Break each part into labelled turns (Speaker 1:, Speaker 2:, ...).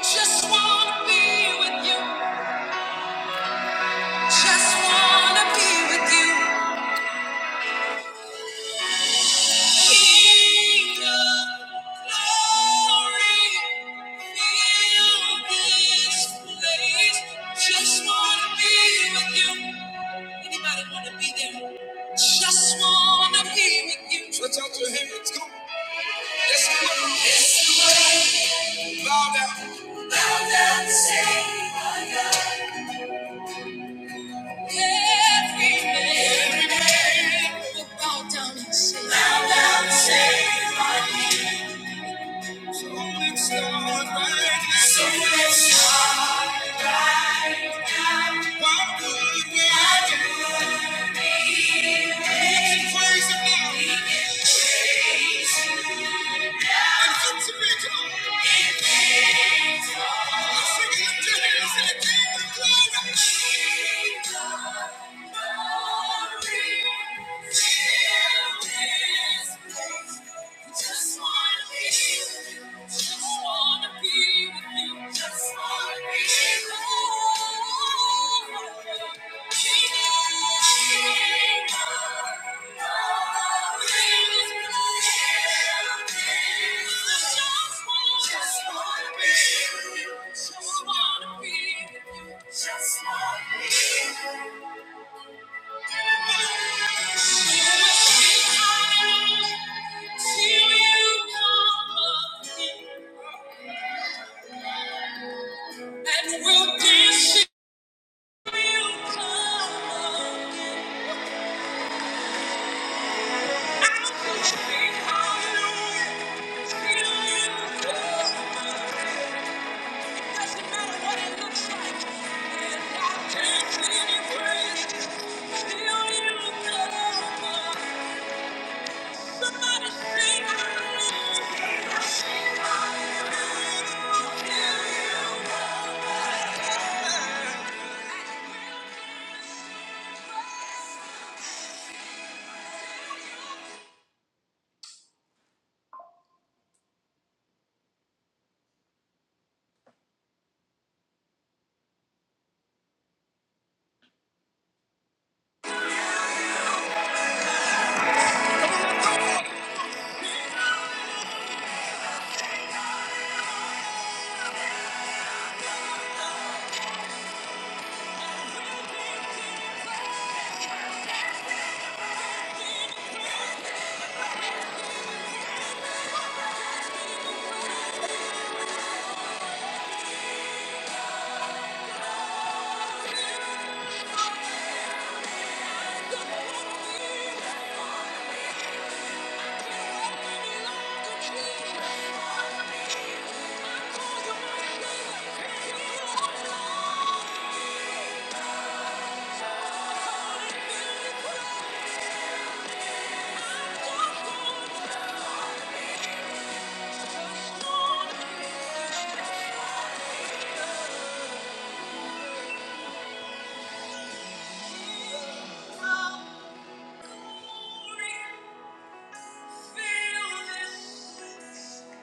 Speaker 1: Just wanna be with you. Just wanna be with you. Just wanna be with you. Anybody want to be there? Just want to be with you. Let's out your hands. Come on. It's It's the way. Bow down. Bow down and say, my God. Every man. Every man. Will bow down and say, Bow down and say, my God. Thank you. Just wanna be with you. Just wanna be with you. Just wanna be with you. Just wanna be with you. And will this will come Somebody sing hallelujah. Feel this place.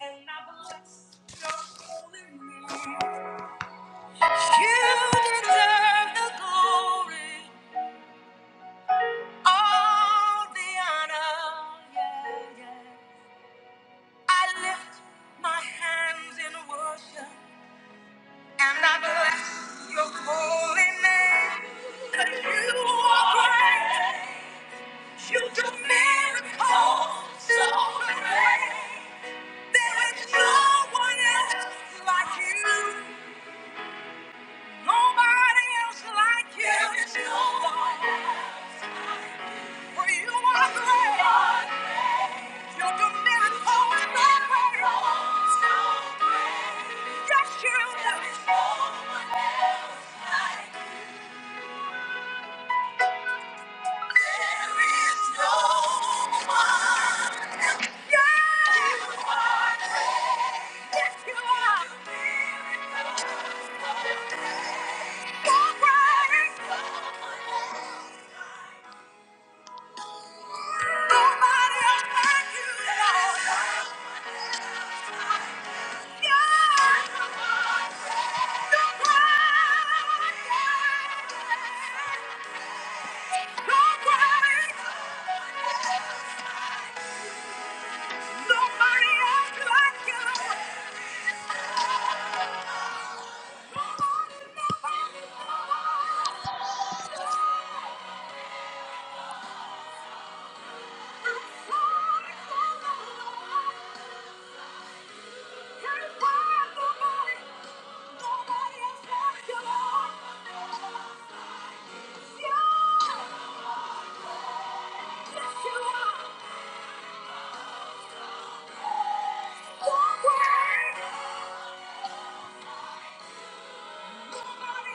Speaker 1: And I bless your holy name. You deserve the glory, all the honor. Yeah, yeah. I lift my hands in worship and I bless your holy name. 'Cause you are great. You do miracles so great. There is no one else like you. Nobody else like you. There is no one. else. For you are great. You're the miracle worker. Yes, you There is no one. Yes, you are. Yes, you are. You're great. Nobody else like you, Lord. Nobody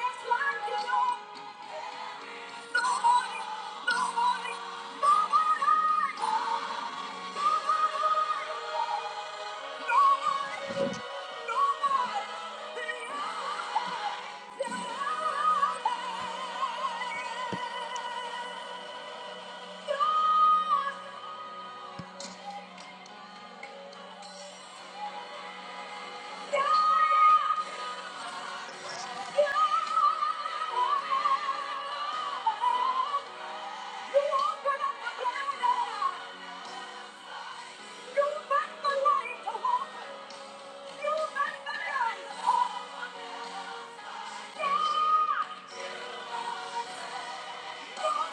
Speaker 1: else like you. You make the light to walk. You make the light to Nobody!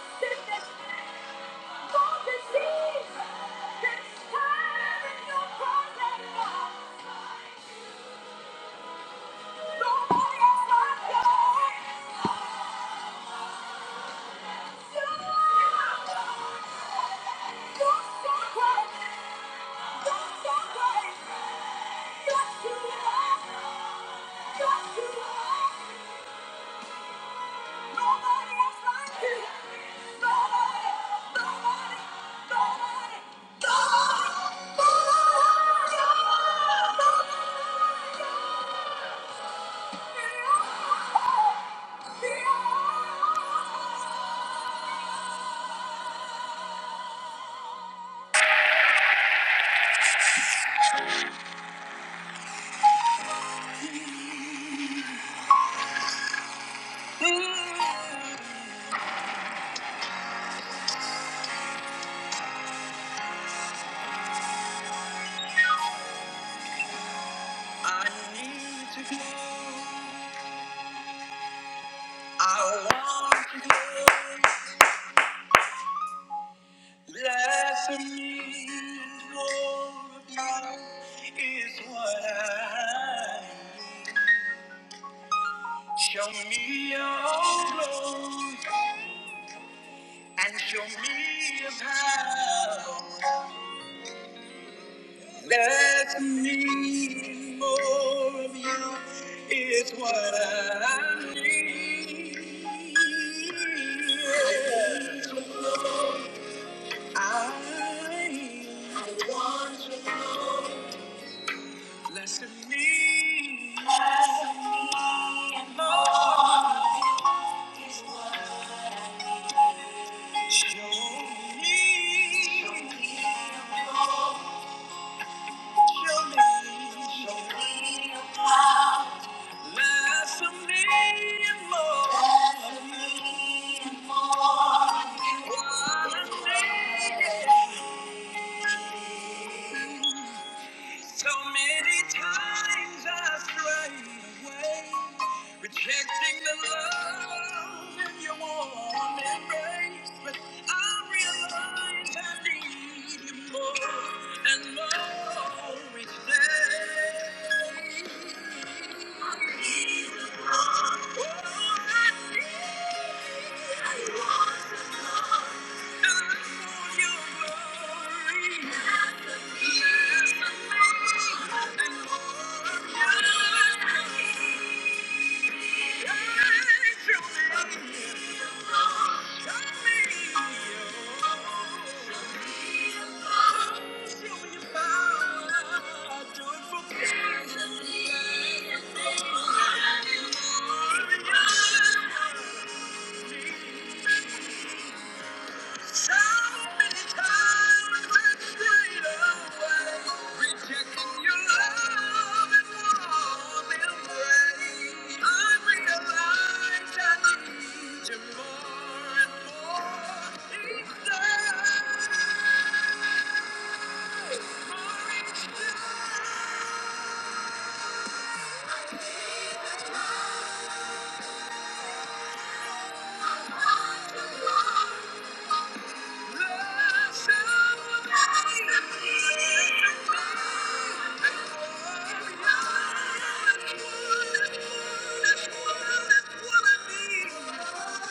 Speaker 1: I need to go. I want to go. Less of me, more of is what I need. Show me your glow and show me your power. That's me, more of you is what I need. I less of me, more. Show me, show me, show me. Less of me and more. Less of me and more. You wanna make it. So many times I strayed away, rejecting the love in your warm embrace. But I realize I need you more and more each day. Oh, I need Rejecting your love and warm embrace, I realize I need you more and more each day, more each day.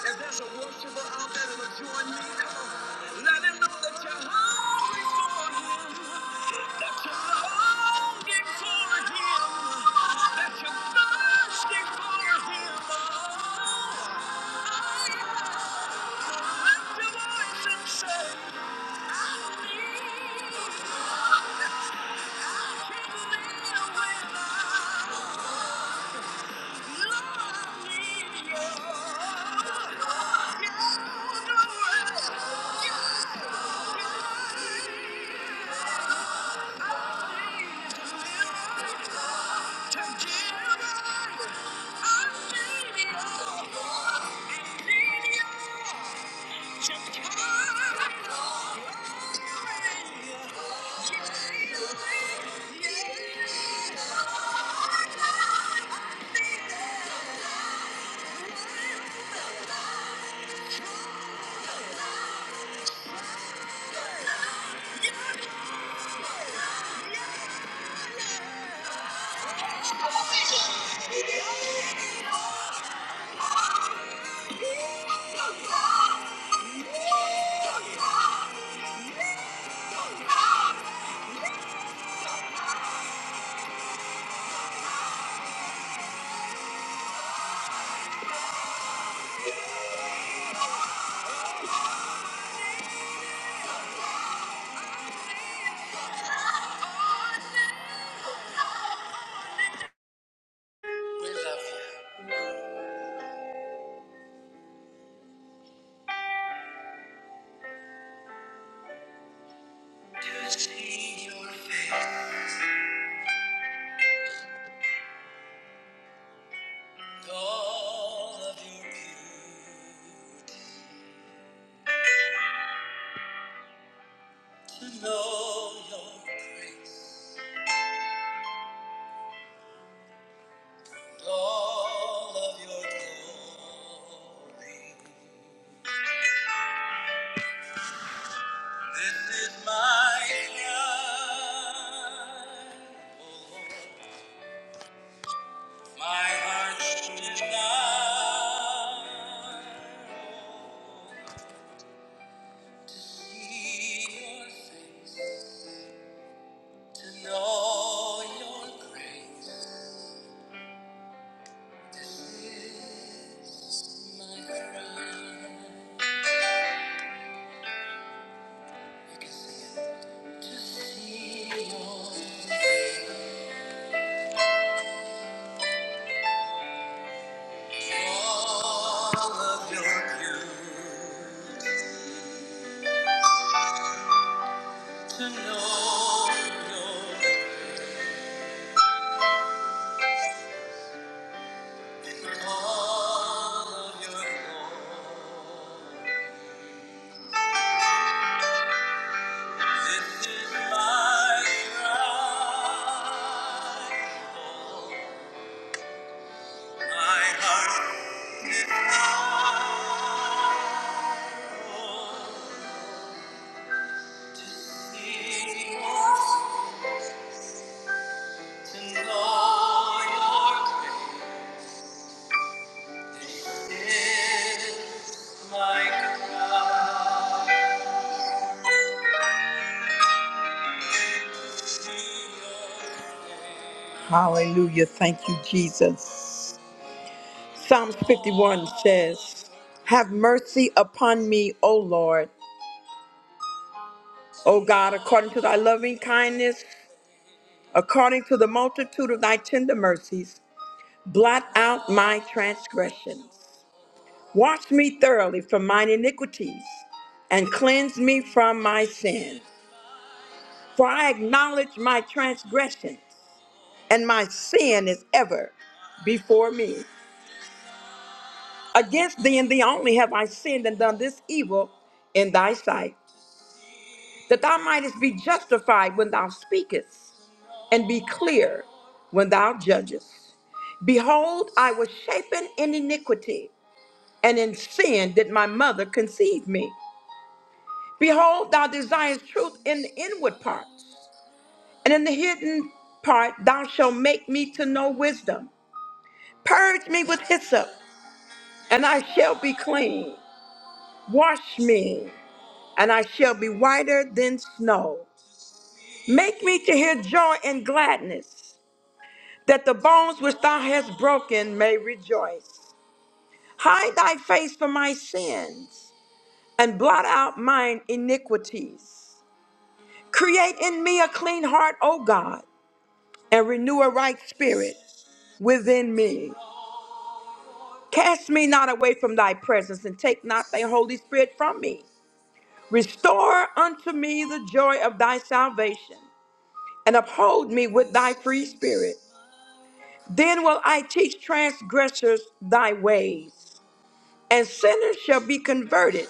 Speaker 1: If there's a worshiper out there that'll join me, come on. Yeah. This is my cry. My heart's desire. See your face, to know your grace is my crown. To see all of your beauty, to know all of your glory. This is my cry, my heart. Hallelujah. Thank you, Jesus. Psalms 51 says, Have mercy upon me, O Lord, O God, according to thy loving kindness, according to the multitude of thy tender mercies, blot out my transgressions. Wash me thoroughly from mine iniquities and cleanse me from my sin. For I acknowledge my transgressions, and my sin is ever before me. Against thee and thee only have I sinned and done this evil in thy sight, that thou mightest be justified when thou speakest, and be clear when thou judgest. Behold, I was shapen in iniquity, and in sin did my mother conceive me. Behold, thou desirest truth in the inward parts And in the hidden part, thou shalt make me to know wisdom. Purge me with hyssop, and I shall be clean. Wash me, and I shall be whiter than snow. Make me to hear joy and gladness, that the bones which thou hast broken may rejoice. Hide thy face from my sins, and blot out mine iniquities. Create in me a clean heart, O God, and renew a right spirit within me. Cast me not away from thy presence, and take not thy Holy Spirit from me. Restore unto me the joy of thy salvation, and uphold me with thy free spirit. Then will I teach transgressors thy ways, and sinners shall be converted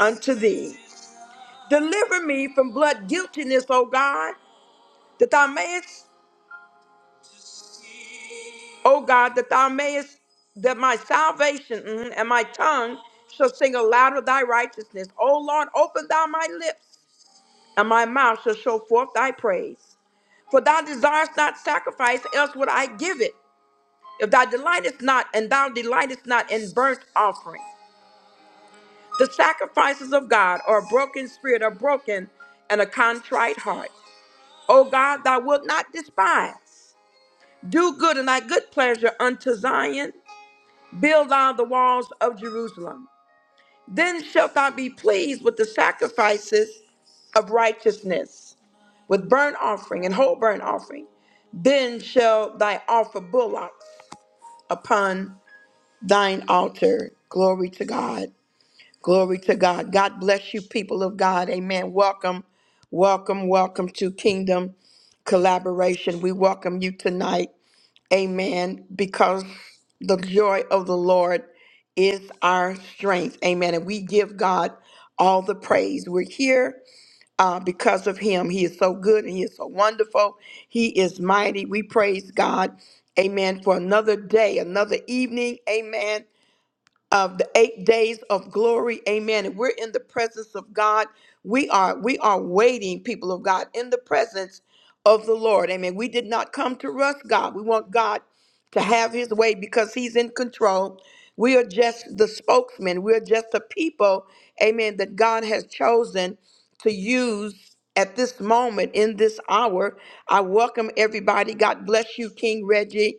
Speaker 1: unto thee. Deliver me from blood guiltiness, O God, that thou mayest, O God, that thou mayest, that my salvation mhm, and my tongue shall sing aloud of thy righteousness. O Lord, open thou my lips and my mouth shall show forth thy praise. For thou desirest not sacrifice, else would I give it. If thou delightest not, and thou delightest not in burnt offering. The sacrifices of God are a broken spirit, a broken and a contrite heart. O God, thou wilt not despise. Do good in thy good pleasure unto Zion. Build thou the walls of Jerusalem. Then shalt thou be pleased with the sacrifices of righteousness, with burnt offering and whole burnt offering. Then shall thy offer bullocks upon thine altar. Glory to God. Glory to God. God bless you, people of God. Amen. Welcome, welcome, welcome to Kingdom Collaboration. We welcome you tonight. Amen. Because the joy of the Lord is our strength. Amen. And we give God all the praise. We're here uh, because of him. He is so good and he is so wonderful. He is mighty. We praise God. Amen. For another day, another evening. Amen of the eight days of glory amen and we're in the presence of god we are we are waiting people of god in the presence of the lord amen we did not come to rush god we want god to have his way because he's in control we are just the spokesman we're just the people amen that god has chosen to use at this moment in this hour i welcome everybody god bless you king reggie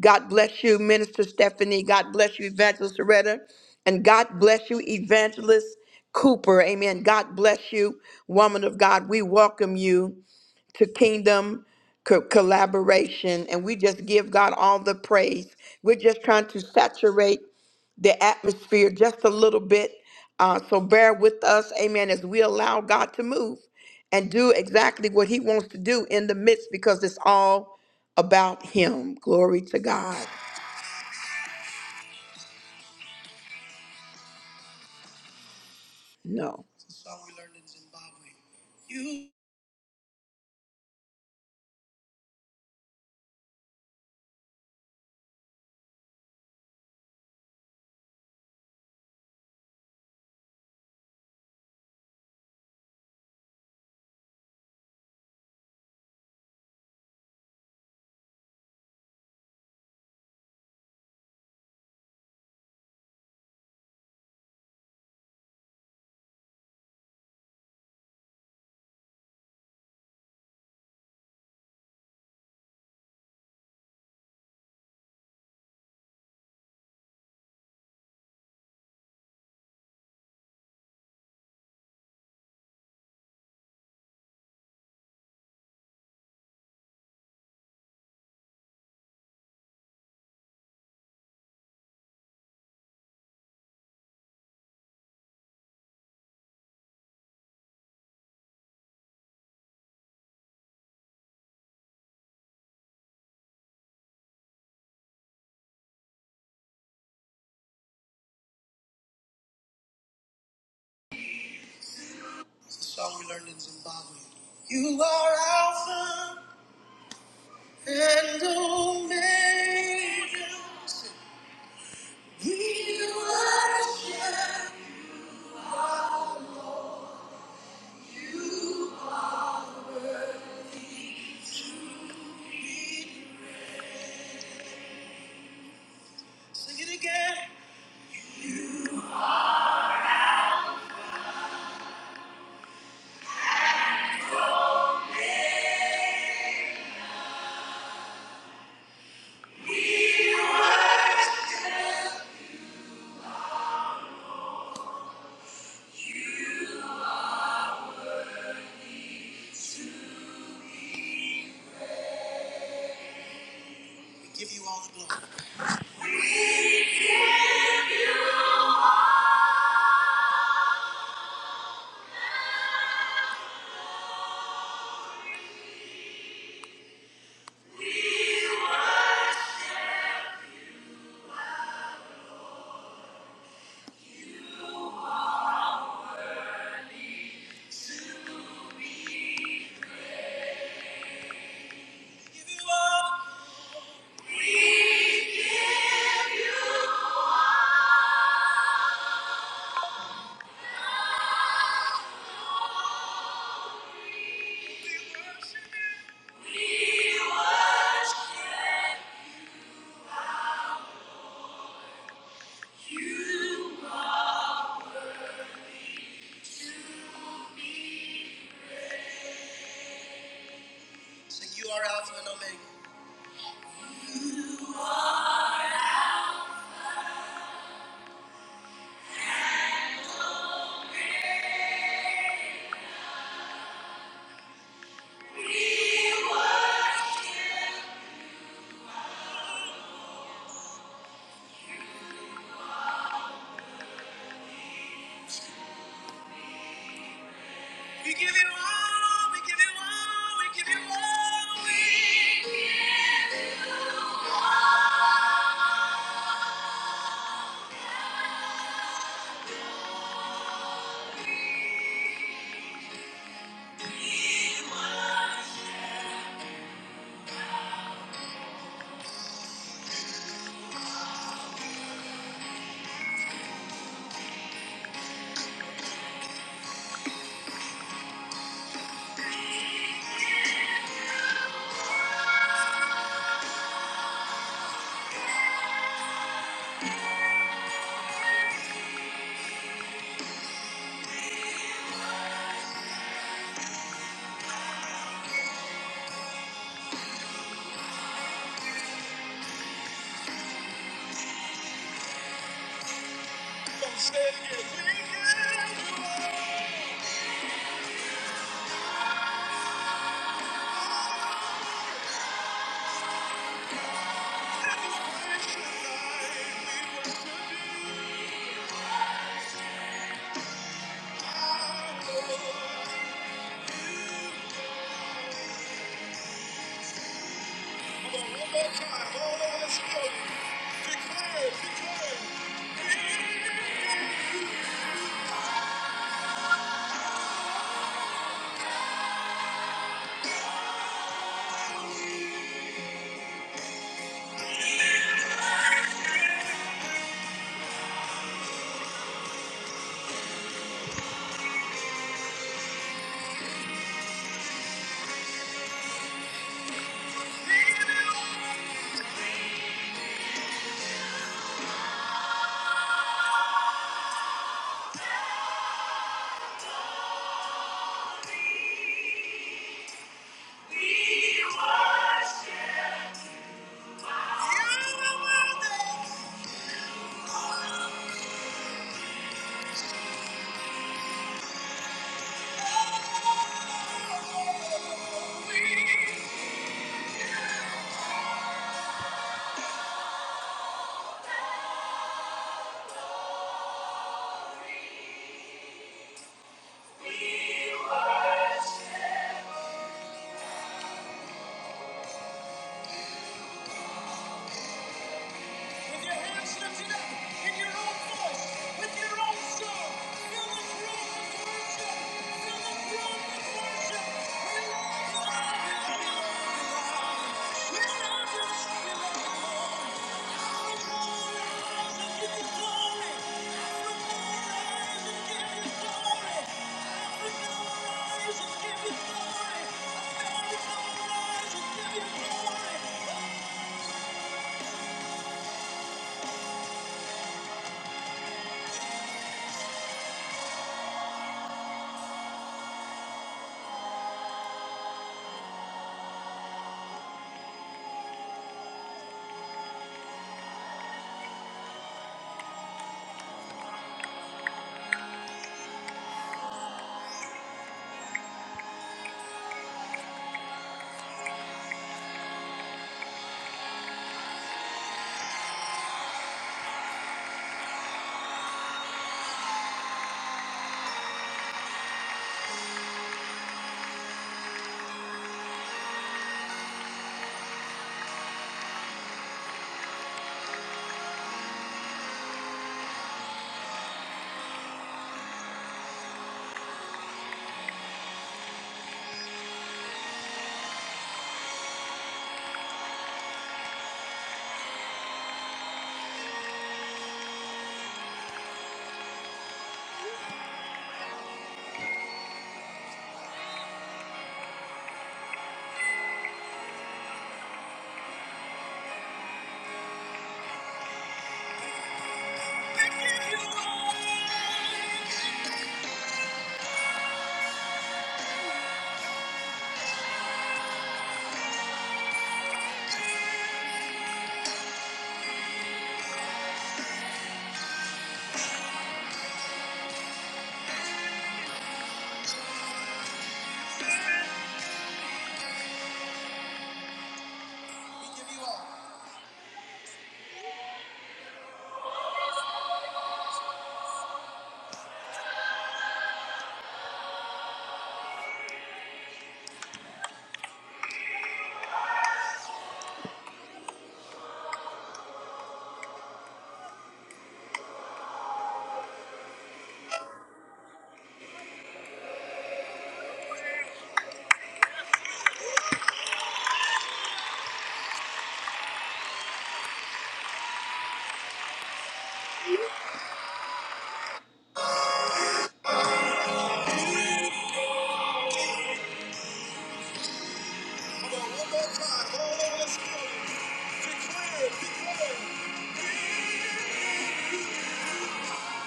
Speaker 1: God bless you, Minister Stephanie. God bless you, Evangelist Loretta. And God bless you, Evangelist Cooper. Amen. God bless you, woman of God. We welcome you to kingdom co- collaboration. And we just give God all the praise. We're just trying to saturate the atmosphere just a little bit. Uh, so bear with us, amen, as we allow God to move and do exactly what he wants to do in the midst because it's all about him. Glory to God. No. Only we worship. Sing it again. Give you all. Sing you are Alpha and Omega. We give you all, we give you all, we give you all. We give you all the Fill this room with worship. Fill this room with worship. We love you. We love you. We love you. Hallelujah. Rise and give you glory. Hallelujah. Rise and give you glory. Hallelujah. Rise and give you glory. Hallelujah. Rise and give you glory.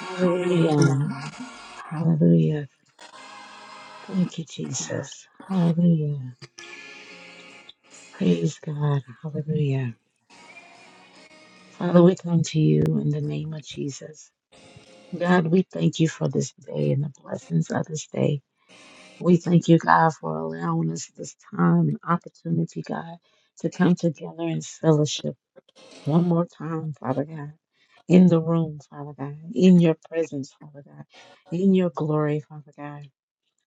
Speaker 2: Hallelujah. Hallelujah. Thank you, Jesus. Hallelujah. Praise God. Hallelujah. Father, we come to you in the name of Jesus. God, we thank you for this day and the blessings of this day. We thank you, God, for allowing us this time and opportunity, God, to come together in fellowship one more time, Father God, in the room, Father God, in your presence, Father God, in your glory, Father God.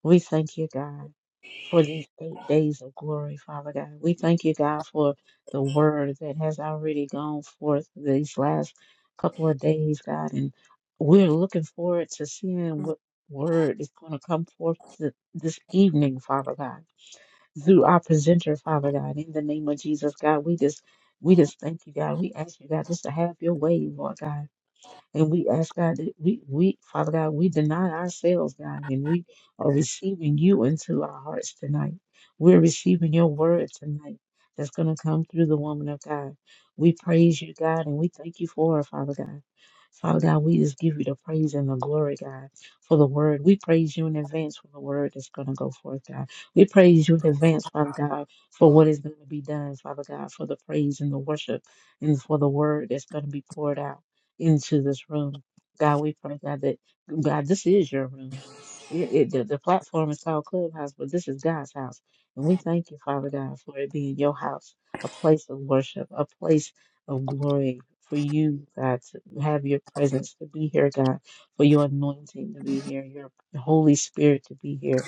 Speaker 2: We thank you, God, for these eight days of glory, Father God. We thank you, God, for the word that has already gone forth these last couple of days, God. And we're looking forward to seeing what word is going to come forth th- this evening, Father God, through our presenter, Father God. In the name of Jesus, God, we just. We just thank you, God. We ask you, God, just to have your way, Lord God and we ask God that we, we, Father God, we deny ourselves, God, and we are receiving you into our hearts tonight. We're receiving your word tonight that's going to come through the woman of God. We praise you, God, and we thank you for it, Father God. Father God, we just give you the praise and the glory, God, for the word. We praise you in advance for the word that's going to go forth, God. We praise you in advance, Father God, for what is going to be done, Father God, for the praise and the worship and for the word that's going to be poured out into this room. God, we pray, God, that God, this is your room. It, it, the, the platform is called Clubhouse, but this is God's house. And we thank you, Father God, for it being your house, a place of worship, a place of glory for you, God, to have your presence to be here, God, for your anointing to be here, your Holy Spirit to be here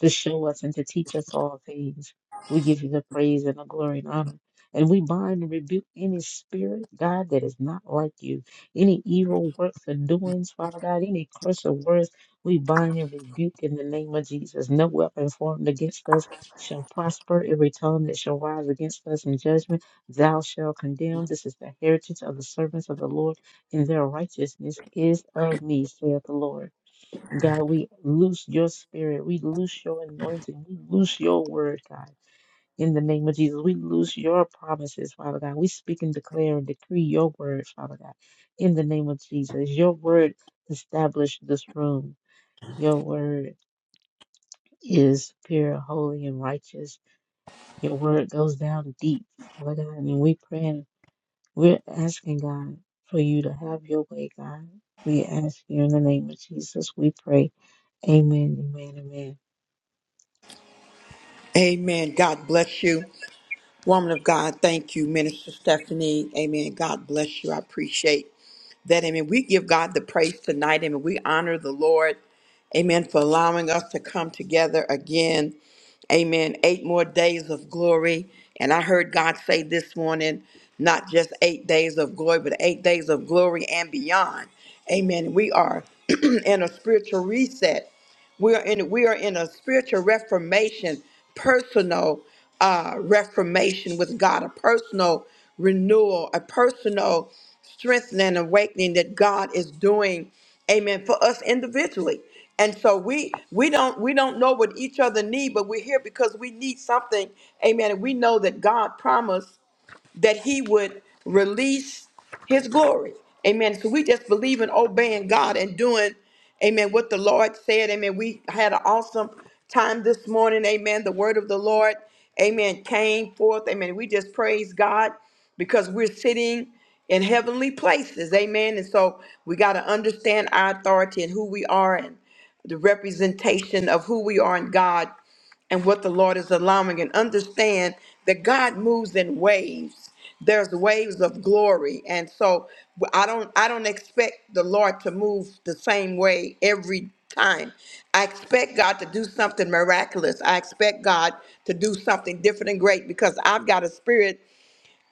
Speaker 2: to show us and to teach us all things. We give you the praise and the glory and honor. And we bind and rebuke any spirit, God, that is not like you. Any evil works and doings, Father God, any curse of words, we bind and rebuke in the name of Jesus. No weapon formed against us shall prosper. Every tongue that shall rise against us in judgment, thou shalt condemn. This is the heritage of the servants of the Lord, and their righteousness is of me, saith the Lord. God, we loose your spirit. We loose your anointing. We loose your word, God. In the name of Jesus, we loose your promises, Father God. We speak and declare and decree your word, Father God. In the name of Jesus, your word established this room. Your word is pure, holy, and righteous. Your word goes down deep, Father God. And we pray and we're asking, God, for you to have your way, God. We ask you in the name of Jesus, we pray. Amen, amen, amen.
Speaker 1: Amen. God bless you. Woman of God, thank you, Minister Stephanie. Amen. God bless you. I appreciate that. Amen. We give God the praise tonight. Amen. We honor the Lord. Amen. For allowing us to come together again. Amen. Eight more days of glory. And I heard God say this morning, not just eight days of glory, but eight days of glory and beyond. Amen. We are in a spiritual reset. We are in we are in a spiritual reformation, personal uh, reformation with God, a personal renewal, a personal strengthening and awakening that God is doing, amen, for us individually. And so we we don't we don't know what each other need, but we're here because we need something, amen. And we know that God promised that he would release his glory. Amen. So we just believe in obeying God and doing, amen, what the Lord said. Amen. We had an awesome time this morning. Amen. The word of the Lord, amen, came forth. Amen. We just praise God because we're sitting in heavenly places. Amen. And so we got to understand our authority and who we are and the representation of who we are in God and what the Lord is allowing and understand that God moves in waves. There's waves of glory. And so I don't I don't expect the Lord to move the same way every time. I expect God to do something miraculous. I expect God to do something different and great because I've got a spirit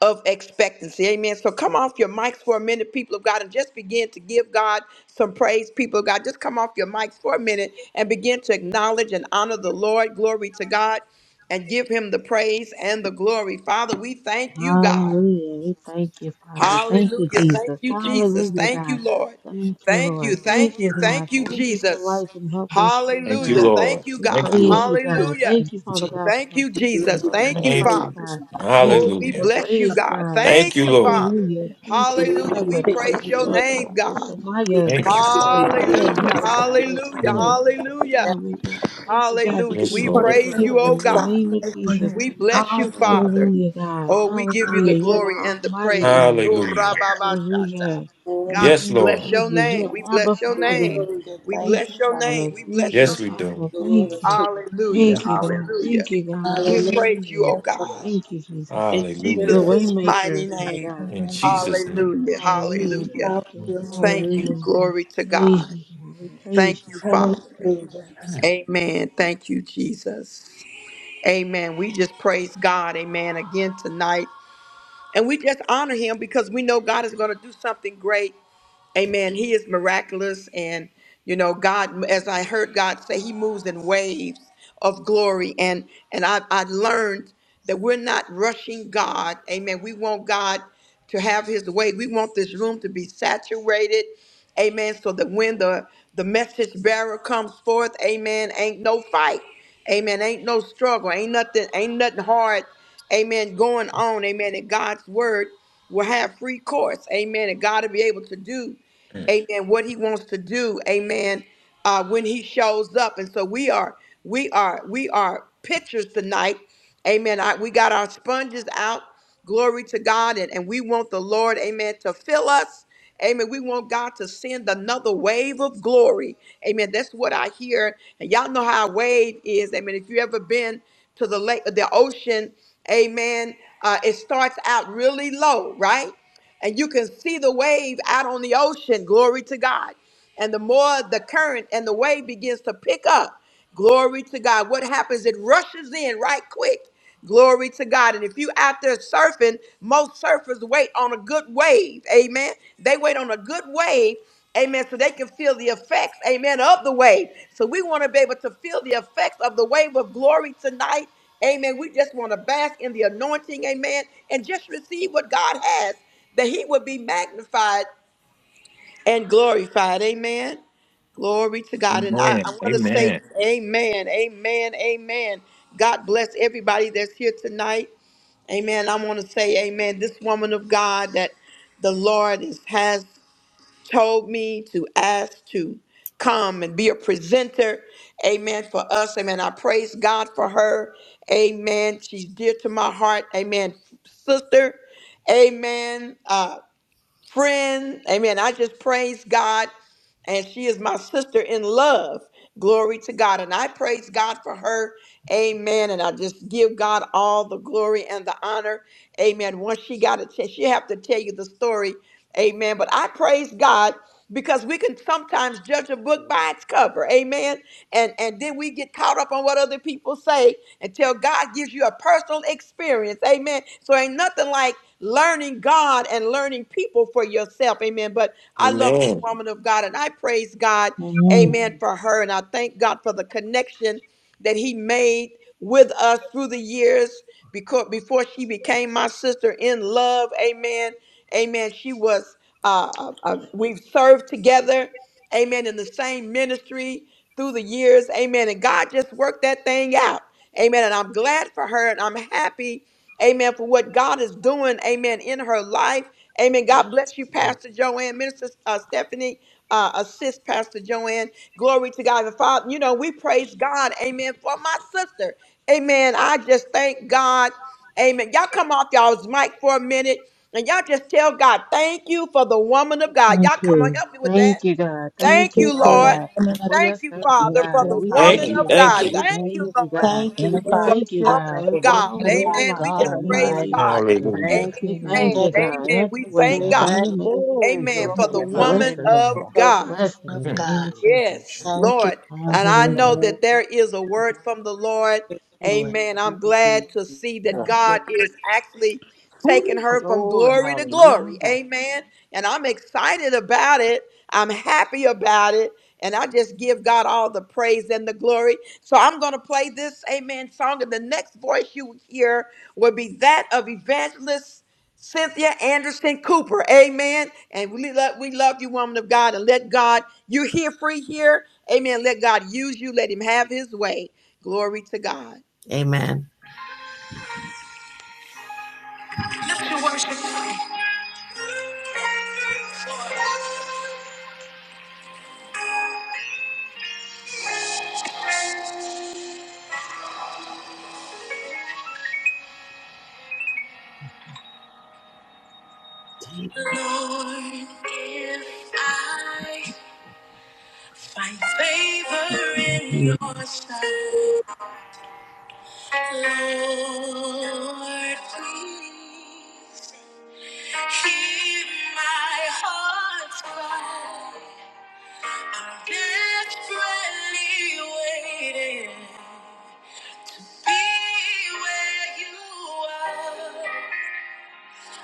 Speaker 1: of expectancy. Amen. So come off your mics for a minute, people of God, and just begin to give God some praise, people of God. Just come off your mics for a minute and begin to acknowledge and honor the Lord. Glory to God and give him the praise and the glory. Father, we thank you, God.
Speaker 2: Hallelujah. We thank you, Father. Thank you,
Speaker 1: Hallelujah. Thank
Speaker 2: Jesus.
Speaker 1: you, Jesus.
Speaker 2: Hallelujah,
Speaker 1: Thank you,
Speaker 2: God.
Speaker 1: Lord.
Speaker 2: Thank you,
Speaker 1: Thank you.
Speaker 2: Lord. Thank
Speaker 1: Thank you.
Speaker 2: you, God.
Speaker 1: Thank you,
Speaker 2: Thank you for
Speaker 1: Jesus.
Speaker 2: life and health and strength,
Speaker 3: Thank you,
Speaker 1: Hallelujah.
Speaker 2: God.
Speaker 3: Lord.
Speaker 1: Thank you,
Speaker 2: We
Speaker 3: Thank
Speaker 1: God.
Speaker 3: you,
Speaker 2: praise
Speaker 3: Lord.
Speaker 2: you,
Speaker 4: For
Speaker 2: God.
Speaker 1: Hallelujah.
Speaker 2: Thank you, Father God, for
Speaker 1: Thank
Speaker 2: my
Speaker 1: you,
Speaker 2: sisters
Speaker 4: the
Speaker 2: and
Speaker 1: Jesus.
Speaker 2: brothers
Speaker 1: Thank
Speaker 2: in
Speaker 1: you,
Speaker 3: Thank
Speaker 2: Christ,
Speaker 3: you.
Speaker 1: Father.
Speaker 2: God. We
Speaker 1: Oh,
Speaker 2: give
Speaker 1: we
Speaker 2: you the
Speaker 3: Hallelujah.
Speaker 1: bless you,
Speaker 2: praise,
Speaker 1: God.
Speaker 2: God.
Speaker 3: Thank
Speaker 1: Thank
Speaker 3: you,
Speaker 1: you,
Speaker 3: Lord.
Speaker 1: Father.
Speaker 2: Hallelujah. Thank you,
Speaker 1: Hallelujah. We
Speaker 2: Father.
Speaker 1: praise
Speaker 2: You
Speaker 1: your
Speaker 4: Indian
Speaker 2: are
Speaker 1: name,
Speaker 2: Jehovah
Speaker 1: God.
Speaker 2: Shemaiah, the
Speaker 3: Thank you,
Speaker 2: God that
Speaker 3: Father.
Speaker 2: is there.
Speaker 1: Hallelujah.
Speaker 2: You're the God that's
Speaker 1: Hallelujah.
Speaker 2: healing.
Speaker 3: Mm.
Speaker 1: Hallelujah.
Speaker 2: God, we thank you, God, that
Speaker 1: Hallelujah.
Speaker 2: you
Speaker 3: Yes,
Speaker 1: We
Speaker 3: Lord.
Speaker 2: deliver,
Speaker 1: praise you,
Speaker 2: Father,
Speaker 1: oh
Speaker 2: in the
Speaker 1: God.
Speaker 2: name of Jesus.
Speaker 4: faithfulness,
Speaker 1: We bless
Speaker 4: all
Speaker 1: you,
Speaker 5: Your
Speaker 4: the
Speaker 5: name,
Speaker 1: Father.
Speaker 2: Hallelujah,
Speaker 5: Lord
Speaker 2: God.
Speaker 5: Jesus.
Speaker 1: Oh, we give you the
Speaker 2: Hallelujah.
Speaker 4: honor.
Speaker 2: You're the
Speaker 1: glory and the
Speaker 2: Almighty
Speaker 1: praise.
Speaker 2: God.
Speaker 1: Oh,
Speaker 5: We
Speaker 3: Hallelujah.
Speaker 5: bless you, Lord
Speaker 1: rababashata.
Speaker 2: Hallelujah.
Speaker 5: Jesus.
Speaker 2: In the
Speaker 1: God, we
Speaker 3: Yes,
Speaker 2: name of
Speaker 1: bless
Speaker 3: Lord.
Speaker 1: your
Speaker 2: Jesus,
Speaker 1: name.
Speaker 2: you're
Speaker 1: We bless
Speaker 2: Abba
Speaker 1: your name.
Speaker 2: Father.
Speaker 4: Hallelujah,
Speaker 1: We
Speaker 4: thank
Speaker 2: Thank
Speaker 1: bless
Speaker 2: you,
Speaker 4: you,
Speaker 1: your
Speaker 4: Father.
Speaker 2: Father.
Speaker 1: name. We bless
Speaker 2: Thank
Speaker 1: your
Speaker 2: you,
Speaker 3: Yes,
Speaker 1: name.
Speaker 3: we
Speaker 2: Father.
Speaker 3: do.
Speaker 4: Glory
Speaker 2: Thank
Speaker 5: Yes,
Speaker 2: you.
Speaker 4: to you.
Speaker 5: Lord
Speaker 1: Hallelujah.
Speaker 2: Thank
Speaker 3: Thank
Speaker 2: you,
Speaker 3: you, Father.
Speaker 2: God.
Speaker 5: Jesus.
Speaker 1: Hallelujah.
Speaker 2: Thank you, God.
Speaker 1: We
Speaker 4: Hallelujah,
Speaker 1: praise you,
Speaker 2: Hallelujah.
Speaker 1: oh
Speaker 4: thank you.
Speaker 1: God.
Speaker 5: Last
Speaker 2: Thank you, Jesus.
Speaker 1: In
Speaker 4: Give
Speaker 2: You're the
Speaker 4: you
Speaker 3: Hallelujah.
Speaker 1: Jesus' mighty
Speaker 2: waymaker, Father
Speaker 1: name.
Speaker 2: God.
Speaker 4: honor
Speaker 3: In
Speaker 4: and the
Speaker 3: Jesus' name.
Speaker 5: in
Speaker 1: Hallelujah.
Speaker 4: glory.
Speaker 5: Jesus'
Speaker 2: Hallelujah.
Speaker 1: Hallelujah.
Speaker 5: name.
Speaker 2: Thank
Speaker 4: Proud
Speaker 2: you.
Speaker 3: Mm.
Speaker 4: you and we
Speaker 1: Thank
Speaker 4: magnify.
Speaker 1: you.
Speaker 5: Praise
Speaker 2: Hallelujah.
Speaker 5: the Lord.
Speaker 1: Glory to
Speaker 2: Praise
Speaker 1: God.
Speaker 2: you, God. We
Speaker 5: In
Speaker 2: praise
Speaker 1: Thank you,
Speaker 5: Jesus' name.
Speaker 1: Father.
Speaker 4: Hallelujah.
Speaker 1: Amen. Thank you, Jesus. Amen. We just praise God. Amen. Again tonight. And we just honor him because we know God is going to do something great Amen. He is miraculous. And, you know, God, as I heard God say, He moves in waves of glory. And and I, I learned that we're not rushing God. Amen. We want God to have his way. We want this room to be saturated. Amen. So that when the, the message bearer comes forth, amen, ain't no fight. Amen. Ain't no struggle. Ain't nothing, ain't nothing hard amen, going on, amen, that God's word will have free course, amen, and God will be able to do, amen, what he wants to do, amen, uh, when he shows up. And so we are, we are, we are pictures tonight, amen. I, we got our sponges out, Glory to God. And, and we want the Lord, amen, to fill us. Amen. We want God to send another wave of glory. Amen. That's what I hear. And y'all know how a wave is. Amen. If you ever been to the lake, the ocean, amen, uh, it starts out really low, right? And you can see the wave out on the ocean. Glory to God and the more the current and the wave begins to pick up, glory to God. What happens? It rushes in right quick. Glory to God. And if you out there surfing, most surfers wait on a good wave. Amen. They wait on a good wave. Amen. So they can feel the effects, amen, of the wave. So we want to be able to feel the effects of the wave of glory tonight. Amen. We just want to bask in the anointing, amen, and just receive what God has, that He would be magnified and glorified. Amen. Glory to God. And I,
Speaker 3: Amen.
Speaker 1: I want to say
Speaker 3: Amen.
Speaker 1: amen, amen, amen. God bless everybody that's here tonight. Amen. I want to say amen. This woman of God that the Lord is, has told me to ask to come and be a presenter. Amen. For us. Amen. I praise God for her. Amen. She's dear to my heart. Amen. Sister. Amen. Uh, friend. Amen. I just praise God. And she is my sister in love. Glory to God. And I praise God for her. Amen. And I just give God all the glory and the honor. Amen. Once she got a chance, she have to tell you the story. Amen. But I praise God because we can sometimes judge a book by its cover. Amen. And and then we get caught up on what other people say until God gives you a personal experience. Amen. So ain't nothing like learning God and learning people for yourself. Amen. But I love this
Speaker 3: Amen.
Speaker 1: woman of God and I praise God.
Speaker 2: you.
Speaker 1: Amen for her and I thank God for the connection that he made with us through the years because before she became my sister in love, amen, amen, she was, uh, uh, uh, we've served together, amen, in the same ministry through the years, amen, and God just worked that thing out, amen, and I'm glad for her, and I'm happy, amen, for what God is doing, amen, in her life, Amen. God bless you, Pastor Joanne, Minister uh, Stephanie, uh, assist Pastor Joanne. Glory to God the Father. You know, we praise God. Amen. For my sister. Amen. I just thank God. Amen. Y'all come off y'all's mic for a minute and y'all just tell God, thank you for the woman of God.
Speaker 2: Thank
Speaker 1: Y'all come on,
Speaker 2: you.
Speaker 1: help me with that.
Speaker 2: Thank you, God.
Speaker 1: Thank
Speaker 2: Thank you,
Speaker 4: Dear
Speaker 1: you,
Speaker 2: Father
Speaker 1: Lord.
Speaker 4: Father,
Speaker 2: God,
Speaker 4: woman of
Speaker 2: for your
Speaker 1: Thank you,
Speaker 2: servant,
Speaker 6: Thank
Speaker 1: Father,
Speaker 4: the
Speaker 1: for
Speaker 2: God.
Speaker 1: the
Speaker 6: you,
Speaker 2: We
Speaker 3: Thank
Speaker 1: woman
Speaker 2: thank
Speaker 6: hallelujah.
Speaker 3: you.
Speaker 1: of
Speaker 2: you,
Speaker 3: Thank
Speaker 1: God.
Speaker 2: God.
Speaker 4: gift,
Speaker 2: We
Speaker 3: you.
Speaker 1: Thank
Speaker 6: Thank
Speaker 1: you,
Speaker 2: praise
Speaker 6: you,
Speaker 2: you,
Speaker 1: Lord
Speaker 2: God.
Speaker 4: thank you,
Speaker 6: thank
Speaker 2: We
Speaker 4: Father.
Speaker 1: for
Speaker 6: you,
Speaker 1: the
Speaker 2: thank you,
Speaker 4: God,
Speaker 1: woman
Speaker 2: God,
Speaker 1: of
Speaker 4: The
Speaker 2: for
Speaker 6: thank
Speaker 2: the
Speaker 6: you,
Speaker 1: God.
Speaker 4: woman of
Speaker 2: calling in
Speaker 6: good
Speaker 4: God,
Speaker 2: our
Speaker 1: Amen.
Speaker 2: life,
Speaker 1: We
Speaker 4: thank
Speaker 6: God
Speaker 1: just
Speaker 2: God, in
Speaker 4: you,
Speaker 2: the
Speaker 4: Lord
Speaker 1: praise
Speaker 2: name
Speaker 6: Almighty.
Speaker 2: of
Speaker 4: God.
Speaker 1: God.
Speaker 2: Jesus.
Speaker 4: Thank you,
Speaker 3: Hallelujah.
Speaker 6: Thank
Speaker 2: We
Speaker 6: you,
Speaker 1: Amen.
Speaker 2: thank you,
Speaker 4: thank
Speaker 6: Jesus.
Speaker 4: you,
Speaker 2: God.
Speaker 1: Amen.
Speaker 2: Have
Speaker 1: We
Speaker 2: your
Speaker 5: We
Speaker 2: way,
Speaker 1: thank
Speaker 2: God,
Speaker 5: give
Speaker 1: God.
Speaker 2: in
Speaker 6: Thank
Speaker 5: you
Speaker 2: the
Speaker 4: praise
Speaker 2: name of
Speaker 6: you,
Speaker 1: Amen.
Speaker 2: Jesus.
Speaker 1: For the
Speaker 4: you.
Speaker 6: glory,
Speaker 4: Lord.
Speaker 2: Bless
Speaker 1: woman
Speaker 2: her,
Speaker 6: hallelujah.
Speaker 1: of
Speaker 2: God.
Speaker 4: the
Speaker 5: power
Speaker 1: God.
Speaker 2: Bless
Speaker 4: woman
Speaker 2: her
Speaker 5: the
Speaker 4: of
Speaker 2: in
Speaker 5: Holy
Speaker 3: Mm.
Speaker 2: the name
Speaker 4: God.
Speaker 2: of
Speaker 5: Spirit. In
Speaker 2: Jesus.
Speaker 1: Yes,
Speaker 4: Thank you,
Speaker 5: Jesus'
Speaker 1: Lord.
Speaker 4: Lord.
Speaker 1: And I
Speaker 6: Thank
Speaker 5: name.
Speaker 1: know
Speaker 2: Hallelujah.
Speaker 1: that there is a word from the Lord.
Speaker 4: Thank you, Lord.
Speaker 1: Amen.
Speaker 6: you,
Speaker 1: I'm glad to see that
Speaker 6: Jesus.
Speaker 4: Thank you.
Speaker 1: God is actually taking
Speaker 6: Ooh,
Speaker 1: her from
Speaker 6: glory,
Speaker 1: glory to glory.
Speaker 6: hallelujah.
Speaker 1: Amen. And I'm excited about it. I'm happy about it. And I just give God all the praise and the glory. So I'm going to play this amen song. And the next voice you hear will be that of evangelist. Cynthia Anderson Cooper. Amen. And we love, we love you, woman of God. And let God, you're here free here. Amen. Let God use you. Let him have his way. Glory to God.
Speaker 7: Amen.
Speaker 1: Lord, if I find favor in
Speaker 7: Good
Speaker 1: your sight, Lord, please hear my heart's cry. I'm desperately waiting. Be where you are.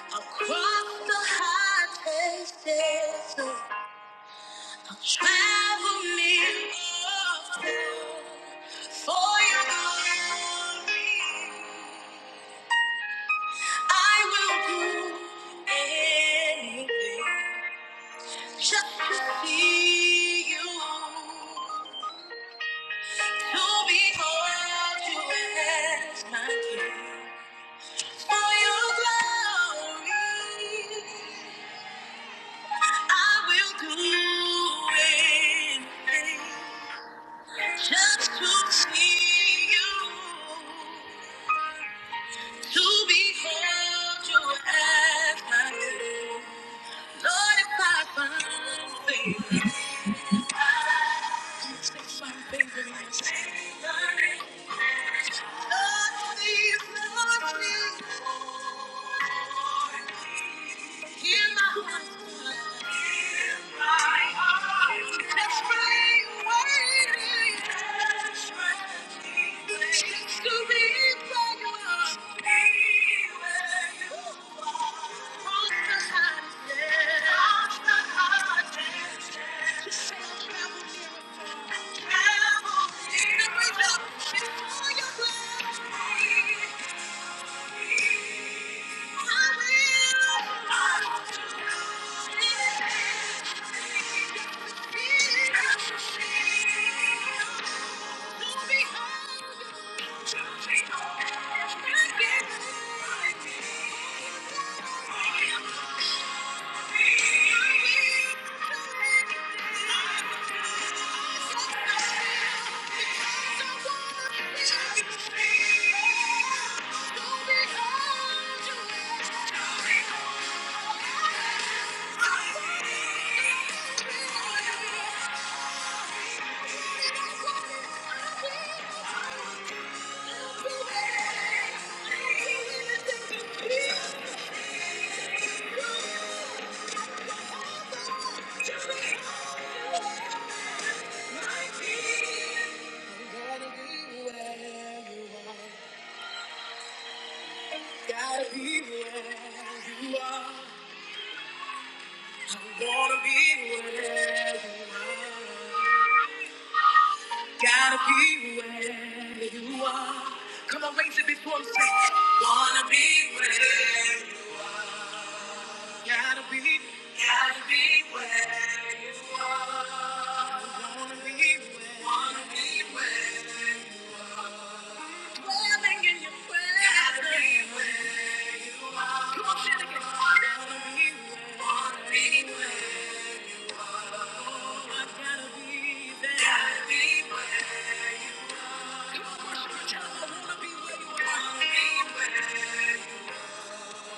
Speaker 1: Across the high places, travel me often for your glory. I will do anything just to see you, to behold you as my king. For your glory, I will do anything just to see you, to behold you as my king. Lord, if I find favor, please find favor in your sight. Lord, please, Lord, please, hear my heart's cry. Thank you. Don't be Thank you. Gotta be where you are. I wanna be where you are. Gotta be where you are. Come on, raise it before I'm sick. Wanna be where you Gotta be, gotta be where you are. Wanna be where, wanna be where. Dwelling in your presence. Gotta be where you are. Come on, say it again. Wanna be where, wanna be where you are. Oh, I gotta be there. Gotta be where you are. Come on, worship and tell 'em I wanna be where you are. Wanna be where.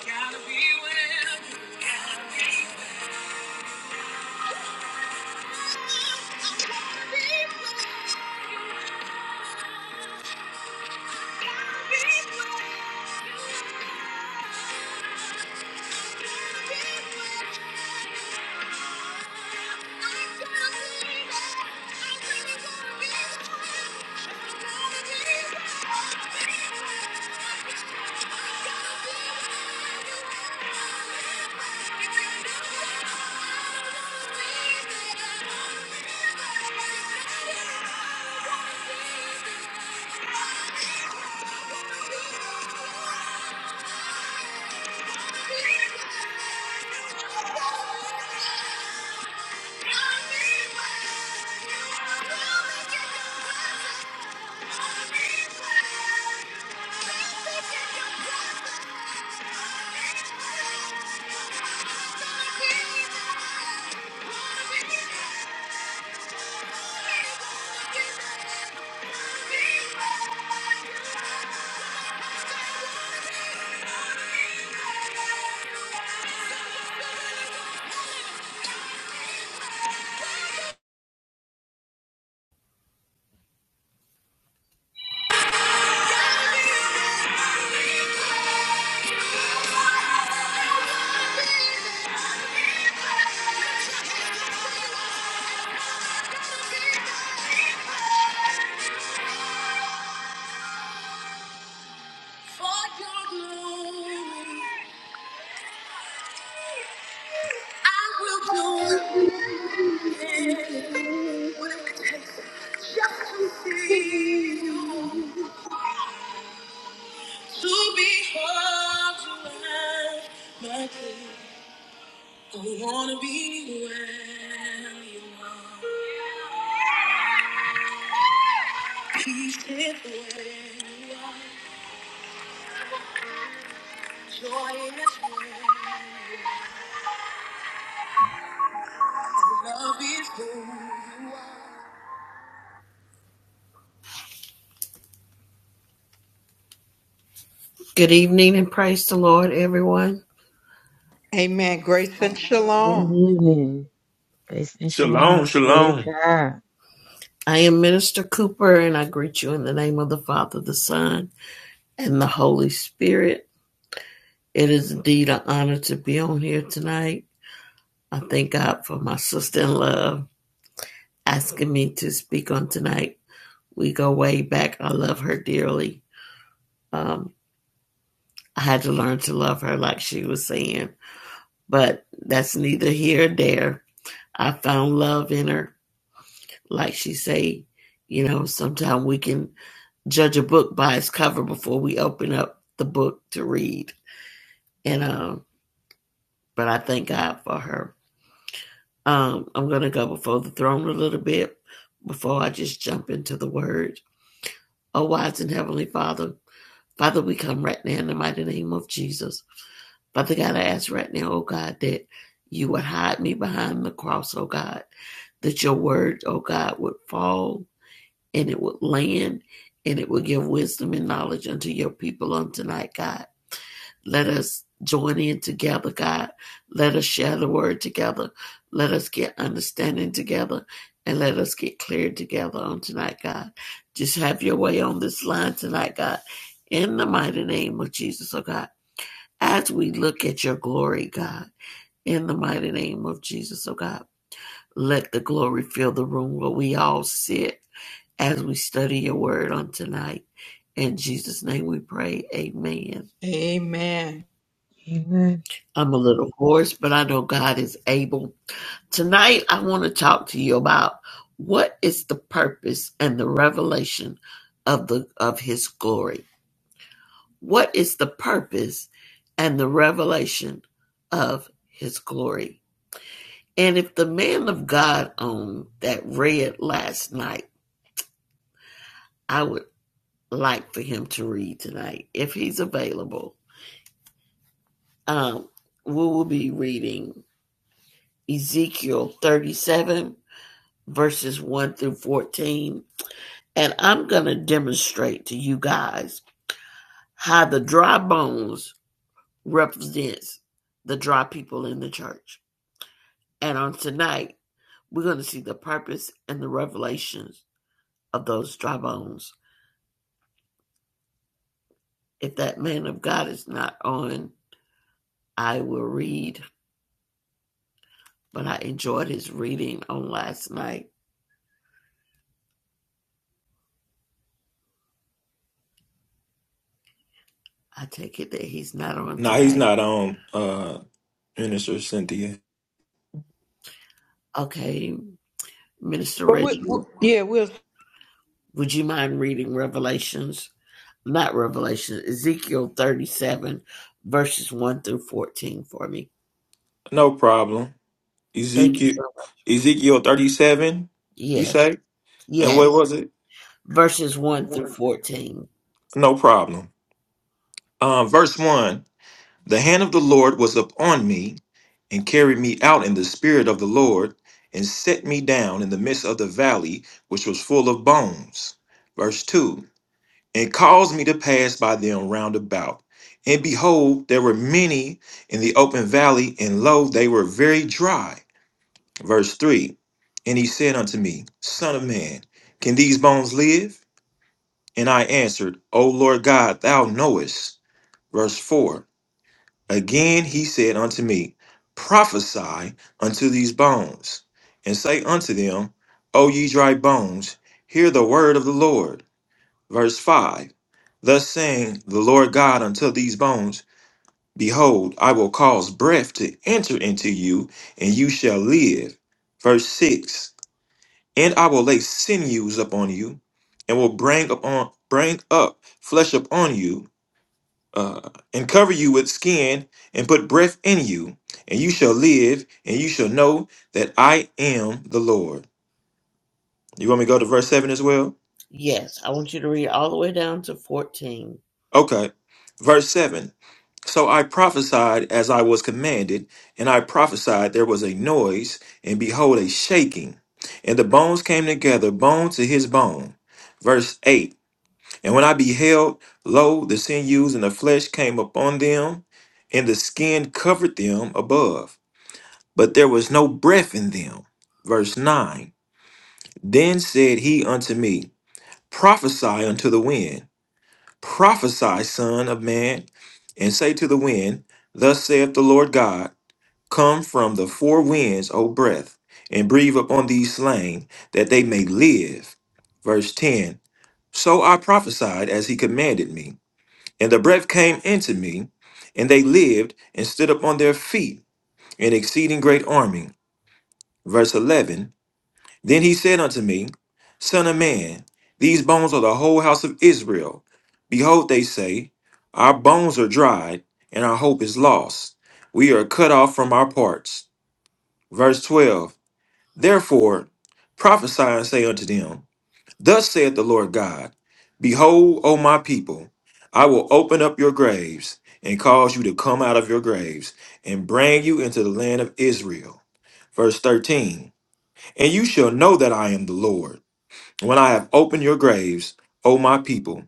Speaker 1: Gotta be where. Gotta be To behold you as my king. I wanna be where you are. Peace is where you are. Joy is where you are. Love is where you
Speaker 7: evening and praise the Lord, everyone.
Speaker 1: are. Amen. Grace and
Speaker 2: Good
Speaker 1: shalom.
Speaker 2: evening. Peace and
Speaker 3: Shalom.
Speaker 2: shalom. Praise
Speaker 3: Shalom.
Speaker 2: God.
Speaker 7: I am Minister Cooper and I greet you in the name of the Father, the Son, and the Holy Spirit. It is indeed an honor to be on here tonight. I thank God for my sister in love asking me to speak on tonight. We go way back. I love her dearly. Um, I had to learn to love her, like she was saying, but that's neither here nor there. I found love in her Like she say, you know, sometimes we can judge a book by its cover before we open up the book to read. And um, but I thank God for her. Um, I'm gonna go before the throne a little bit before I just jump into the word. Oh, wise and heavenly Father, Father, we come right now in the mighty name of Jesus. Father God, I ask right now, oh God, that you would hide me behind the cross, oh God, that your word, oh God, would fall and it would land and it will give wisdom and knowledge unto your people on tonight, God. Let us join in together, God. Let us share the word together. Let us get understanding together and let us get cleared together on tonight, God. Just have your way on this line tonight, God. In the mighty name of Jesus, oh God. As we look at your glory, God, in the mighty name of Jesus, oh God, let the glory fill the room where we all sit as we study your word on tonight. In Jesus' name we pray. Amen.
Speaker 1: Amen.
Speaker 2: Amen.
Speaker 7: I'm a little hoarse, but I know God is able. Tonight, I want to talk to you about what is the purpose and the revelation of the of his glory. What is the purpose and the revelation of his glory? And if the man of God on that read last night, I would like for him to read tonight if he's available. Um, we will be reading Ezekiel 37, verses 1 through 14. And I'm going to demonstrate to you guys how the dry bones represents the dry people in the church. And on tonight, we're going to see the purpose and the revelations of those dry bones. If that man of God is not on, I will read. But I enjoyed his reading on last night. I take it that he's not on
Speaker 3: No, he's
Speaker 7: tonight.
Speaker 3: not on, uh, Minister Cynthia.
Speaker 7: Okay, Minister
Speaker 1: But we, we
Speaker 7: Reginald,
Speaker 1: yeah, we'll
Speaker 7: would you mind reading Revelations? Not Revelation, Ezekiel 37, verses 1 through 14 for me.
Speaker 3: No problem.
Speaker 7: Thank you
Speaker 3: Ezekiel
Speaker 7: so much.
Speaker 3: Ezekiel 37, you
Speaker 7: Yes,
Speaker 3: say? And what
Speaker 7: yes.
Speaker 3: was it?
Speaker 7: Verses 1 through 14.
Speaker 3: No problem. Um, verse 1 The hand of the Lord was upon me and carried me out in the spirit of the Lord and set me down in the midst of the valley, which was full of bones. Verse 2 And caused me to pass by them round about. And behold, there were many in the open valley, and lo, they were very dry. Verse 3 And he said unto me, Son of man, can these bones live? And I answered, O Lord God, thou knowest. Verse 4 Again he said unto me, Prophesy unto these bones, and say unto them, O ye dry bones, hear the word of the Lord. Verse 5 Thus saying the Lord God unto these bones, Behold, I will cause breath to enter into you, and you shall live. Verse 6 and I will lay sinews upon you, and will bring upon bring up flesh upon you, uh, and cover you with skin, and put breath in you, and you shall live, and you shall know that I am the Lord. You want me to go to verse seven as well?
Speaker 7: Yes, I want you to read all the way down to 14.
Speaker 3: Okay, verse seven. So I prophesied as I was commanded, and I prophesied there was a noise, and behold, a shaking, and the bones came together, bone to his bone. Verse 8 And when I beheld, lo, the sinews and the flesh came upon them, and the skin covered them above, but there was no breath in them. Verse 9 Then said he unto me, Prophesy unto the wind, prophesy, son of man, and say to the wind, Thus saith the Lord God, Come from the four winds, O breath, and breathe upon these slain, that they may live. Verse 10 So I prophesied as he commanded me. And the breath came into me, and they lived and stood up on their feet, an exceeding great army. Verse 11 Then he said unto me, Son of man, these bones are the whole house of Israel. Behold, they say, Our bones are dried, and our hope is lost. We are cut off from our parts. Verse 12 Therefore prophesy and say unto them, Thus saith the Lord God Behold, O my people, I will open up your graves and cause you to come out of your graves and bring you into the land of Israel. Verse 13 And you shall know that I am the Lord when I have opened your graves, O my people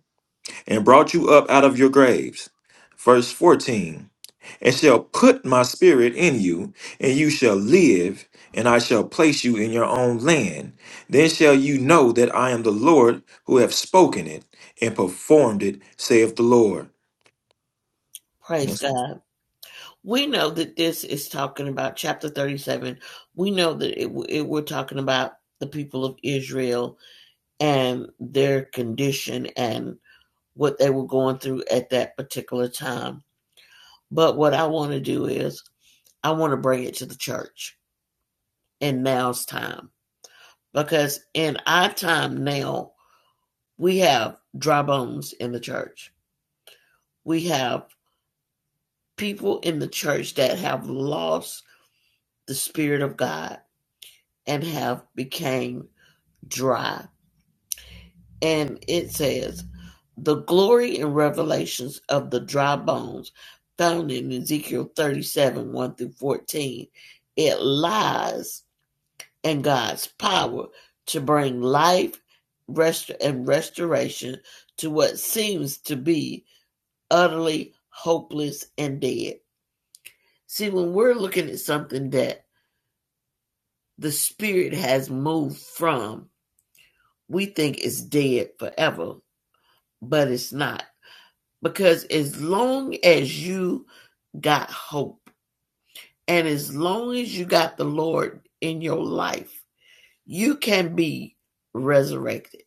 Speaker 3: and brought you up out of your graves. Verse 14 And shall put my spirit in you, and you shall live, and I shall place you in your own land. Then shall you know that I am the Lord who have spoken it and performed it, saith the Lord.
Speaker 7: Praise
Speaker 3: Yes.
Speaker 7: God. We know that this is talking about chapter 37. We know that it, it we're talking about the people of Israel and their condition and what they were going through at that particular time. But what I want to do is I want to bring it to the church in now's time because in our time now, we have dry bones in the church. We have people in the church that have lost the spirit of God and have became dry. And it says, The glory and revelations of the dry bones found in Ezekiel 37 1 through 14. It lies in God's power to bring life rest- and restoration to what seems to be utterly hopeless and dead. See, when we're looking at something that the spirit has moved from, we think it's dead forever, but it's not Because as long as you got hope and as long as you got the Lord in your life, you can be resurrected.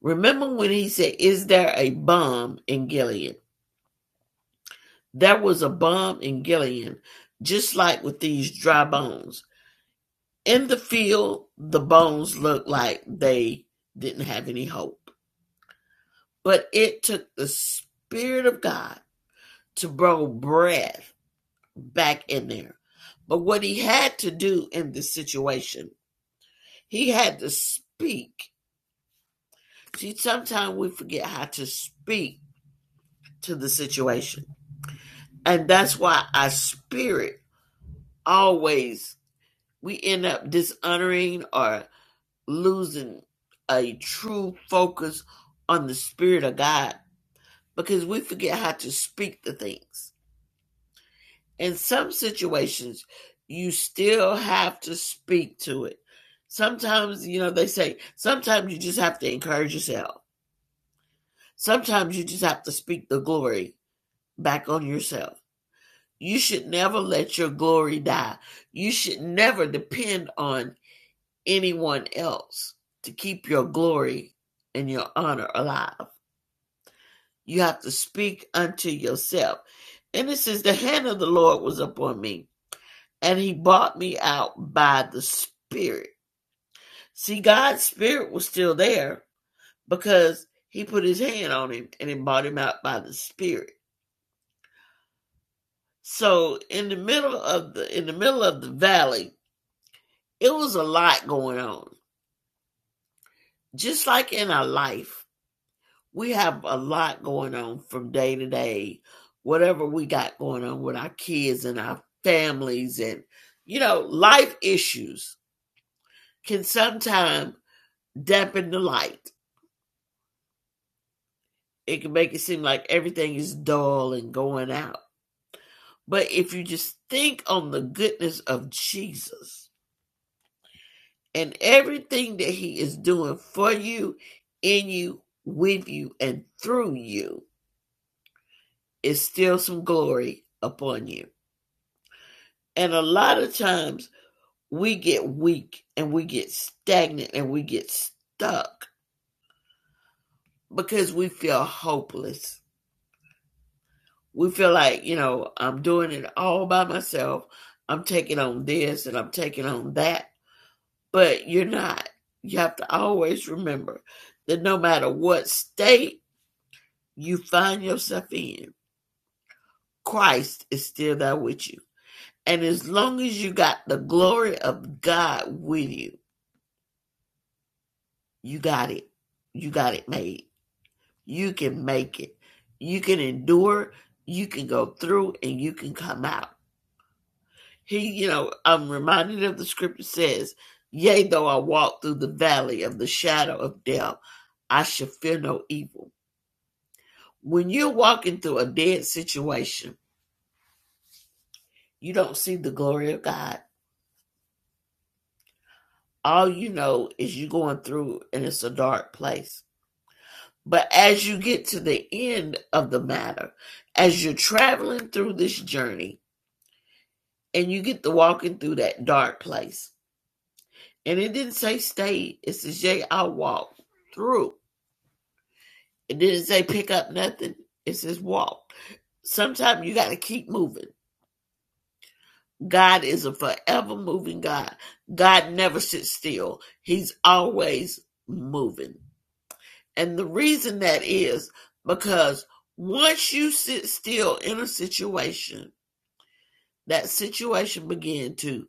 Speaker 7: Remember when he said, Is there a bomb in Gilead? There was a bomb in Gilead, just like with these dry bones. In the field, the bones looked like they didn't have any hope. But it took the Spirit of God to blow breath back in there. But what he had to do in this situation, he had to speak. See, sometimes we forget how to speak to the situation. And that's why our spirit always, we end up dishonoring or losing a true focus on the spirit of God because we forget how to speak the things. in some situations you still have to speak to it sometimes you know they say sometimes you just have to encourage yourself sometimes you just have to speak the glory back on yourself you should never let your glory die you should never depend on anyone else to keep your glory and your honor alive you have to speak unto yourself and it says the hand of the lord was upon me and he bought me out by the Spirit. See, God's Spirit was still there because he put his hand on him and he bought him out by the Spirit. So in the middle of the in the middle of the valley, it was a lot going on. Just like in our life, we have a lot going on from day to day. Whatever we got going on with our kids and our families and you know, life issues can sometimes dampen the light it can make it seem like everything is dull and going out. But if you just think on the goodness of Jesus and everything that he is doing for you, in you, with you, and through you, is still some glory upon you. And a lot of times we get weak and we get stagnant and we get stuck because we feel hopeless. we feel like you know i'm doing it all by myself i'm taking on this and i'm taking on that but you're not you have to always remember that no matter what state you find yourself in christ is still there with you and as long as you got the glory of god with you you got it you got it made you can make it you can endure you can go through and you can come out He, you know, I'm reminded of the scripture says, Yea, though I walk through the valley of the shadow of death, I shall fear no evil. When you're walking through a dead situation, you don't see the glory of God. All you know is you're going through and it's a dark place. But as you get to the end of the matter, as you're traveling through this journey and you get to walking through that dark place, and it didn't say stay, it says, Yea, I walk through. It didn't say pick up nothing. It says walk. Sometimes you got to keep moving. God is a forever moving God. God never sits still. He's always moving. And the reason that is because once you sit still in a situation, that situation began to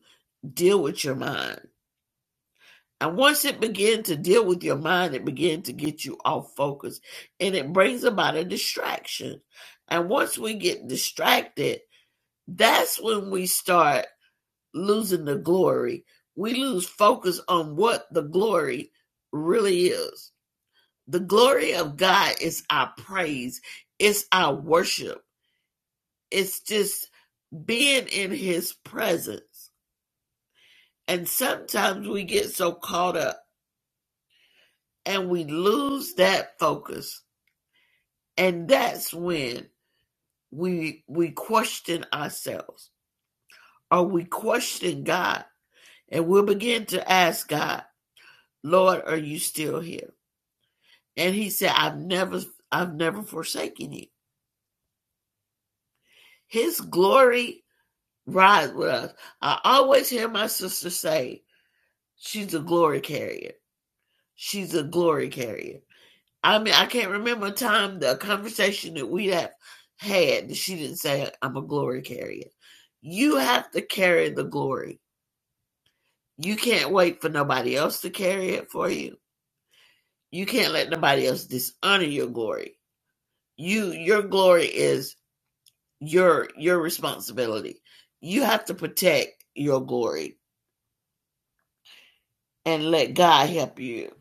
Speaker 7: deal with your mind. And once it began to deal with your mind, it began to get you off focus and it brings about a distraction. And once we get distracted, that's when we start losing the glory. We lose focus on what the glory really is. The glory of God is our praise, it's our worship, it's just being in His presence. And sometimes we get so caught up and we lose that focus. And that's when we we question ourselves or we question God and we'll begin to ask God, Lord, are you still here? And he said, I've never, I've never forsaken you. His glory rides with us. I always hear my sister say, she's a glory carrier. She's a glory carrier. I mean, I can't remember a time the conversation that we have had that she didn't say, I'm a glory carrier. You have to carry the glory. You can't wait for nobody else to carry it for you. You can't let nobody else dishonor your glory. You, your glory is your your responsibility. You have to protect your glory and let God help you.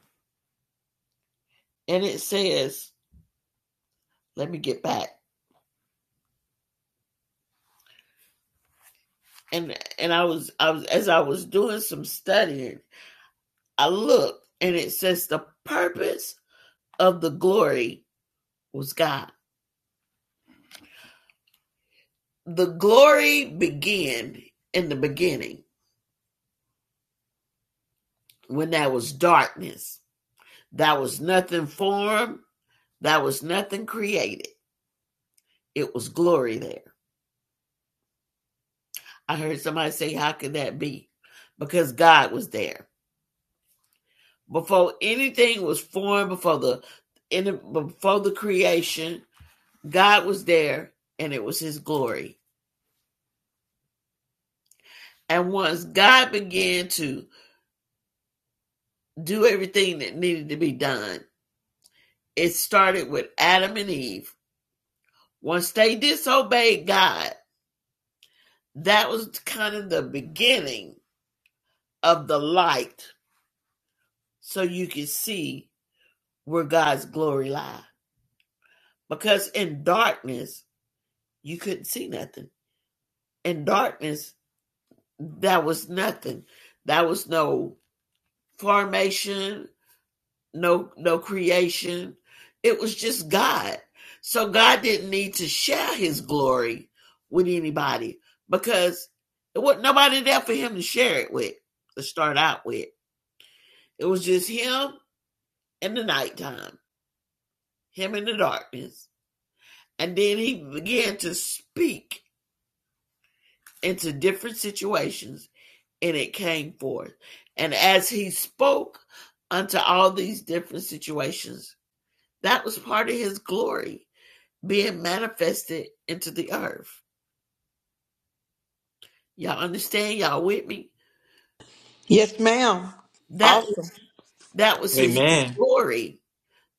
Speaker 7: And it says, let me get back. And and I was I was as I was doing some studying, I looked and it says the purpose of the glory was God. The glory began in the beginning when there was darkness. That was nothing formed, that was nothing created. It was glory there. I heard somebody say, How could that be? Because God was there. Before anything was formed, before the in the, before the creation, God was there and it was his glory. And once God began to do everything that needed to be done, it started with Adam and Eve. Once they disobeyed God, that was kind of the beginning of the light so you can see where God's glory lies. Because in darkness, you couldn't see nothing. In darkness, that was nothing. That was no formation, no no creation. It was just God. So God didn't need to share his glory with anybody because it wasn't nobody there for him to share it with, to start out with. It was just him in the nighttime, him in the darkness. And then he began to speak into different situations and it came forth. And as he spoke unto all these different situations, that was part of his glory being manifested into the earth. Y'all understand? Y'all with me?
Speaker 1: yes, ma'am.
Speaker 7: That
Speaker 1: Awesome.
Speaker 7: was that was his
Speaker 3: Amen.
Speaker 7: glory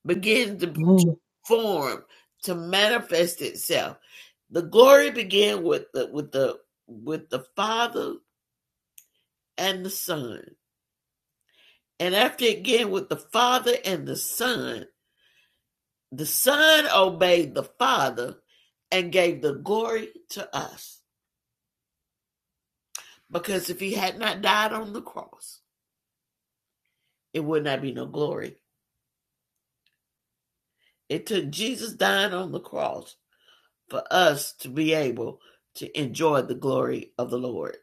Speaker 7: begin to, to
Speaker 2: Amen.
Speaker 7: form to manifest itself. The glory began with the with the with the Father and the Son. And after it began with the Father and the Son, The Son obeyed the Father and gave the glory to us. Because if he had not died on the cross, it would not be no glory. It took Jesus dying on the cross for us to be able to enjoy the glory of the Lord.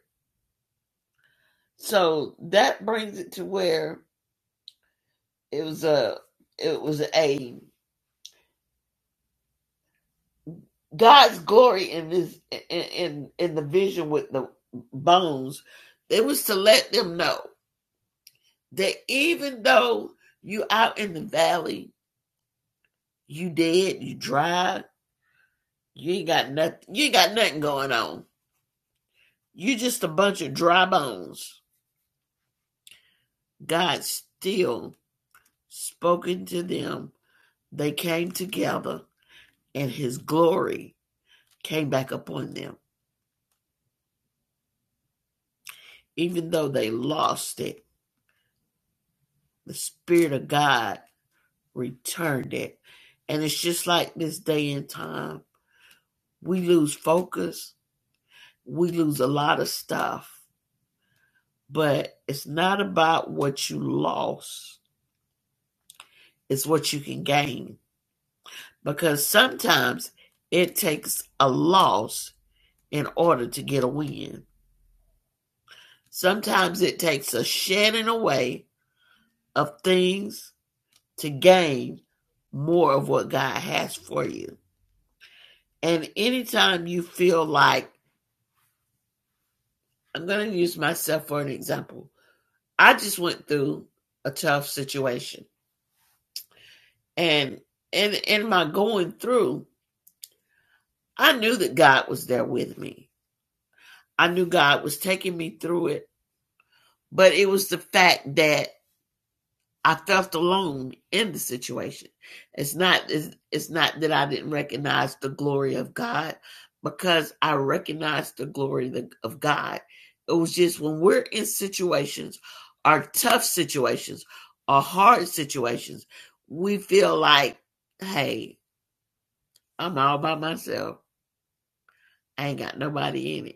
Speaker 7: So that brings it to where it was a it was a God's glory in this in in, in the vision with the bones. It was to let them know that even though you out in the valley, you dead, you dry, you ain't got nothing, you ain't got nothing going on. You just a bunch of dry bones. God still spoken to them. They came together and his glory came back upon them. Even though they lost it, the Spirit of God returned it. And it's just like this day and time. We lose focus, we lose a lot of stuff But it's not about what you lost, it's what you can gain. Because sometimes it takes a loss in order to get a win. Sometimes it takes a shedding away of things to gain more of what God has for you. And anytime you feel like, I'm going to use myself for an example. I just went through a tough situation. And in, in my going through, I knew that God was there with me. I knew God was taking me through it, but it was the fact that I felt alone in the situation. It's not it's, it's not that I didn't recognize the glory of God because I recognized the glory of God. It was just when we're in situations, our tough situations, our hard situations, we feel like, hey, I'm all by myself. I ain't got nobody in it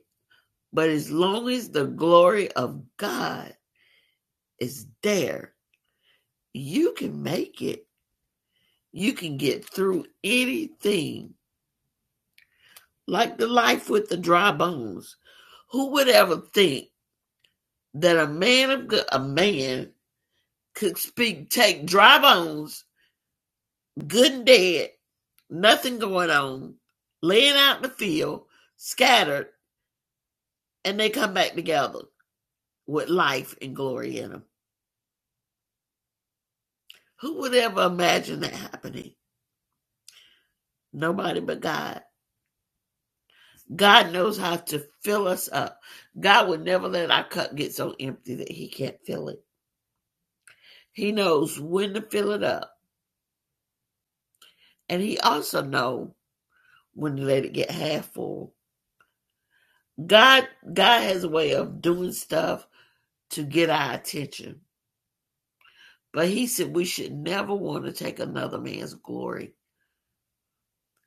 Speaker 7: But as long as the glory of God is there, you can make it. You can get through anything, like the life with the dry bones. Who would ever think that a man of go- a man could speak, take dry bones, good and dead, nothing going on, laying out in the field, scattered, and they come back together with life and glory in them? Who would ever imagine that happening? Nobody but God. God knows how to fill us up. God would never let our cup get so empty that He can't fill it. He knows when to fill it up, and He also knows when to let it get half full. God, God has a way of doing stuff to get our attention. But He said we should never want to take another man's glory.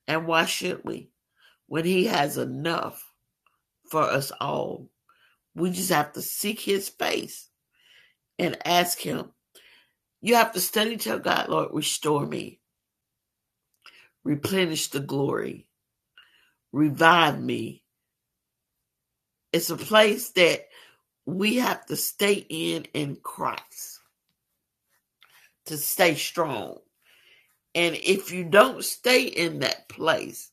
Speaker 7: And why should we? When He has enough for us all, we just have to seek His face and ask Him You have to study tell God, Lord, restore me, replenish the glory, revive me. It's a place that we have to stay in in Christ to stay strong. And if you don't stay in that place,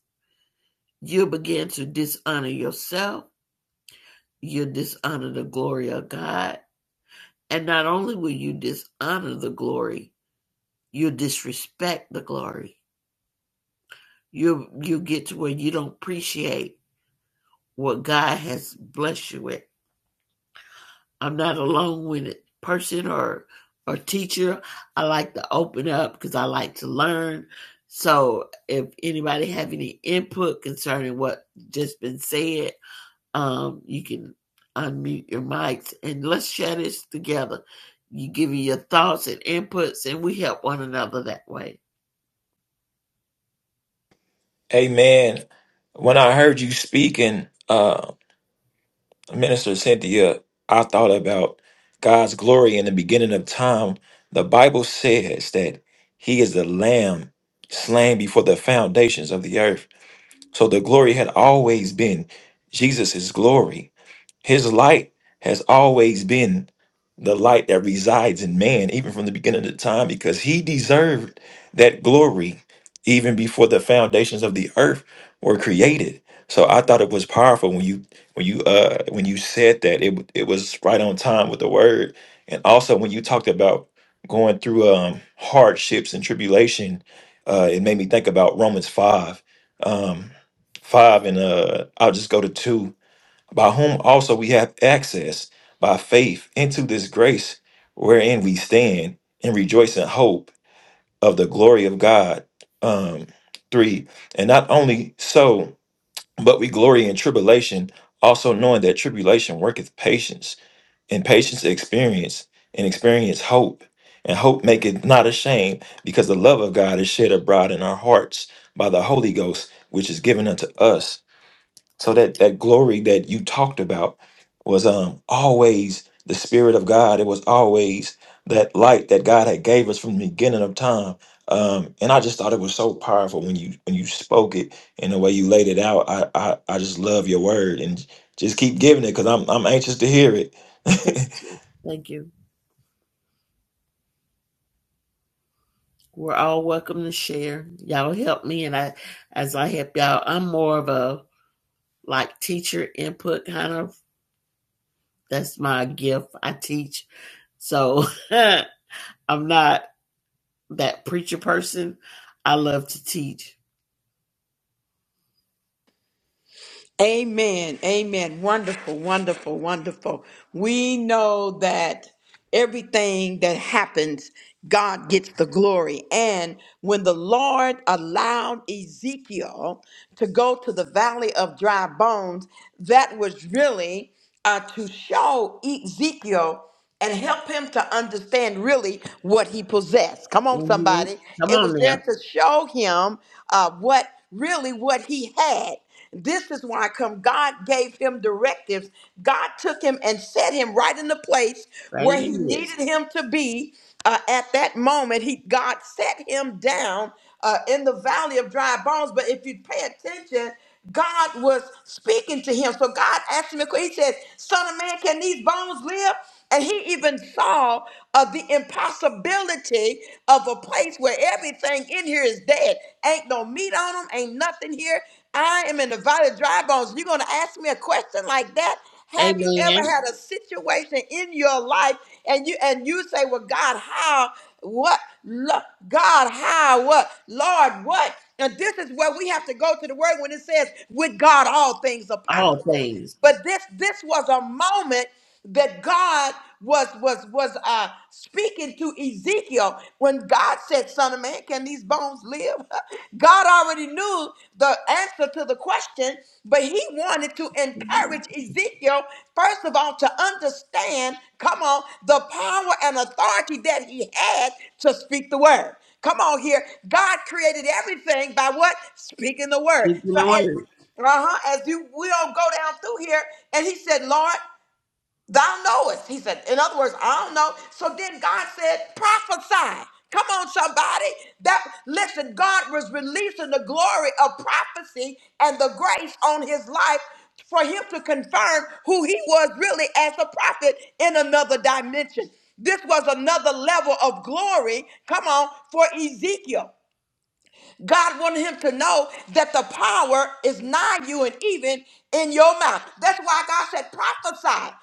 Speaker 7: you'll begin to dishonor yourself, you'll dishonor the glory of God. And not only will you dishonor the glory, you'll disrespect the glory. You will you get to where you don't appreciate what God has blessed you with. I'm not a long-winded person or or teacher. I like to open up because I like to learn. So if anybody have any input concerning what just been said, um, you can unmute your mics and let's share this together. You give me your thoughts and inputs, and we help one another that way.
Speaker 3: Amen. When I heard you speaking, Minister Cynthia, I thought about God's glory in the beginning of time. The Bible says that He is the Lamb slain before the foundations of the earth. So the glory had always been Jesus' glory. His light has always been the light that resides in man, even from the beginning of time, because he deserved that glory even before the foundations of the earth were created. So I thought it was powerful when you when you uh when you said that it w- it was right on time with the word, and also when you talked about going through um hardships and tribulation, uh, it made me think about Romans five, um, five and uh I'll just go to two by whom also we have access by faith into this grace wherein we stand and rejoice in hope of the glory of God. Um, three, and not only so, but we glory in tribulation, also knowing that tribulation worketh patience, and patience experience, and experience hope. And hope maketh not ashamed, because the love of God is shed abroad in our hearts by the Holy Ghost, which is given unto us. So that that glory that you talked about was um always the spirit of God. It was always that light that God had gave us from the beginning of time. Um, and I just thought it was so powerful when you when you spoke it and the way you laid it out. I I, I just love your word and just keep giving it because I'm I'm anxious to hear it.
Speaker 7: Thank you. We're all welcome to share. Y'all help me, and I, as I help y'all, I'm more of a like teacher input kind of That's my gift. I teach. So I'm not that preacher person. I love to teach.
Speaker 1: Amen. Amen. Wonderful, wonderful, wonderful. We know that everything that happens, God gets the glory. And when the Lord allowed Ezekiel to go to the valley of dry bones, that was really uh, to show Ezekiel and help him to understand really what he possessed. Come on,
Speaker 7: hmm
Speaker 1: somebody.
Speaker 7: Come
Speaker 1: It was
Speaker 7: on
Speaker 1: there
Speaker 7: now.
Speaker 1: to show him uh, what really what he had. This is why come God gave him directives. God took him and set him right in the place
Speaker 7: Right
Speaker 1: where he
Speaker 7: in this.
Speaker 1: needed him to be uh, at that moment. He God set him down uh, in the valley of dry bones. But if you pay attention, God was speaking to him. So God asked him a question. He says, Son of man, can these bones live? And he even saw of the impossibility of a place where everything in here is dead. Ain't no meat on them, ain't nothing here. I am in the valley of dry bones. You're going to ask me a question like that? Have you ever
Speaker 7: Amen.
Speaker 1: had a situation in your life and you and you say, "Well, God, how? What? Lo- God, how? What? Lord, what?" And this is where we have to go to the word when it says, "With God, all things are
Speaker 7: All
Speaker 1: possible."
Speaker 7: things.
Speaker 1: But this this was a moment that God was was was uh speaking to Ezekiel when God said, "Son of man, can these bones live?" God already knew the answer to the question, but he wanted to
Speaker 7: Mhm.
Speaker 1: encourage Ezekiel first of all to understand, come on, the power and authority that he had to speak the word. Come on here. God created everything by what? Speaking the word.
Speaker 7: Speaking
Speaker 1: So
Speaker 7: the
Speaker 1: as
Speaker 7: word.
Speaker 1: uh-huh. As you we'll go down through here, and he said, Lord. Thou knowest. He said, in other words, I don't know. So then God said, prophesy. Come on, somebody. That listen, God was releasing the glory of prophecy and the grace on his life for him to confirm who he was really as a prophet in another dimension. This was another level of glory, come on, for Ezekiel. God wanted him to know that the power is nigh you and even in your mouth. That's why God said, prophesy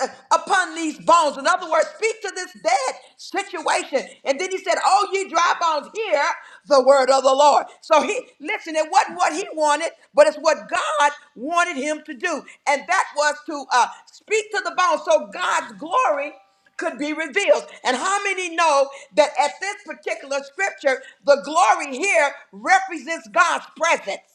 Speaker 1: uh, upon these bones. In other words, speak to this dead situation. And then he said, Oh, ye dry bones, hear the word of the Lord. So he, listen, it wasn't what he wanted, but it's what God wanted him to do. And that was to uh, speak to the bones. So God's glory could be revealed. And how many know that at this particular scripture, the glory here represents God's presence?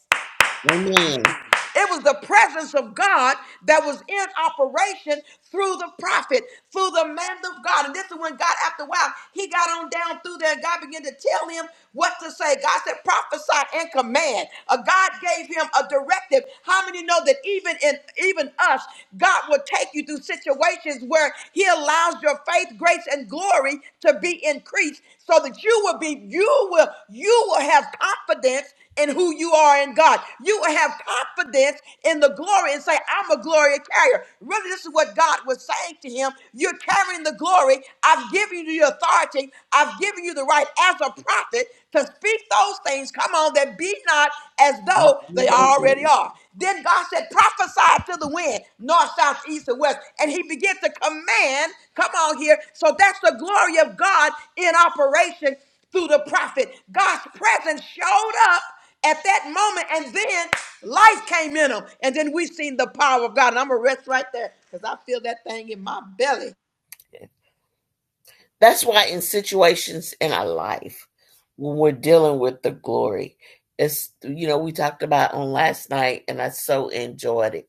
Speaker 7: Amen.
Speaker 1: It was the presence of God that was in operation through the prophet, through the man of God. And this is when God, after a while, he got on down through there and God began to tell him what to say. God said, prophesy and command. Uh, God gave him a directive. How many know that even in even us, God will take you through situations where he allows your faith, grace, and glory to be increased so that you will be, you will, you will have confidence in who you are in God. You will have confidence in the glory and say, I'm a glory carrier. Really, this is what God was saying to him. You're carrying the glory. I've given you the authority. I've given you the right as a prophet to speak those things. Come on, that be not as
Speaker 7: That's
Speaker 1: though
Speaker 7: you,
Speaker 1: they already
Speaker 7: that's
Speaker 1: are. Then God said, prophesy to the wind, north, south, east, and west. And he began to command, come on here. So that's the glory of God in operation through the prophet. God's presence showed up at that moment, and then life came in them. And then we've seen the power of God. And I'm going to rest right there because I feel that thing in my belly.
Speaker 7: it. That's why in situations in our life, when we're dealing with the glory, it's you know, we talked about on last night and I so enjoyed it,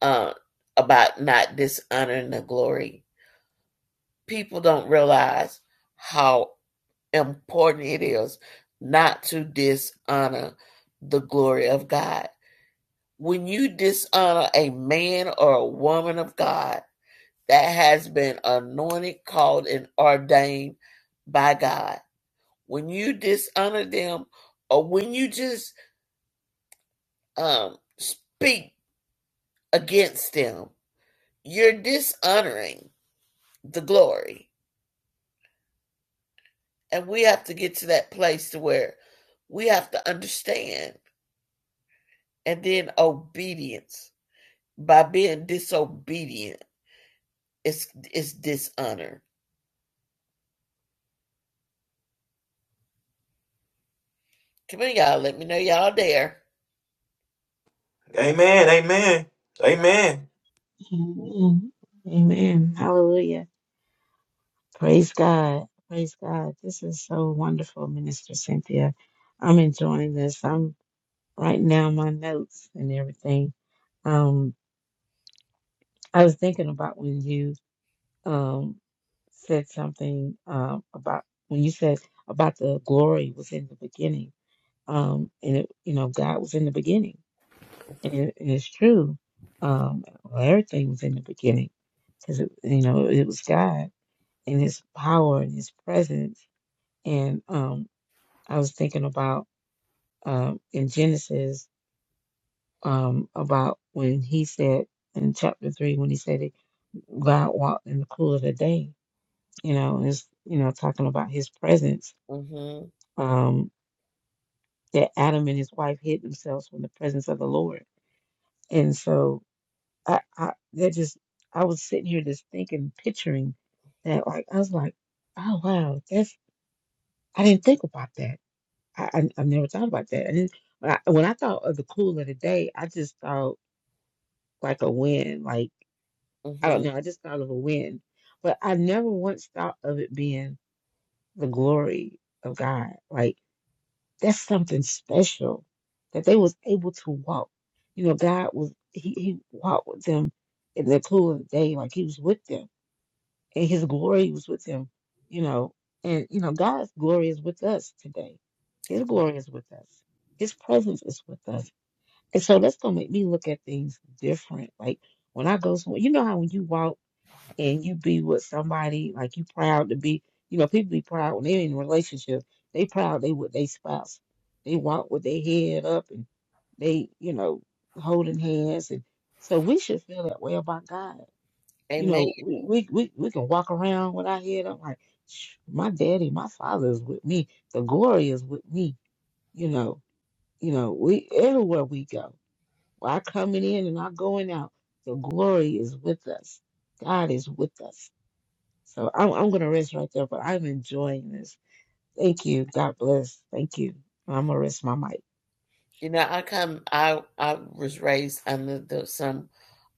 Speaker 7: uh, about not dishonoring the glory. People don't realize how important it is not to dishonor the glory of God. When you dishonor a man or a woman of God that has been anointed, called, and ordained by God when you dishonor them or when you just um, speak against them, you're dishonoring the glory. And we have to get to that place to where we have to understand and then obedience by being disobedient is is dishonor. Come on, y'all. Let me know y'all there.
Speaker 3: amen. Amen. Amen.
Speaker 2: Amen. Amen. Hallelujah. Praise God. Praise God. This is so wonderful, Minister Cynthia. I'm enjoying this. I'm writing down my notes and everything. Um, I was thinking about when you um said something um about when you said about the glory was in the beginning. Um, and it, you know, God was in the beginning, and, it, and it's true. Um, well, everything was in the beginning because you know it was God and His power and His presence and um I was thinking about um, in Genesis um, about when he said in chapter three when he said it, God walked in the cool of the day. You know, and it's you know talking about His presence
Speaker 7: Mm-hmm.
Speaker 2: um, that Adam and his wife hid themselves from the presence of the Lord. And so I, I that just I was sitting here just thinking, picturing that. Like I was like, oh wow, that's I didn't think about that. I, I I've never thought about that. I didn't. When I, when I thought of the cool of the day, I just thought. like a win. Like I don't
Speaker 7: Mm-hmm.
Speaker 2: know, I just thought of a win, but I never once thought of it being the glory of God. Like that's something special that they was able to walk. You know, God was he, he walked with them in the cool of the day, like he was with them, and his glory was with them. You know, and you know God's glory is with us today. His
Speaker 7: Amen.
Speaker 2: glory is with us. His presence is with us. And so that's gonna make me look at things different. Like when I go somewhere, you know how when you walk and you be with somebody like you proud to be you know people be proud when they're in a relationship they proud they with their spouse they walk with their head up and they you know holding hands and so we should feel that way about god you
Speaker 7: Amen.
Speaker 2: know we we we, we can walk around with our head up like "Shh, my daddy my father is with me the glory is with me you know you know we everywhere we go our coming in and our going out the glory is with us god is with us so I'm I'm gonna rest right there, but I'm enjoying this. Thank you. God bless. Thank you. I'm gonna rest my mic.
Speaker 7: You know, I come. I I was raised under the some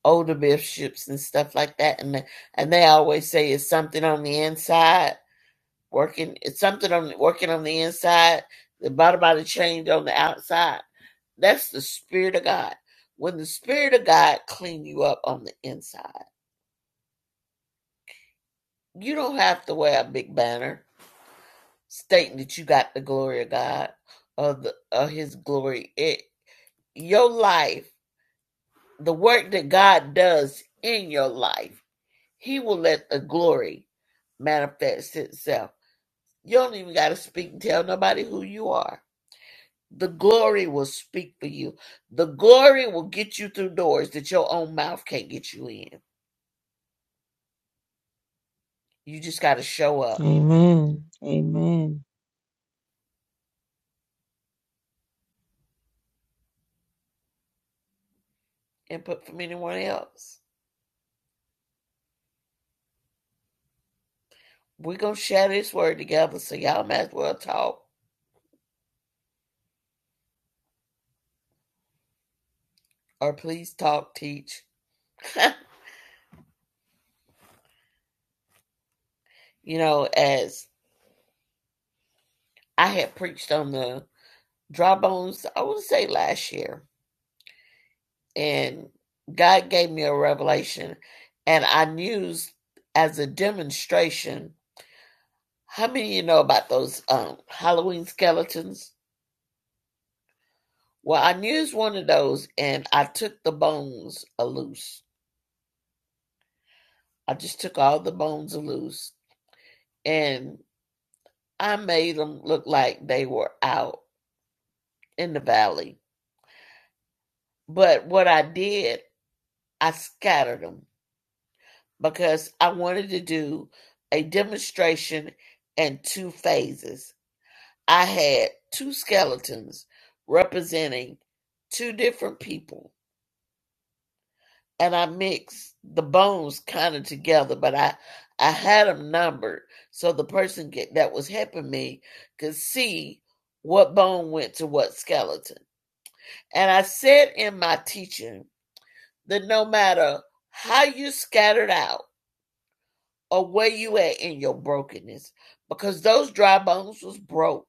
Speaker 7: older bishops and stuff like that, and and they always say it's something on the inside working. It's something on working on the inside. The bottom of the change on the outside. That's the spirit of God. When the spirit of God clean you up on the inside, you don't have to wear a big banner stating that you got the glory of God or the or His glory. It your life, the work that God does in your life He will let the glory manifest itself. You don't even got to speak and tell nobody who you are. The glory will speak for you. The glory will get you through doors that your own mouth can't get you in. You just got to show up
Speaker 2: Amen. Amen.
Speaker 7: and put from anyone else. We're going to share this word together, so y'all might as well talk or please talk, teach. you know, as I had preached on the dry bones, I would say last year and God gave me a revelation, and I used as a demonstration. How many of you know about those um, Halloween skeletons? Well, I used one of those, and I took the bones loose. I just took all the bones loose, and I made them look like they were out in the valley. But what I did, I scattered them because I wanted to do a demonstration in two phases I had two skeletons representing two different people, and I mixed the bones kind of together, but I I had them numbered so the person get, that was helping me could see what bone went to what skeleton. And I said in my teaching that no matter how you scattered out or where you at in your brokenness, because those dry bones was broke,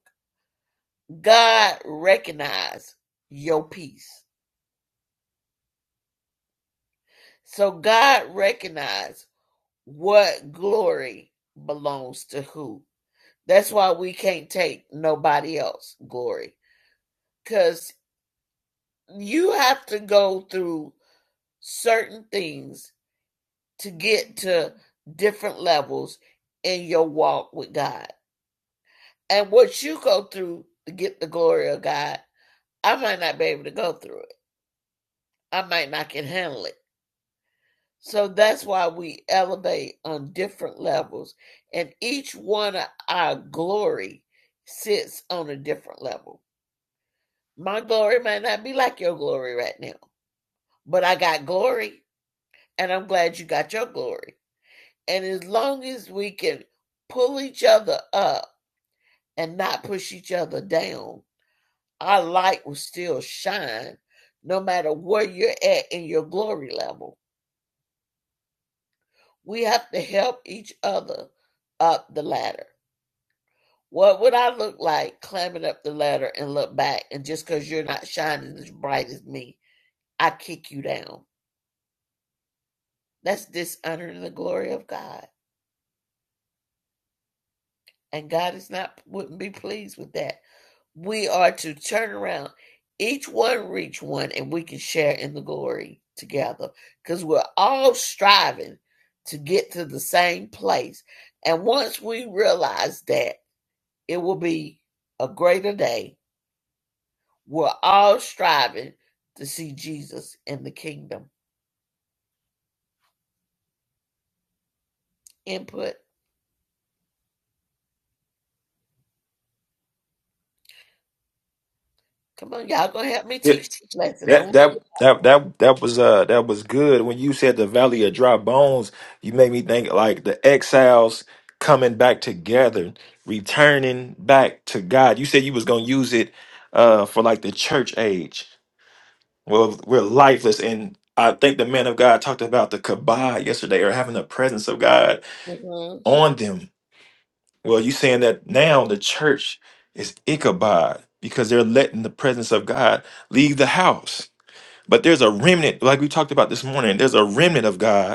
Speaker 7: God recognized your peace. So God recognized what glory belongs to who. That's why we can't take nobody else glory because you have to go through certain things to get to different levels in your walk with God. And what you go through to get the glory of God, I might not be able to go through it. I might not can handle it. So that's why we elevate on different levels, and each one of our glory sits on a different level. My glory might not be like your glory right now, but I got glory, and I'm glad you got your glory. And as long as we can pull each other up and not push each other down, our light will still shine no matter where you're at in your glory level. We have to help each other up the ladder Well, What would I look like climbing up the ladder and look back, and just because you're not shining as bright as me, I kick you down? That's dishonoring the glory of God, and God is not wouldn't be pleased with that. We are to turn around, each one reach one, and we can share in the glory together because we're all striving to get to the same place. And once we realize that, it will be a greater day We're all striving to see Jesus in the kingdom. Input. Come on, y'all gonna help me teach this lesson. I'm,
Speaker 3: That that that that that was uh that was good. When you said the valley of dry bones, you made me think like the exiles coming back together, returning back to God. You said you was gonna use it uh for like the church age. Well, we're lifeless, and I think the man of God talked about the kabod yesterday, or having the presence of God
Speaker 7: Mhm,
Speaker 3: on them. Well, you saying that now the church is Ichabod because they're letting the presence of God leave the house but there's a remnant, like we talked about this morning, there's a remnant of God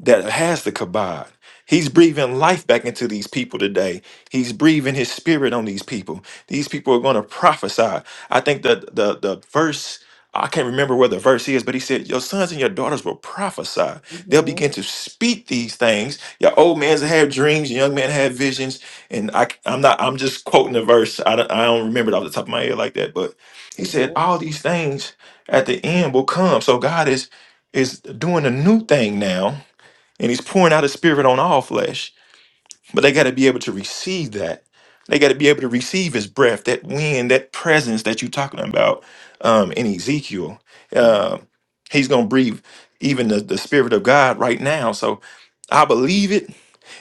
Speaker 3: that has the kabod. He's breathing life back into these people today. He's breathing his spirit on these people. These people are going to prophesy. I think that the the verse I can't remember where the verse is, but he said, Your sons and your daughters will prophesy. They'll
Speaker 7: mhm,
Speaker 3: begin to speak these things. Your old man's have dreams, your young men have visions. And I, I'm not, I'm just quoting the verse. I don't, I don't remember it off the top of my head like that. But he said,
Speaker 7: mhm,
Speaker 3: All these things at the end will come. So God is is doing a new thing now and he's pouring out his spirit on all flesh but they got to be able to receive that they got to be able to receive his breath that wind that presence that you're talking about um, in ezekiel uh, he's going to breathe even the, the spirit of god right now so i believe it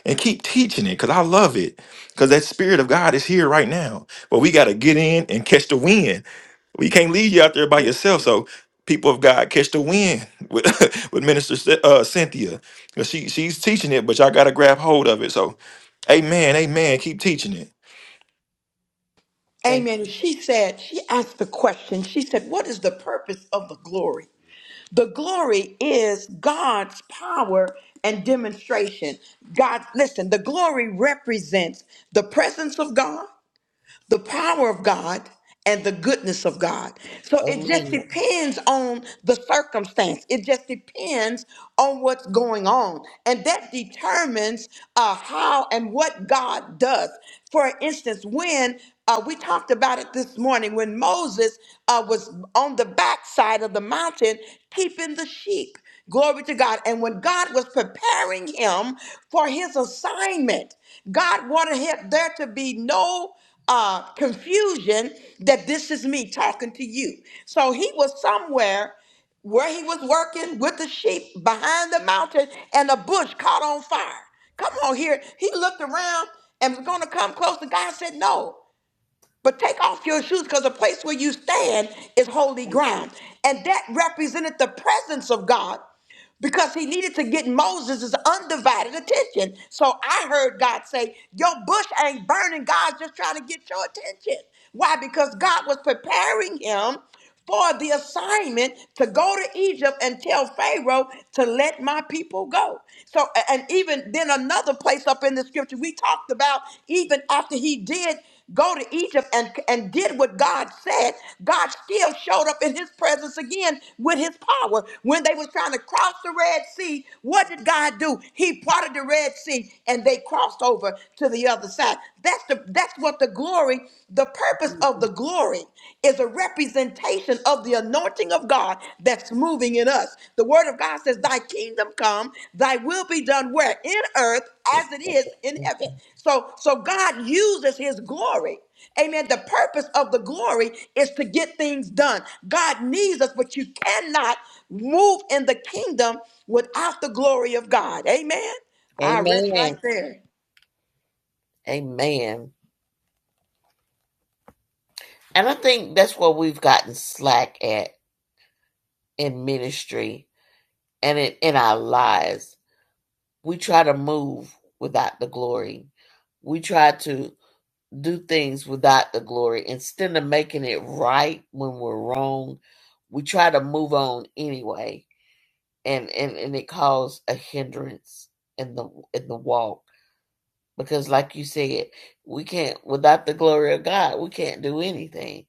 Speaker 3: and keep teaching it because i love it because that spirit of god is here right now but we got to get in and catch the wind we can't leave you out there by
Speaker 7: mhm.
Speaker 3: yourself. So people of God catch the wind with, with Minister Cy- uh, Cynthia. 'Cause She she's teaching it, but y'all got to grab hold of it. So, Amen, Amen. Keep teaching it.
Speaker 7: Thank
Speaker 1: Amen. She said, she asked the question, she said, What is the purpose of the glory? The glory is God's power and demonstration. God, listen, the glory represents the presence of God. the power of God and the goodness of God. So it just
Speaker 7: you.
Speaker 1: depends on the circumstance. It just depends on what's going on. And that determines uh, how and what God does. For instance, when uh, we talked about it this morning, when Moses uh, was on the backside of the mountain keeping the sheep. Glory to God. And when God was preparing him for his assignment, God wanted him, there to be no uh, confusion that this is me talking to you. So he was somewhere where he was working with the sheep behind the mountain and a bush caught on fire. Come on here. He looked around and was going to come close, and God said, No. But take off your shoes because the place where you stand is holy ground. And that represented the presence of God because he needed to get Moses' undivided attention. So I heard God say, Your bush ain't burning. God's just trying to get your attention. Why? Because God was preparing him for the assignment to go to Egypt and tell Pharaoh to let my people go. So, a- and even then, another place up in the scripture, we talked about even after he did go to Egypt and, and did what God said, God still showed up in his presence again with his power. When they was trying to cross the Red Sea, what did God do? He parted the Red Sea and they crossed over to the other side. That's the that's what the glory glory, the purpose of the glory is a representation of the anointing of God that's moving in us. The word of God says, Thy kingdom come, thy will be done where? In earth as it is in heaven. So, so God uses his glory. Amen. The purpose of the glory is to get things done. God needs us, but you cannot move in the kingdom without the glory of God. Amen.
Speaker 7: Amen.
Speaker 1: I rest right
Speaker 7: Amen.
Speaker 1: there.
Speaker 7: Amen. And I think that's where we've gotten slack at in ministry and in, in our lives. We try to move without the glory. We try to do things without the glory instead of making it right when we're wrong we try to move on anyway and and and it caused a hindrance in the in the walk because like you said we can't without the glory of god we can't do anything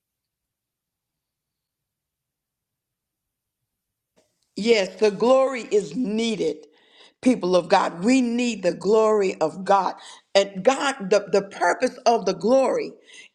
Speaker 1: Yes, the glory is needed, people of God. We need the glory of God. And God, the, the purpose of the glory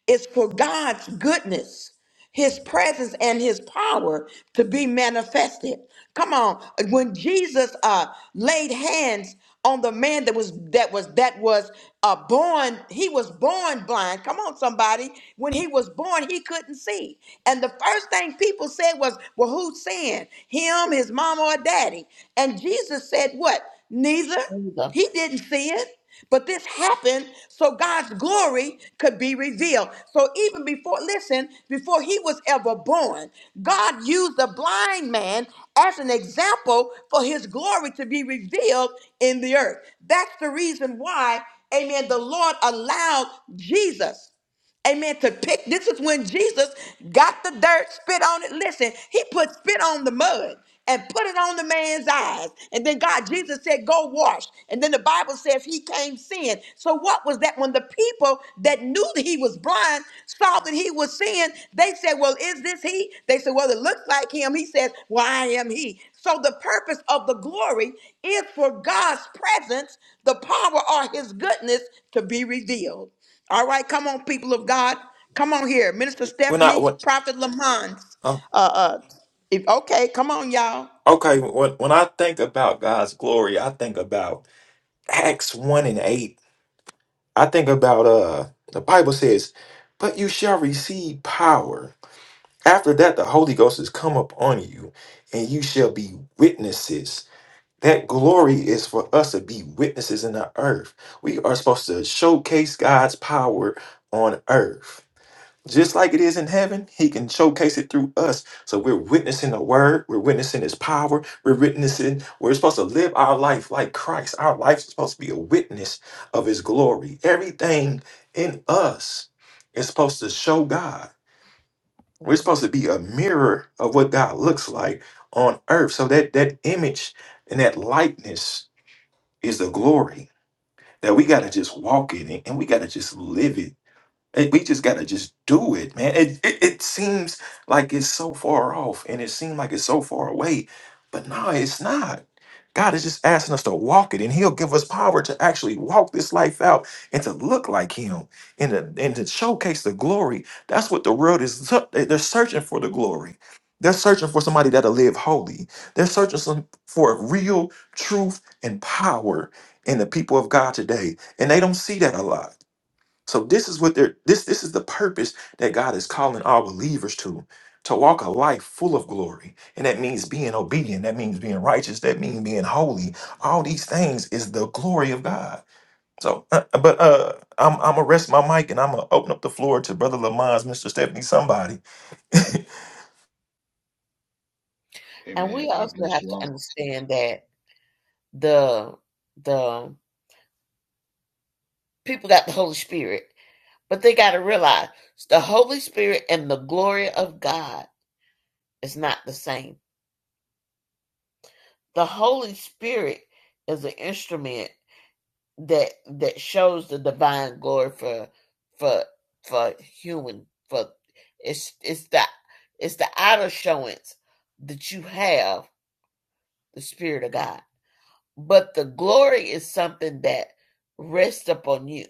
Speaker 1: is for God's goodness, his presence, and his power to be manifested. Come on. When Jesus uh, laid hands on the man that was that was that was uh, born he was born blind come on somebody when he was born he couldn't see and the first thing people said was well who sinned him his mom or daddy and jesus said what neither
Speaker 7: There
Speaker 1: he didn't see it, but this happened so God's glory could be revealed. So even before, listen, before he was ever born, God used the blind man as an example for his glory to be revealed in the earth. That's the reason why, amen, the Lord allowed Jesus. Amen. To pick, this is when Jesus got the dirt, spit on it. Listen, he put spit on the mud and put it on the man's eyes. And then God, Jesus said, Go wash. And then the Bible says he came seeing. So, what was that? When the people that knew that he was blind saw that he was seeing, they said, Well, is this he? They said, Well, it looks like him. He says, Well, I am he. So, the purpose of the glory is for God's presence, the power or his goodness to be revealed. All right, come on, people of God. Come on here. Minister
Speaker 3: When I
Speaker 1: Stephanie,
Speaker 3: when
Speaker 1: Prophet Lamont.
Speaker 3: uh,
Speaker 1: Uh, uh, if, okay, come on, y'all.
Speaker 3: okay when when I think about God's glory, I think about Acts one and eight. I think about uh the Bible says, "But you shall receive power." After that, the Holy Ghost has come upon you, and you shall be witnesses That glory is for us to be witnesses in the earth. We are supposed to showcase God's power on earth. Just like it is in heaven, He can showcase it through us. So we're witnessing the word, we're witnessing His power, we're witnessing, we're supposed to live our life like Christ. Our life is supposed to be a witness of His glory. Everything in us is supposed to show God. We're
Speaker 7: Mhm.
Speaker 3: supposed to be a mirror of what God looks like on earth. So that, that image and that likeness is the glory that we got to just walk in it and we got to just live it and we just gotta just do it, man. It, it it seems like it's so far off, and it seems like it's so far away, but no, it's not. God is just asking us to walk it, and He'll give us power to actually walk this life out and to look like Him and to, and to showcase the glory. That's what the world is. su- they- They're searching for the glory. They're searching for somebody that'll live holy. They're searching some, for real truth and power in the people of God today, and they don't see that a lot. So this is what they're this this is the purpose that God is calling all believers to to walk a life full of glory. And that means being obedient, that means being righteous, that means being holy. All these things is the glory of God. So uh, uh, but uh I'm I'm gonna rest my mic and I'm gonna open up the floor to Brother Lamont's Mr. Stephanie somebody.
Speaker 7: and
Speaker 8: Amen.
Speaker 7: we
Speaker 8: God
Speaker 7: also
Speaker 8: bless
Speaker 7: have
Speaker 8: you
Speaker 7: to
Speaker 8: all.
Speaker 7: understand that the the people got the holy spirit but they got to realize the holy spirit and the glory of god is not the same The Holy Spirit is an instrument that that shows the divine glory for for for human for it's it's the it's the outer showings that you have the Spirit of God. But the glory is something that rests upon you.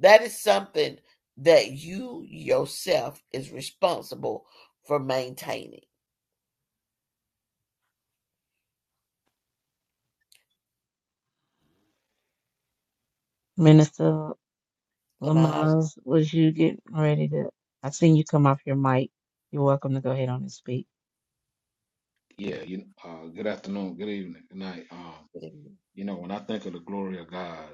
Speaker 7: That is something that you yourself is responsible for maintaining.
Speaker 2: Minister
Speaker 7: Am I
Speaker 2: Lamaz, was you getting ready to? I seen you come off your mic. You're welcome to go ahead on and speak.
Speaker 8: Yeah, you uh good afternoon, good evening, good night. Um, you know, when I think of the glory of God,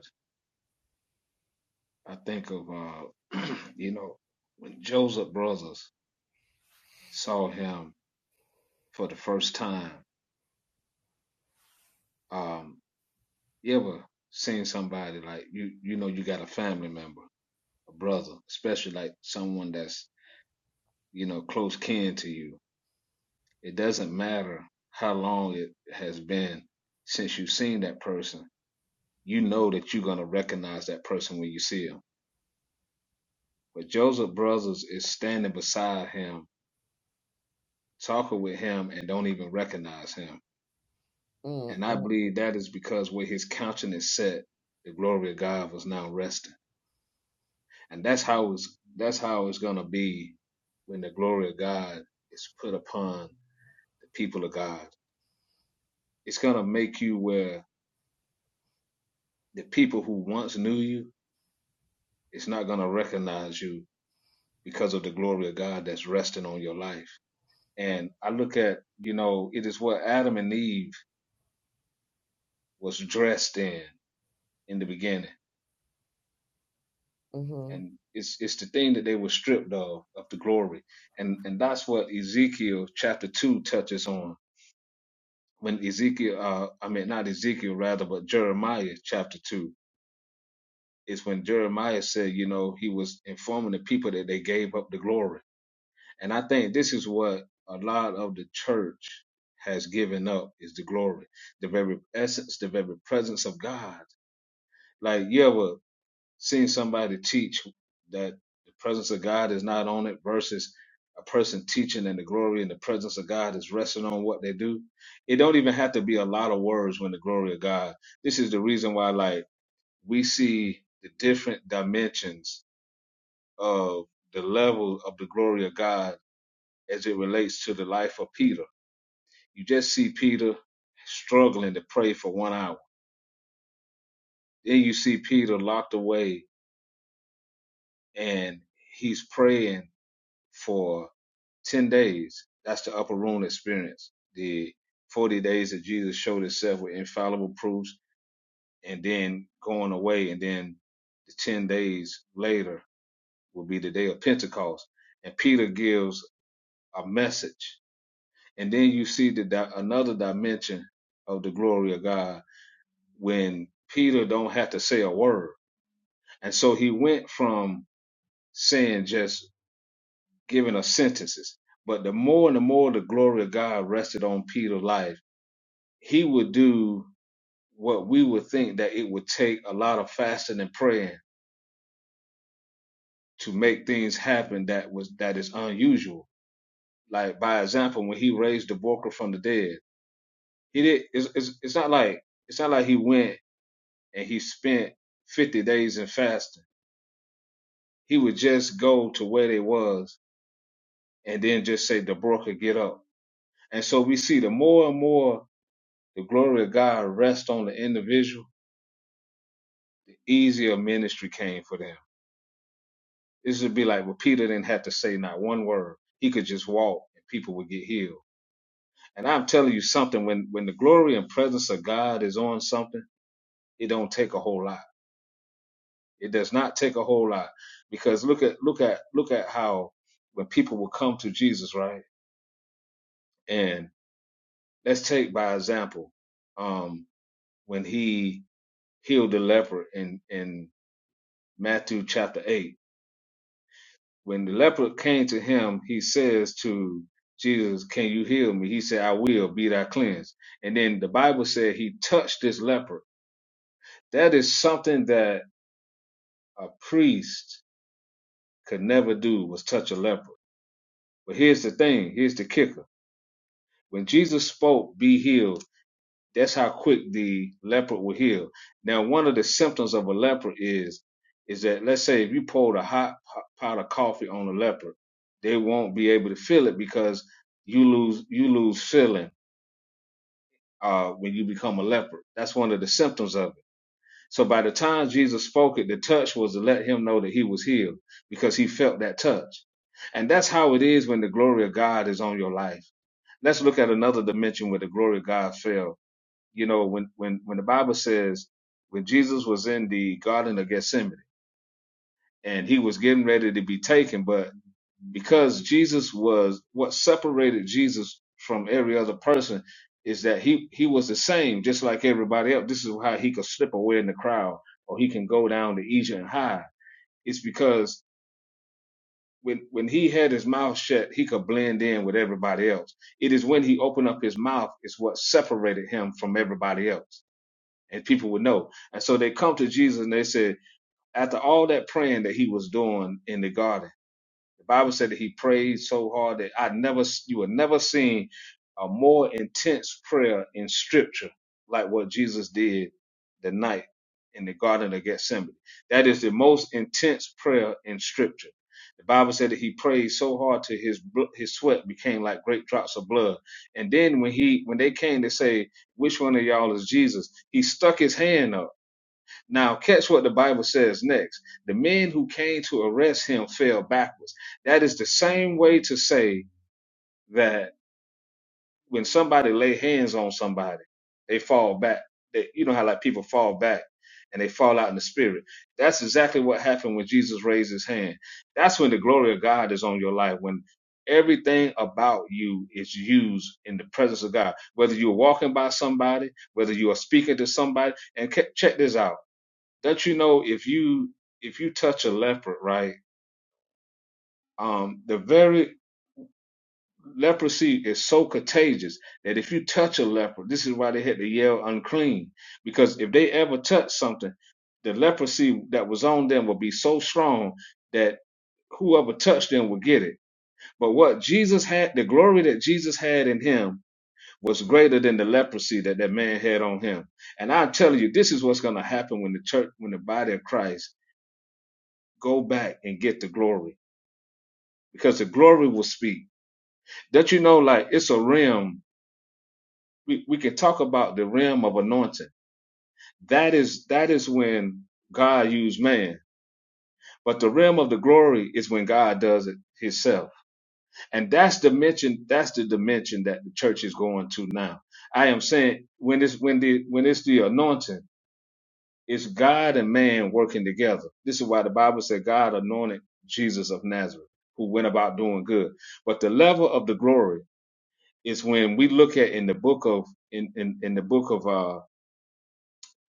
Speaker 8: I think of uh you know, when Joseph brothers saw him for the first time, um, you ever seen somebody like you you know you got a family member, a brother, especially like someone that's, you know, close kin to you. It doesn't matter how long it has been since you've seen that person you know that you're going to recognize that person when you see him. But Joseph Brothers is standing beside him, talking with him, and don't even recognize him. And I
Speaker 7: Mm-mm,
Speaker 8: believe that is because where his countenance set, the glory of God was now resting. And that's how it's that's how it's gonna be when the glory of God is put upon the people of God. It's gonna make you where the people who once knew you, it's not gonna recognize you because of the glory of God that's resting on your life And I look at, you know, it is what Adam and Eve was dressed in in the beginning.
Speaker 7: mm-hmm.
Speaker 8: And it's it's the thing that they were stripped of, of the glory. And and that's what Ezekiel chapter two touches on. When Ezekiel uh I mean not Ezekiel rather, but Jeremiah chapter two is when Jeremiah said, you know, he was informing the people that they gave up the glory. And I think this is what a lot of the church has given up is the glory the very essence, the very presence of God. Like you ever seen somebody teach that the presence of God is not on it versus a person teaching and the glory and the presence of God is resting on what they do. It don't even have to be a lot of words when the glory of God. This is the reason why like we see the different dimensions of the level of the glory of God as it relates to the life of Peter. You just see Peter struggling to pray for one hour. Then you see Peter locked away and he's praying for 10 days. That's the upper room experience. The 40 days that Jesus showed himself with infallible proofs and then going away. And then the 10 days later will be the day of Pentecost. And Peter gives a message. And then you see the di- another dimension of the glory of God when Peter don't have to say a word. And so he went from saying just giving us sentences. But the more and the more the glory of God rested on Peter's life, he would do what we would think that it would take a lot of fasting and praying to make things happen that was that is unusual. Like by example, when he raised the worker from the dead, he did. It's, it's, it's not like it's not like he went and he spent fifty days in fasting. He would just go to where they was and then just say, "The worker, get up." And so we see the more and more the glory of God rest on the individual, the easier ministry came for them. This would be like well, Peter didn't have to say not one word. He could just walk and people would get healed. And I'm telling you something, when when the glory and presence of God is on something, it don't take a whole lot. It does not take a whole lot. Because look at look at look at how when people will come to Jesus, right? And let's take by example, um, when he healed the leper in in Matthew chapter eight When the leper came to him, he says to Jesus, Can you heal me? He said, I will, be thou cleansed. And then the Bible said he touched this leper. That is something that a priest could never do was touch a leper. But here's the thing, here's the kicker. When Jesus spoke, be healed, That's how quick the leopard will heal. Now, one of the symptoms of a leopard is is that let's say if you poured a hot pot of coffee on a leopard, they won't be able to feel it because you lose you lose feeling uh, when you become a leopard. That's one of the symptoms of it. So by the time Jesus spoke it, the touch was to let him know that he was healed because he felt that touch. And that's how it is when the glory of God is on your life. Let's look at another dimension where the glory of God fell you know, when when when the Bible says when Jesus was in the Garden of Gethsemane and he was getting ready to be taken, but because Jesus was what separated Jesus from every other person is that he he was the same, just like everybody else. This is how he could slip away in the crowd, or he can go down to Egypt and hide. It's because when when he had his mouth shut, he could blend in with everybody else. It is when he opened up his mouth is what separated him from everybody else and people would know. And so they come to Jesus and they said, after all that praying that he was doing in the garden. The Bible said that he prayed so hard that I never, you were never seen a more intense prayer in scripture like what Jesus did the night in the Garden of Gethsemane. That is the most intense prayer in scripture. The Bible said that he prayed so hard till his bl- his sweat became like great drops of blood. And then when he when they came to say which one of y'all is Jesus, he stuck his hand up now, catch what the Bible says next. The men who came to arrest him fell backwards. That is the same way to say that when somebody lay hands on somebody, they fall back. They, you know how like people fall back and they fall out in the spirit. That's exactly what happened when Jesus raised his hand. That's when the glory of God is on your life. When everything about you is used in the presence of God. Whether you're walking by somebody, whether you are speaking to somebody, and ca- check this out that you know if you if you touch a leper right um the very leprosy is so contagious that if you touch a leper this is why they had to yell unclean because if they ever touch something the leprosy that was on them would be so strong that whoever touched them would get it but what jesus had the glory that jesus had in him was greater than the leprosy that that man had on him and i tell you this is what's going to happen when the church when the body of christ go back and get the glory because the glory will speak. don't you know, like it's a realm. We we can talk about the realm of anointing. That is that is when God used man. But the realm of the glory is when God does it himself. And that's dimension, that's the dimension that the church is going to now. I am saying when it's when the when it's the anointing, it's God and man working together. This is why the Bible said God anointed Jesus of Nazareth, who went about doing good. But the level of the glory is when we look at in the book of in in, in the book of uh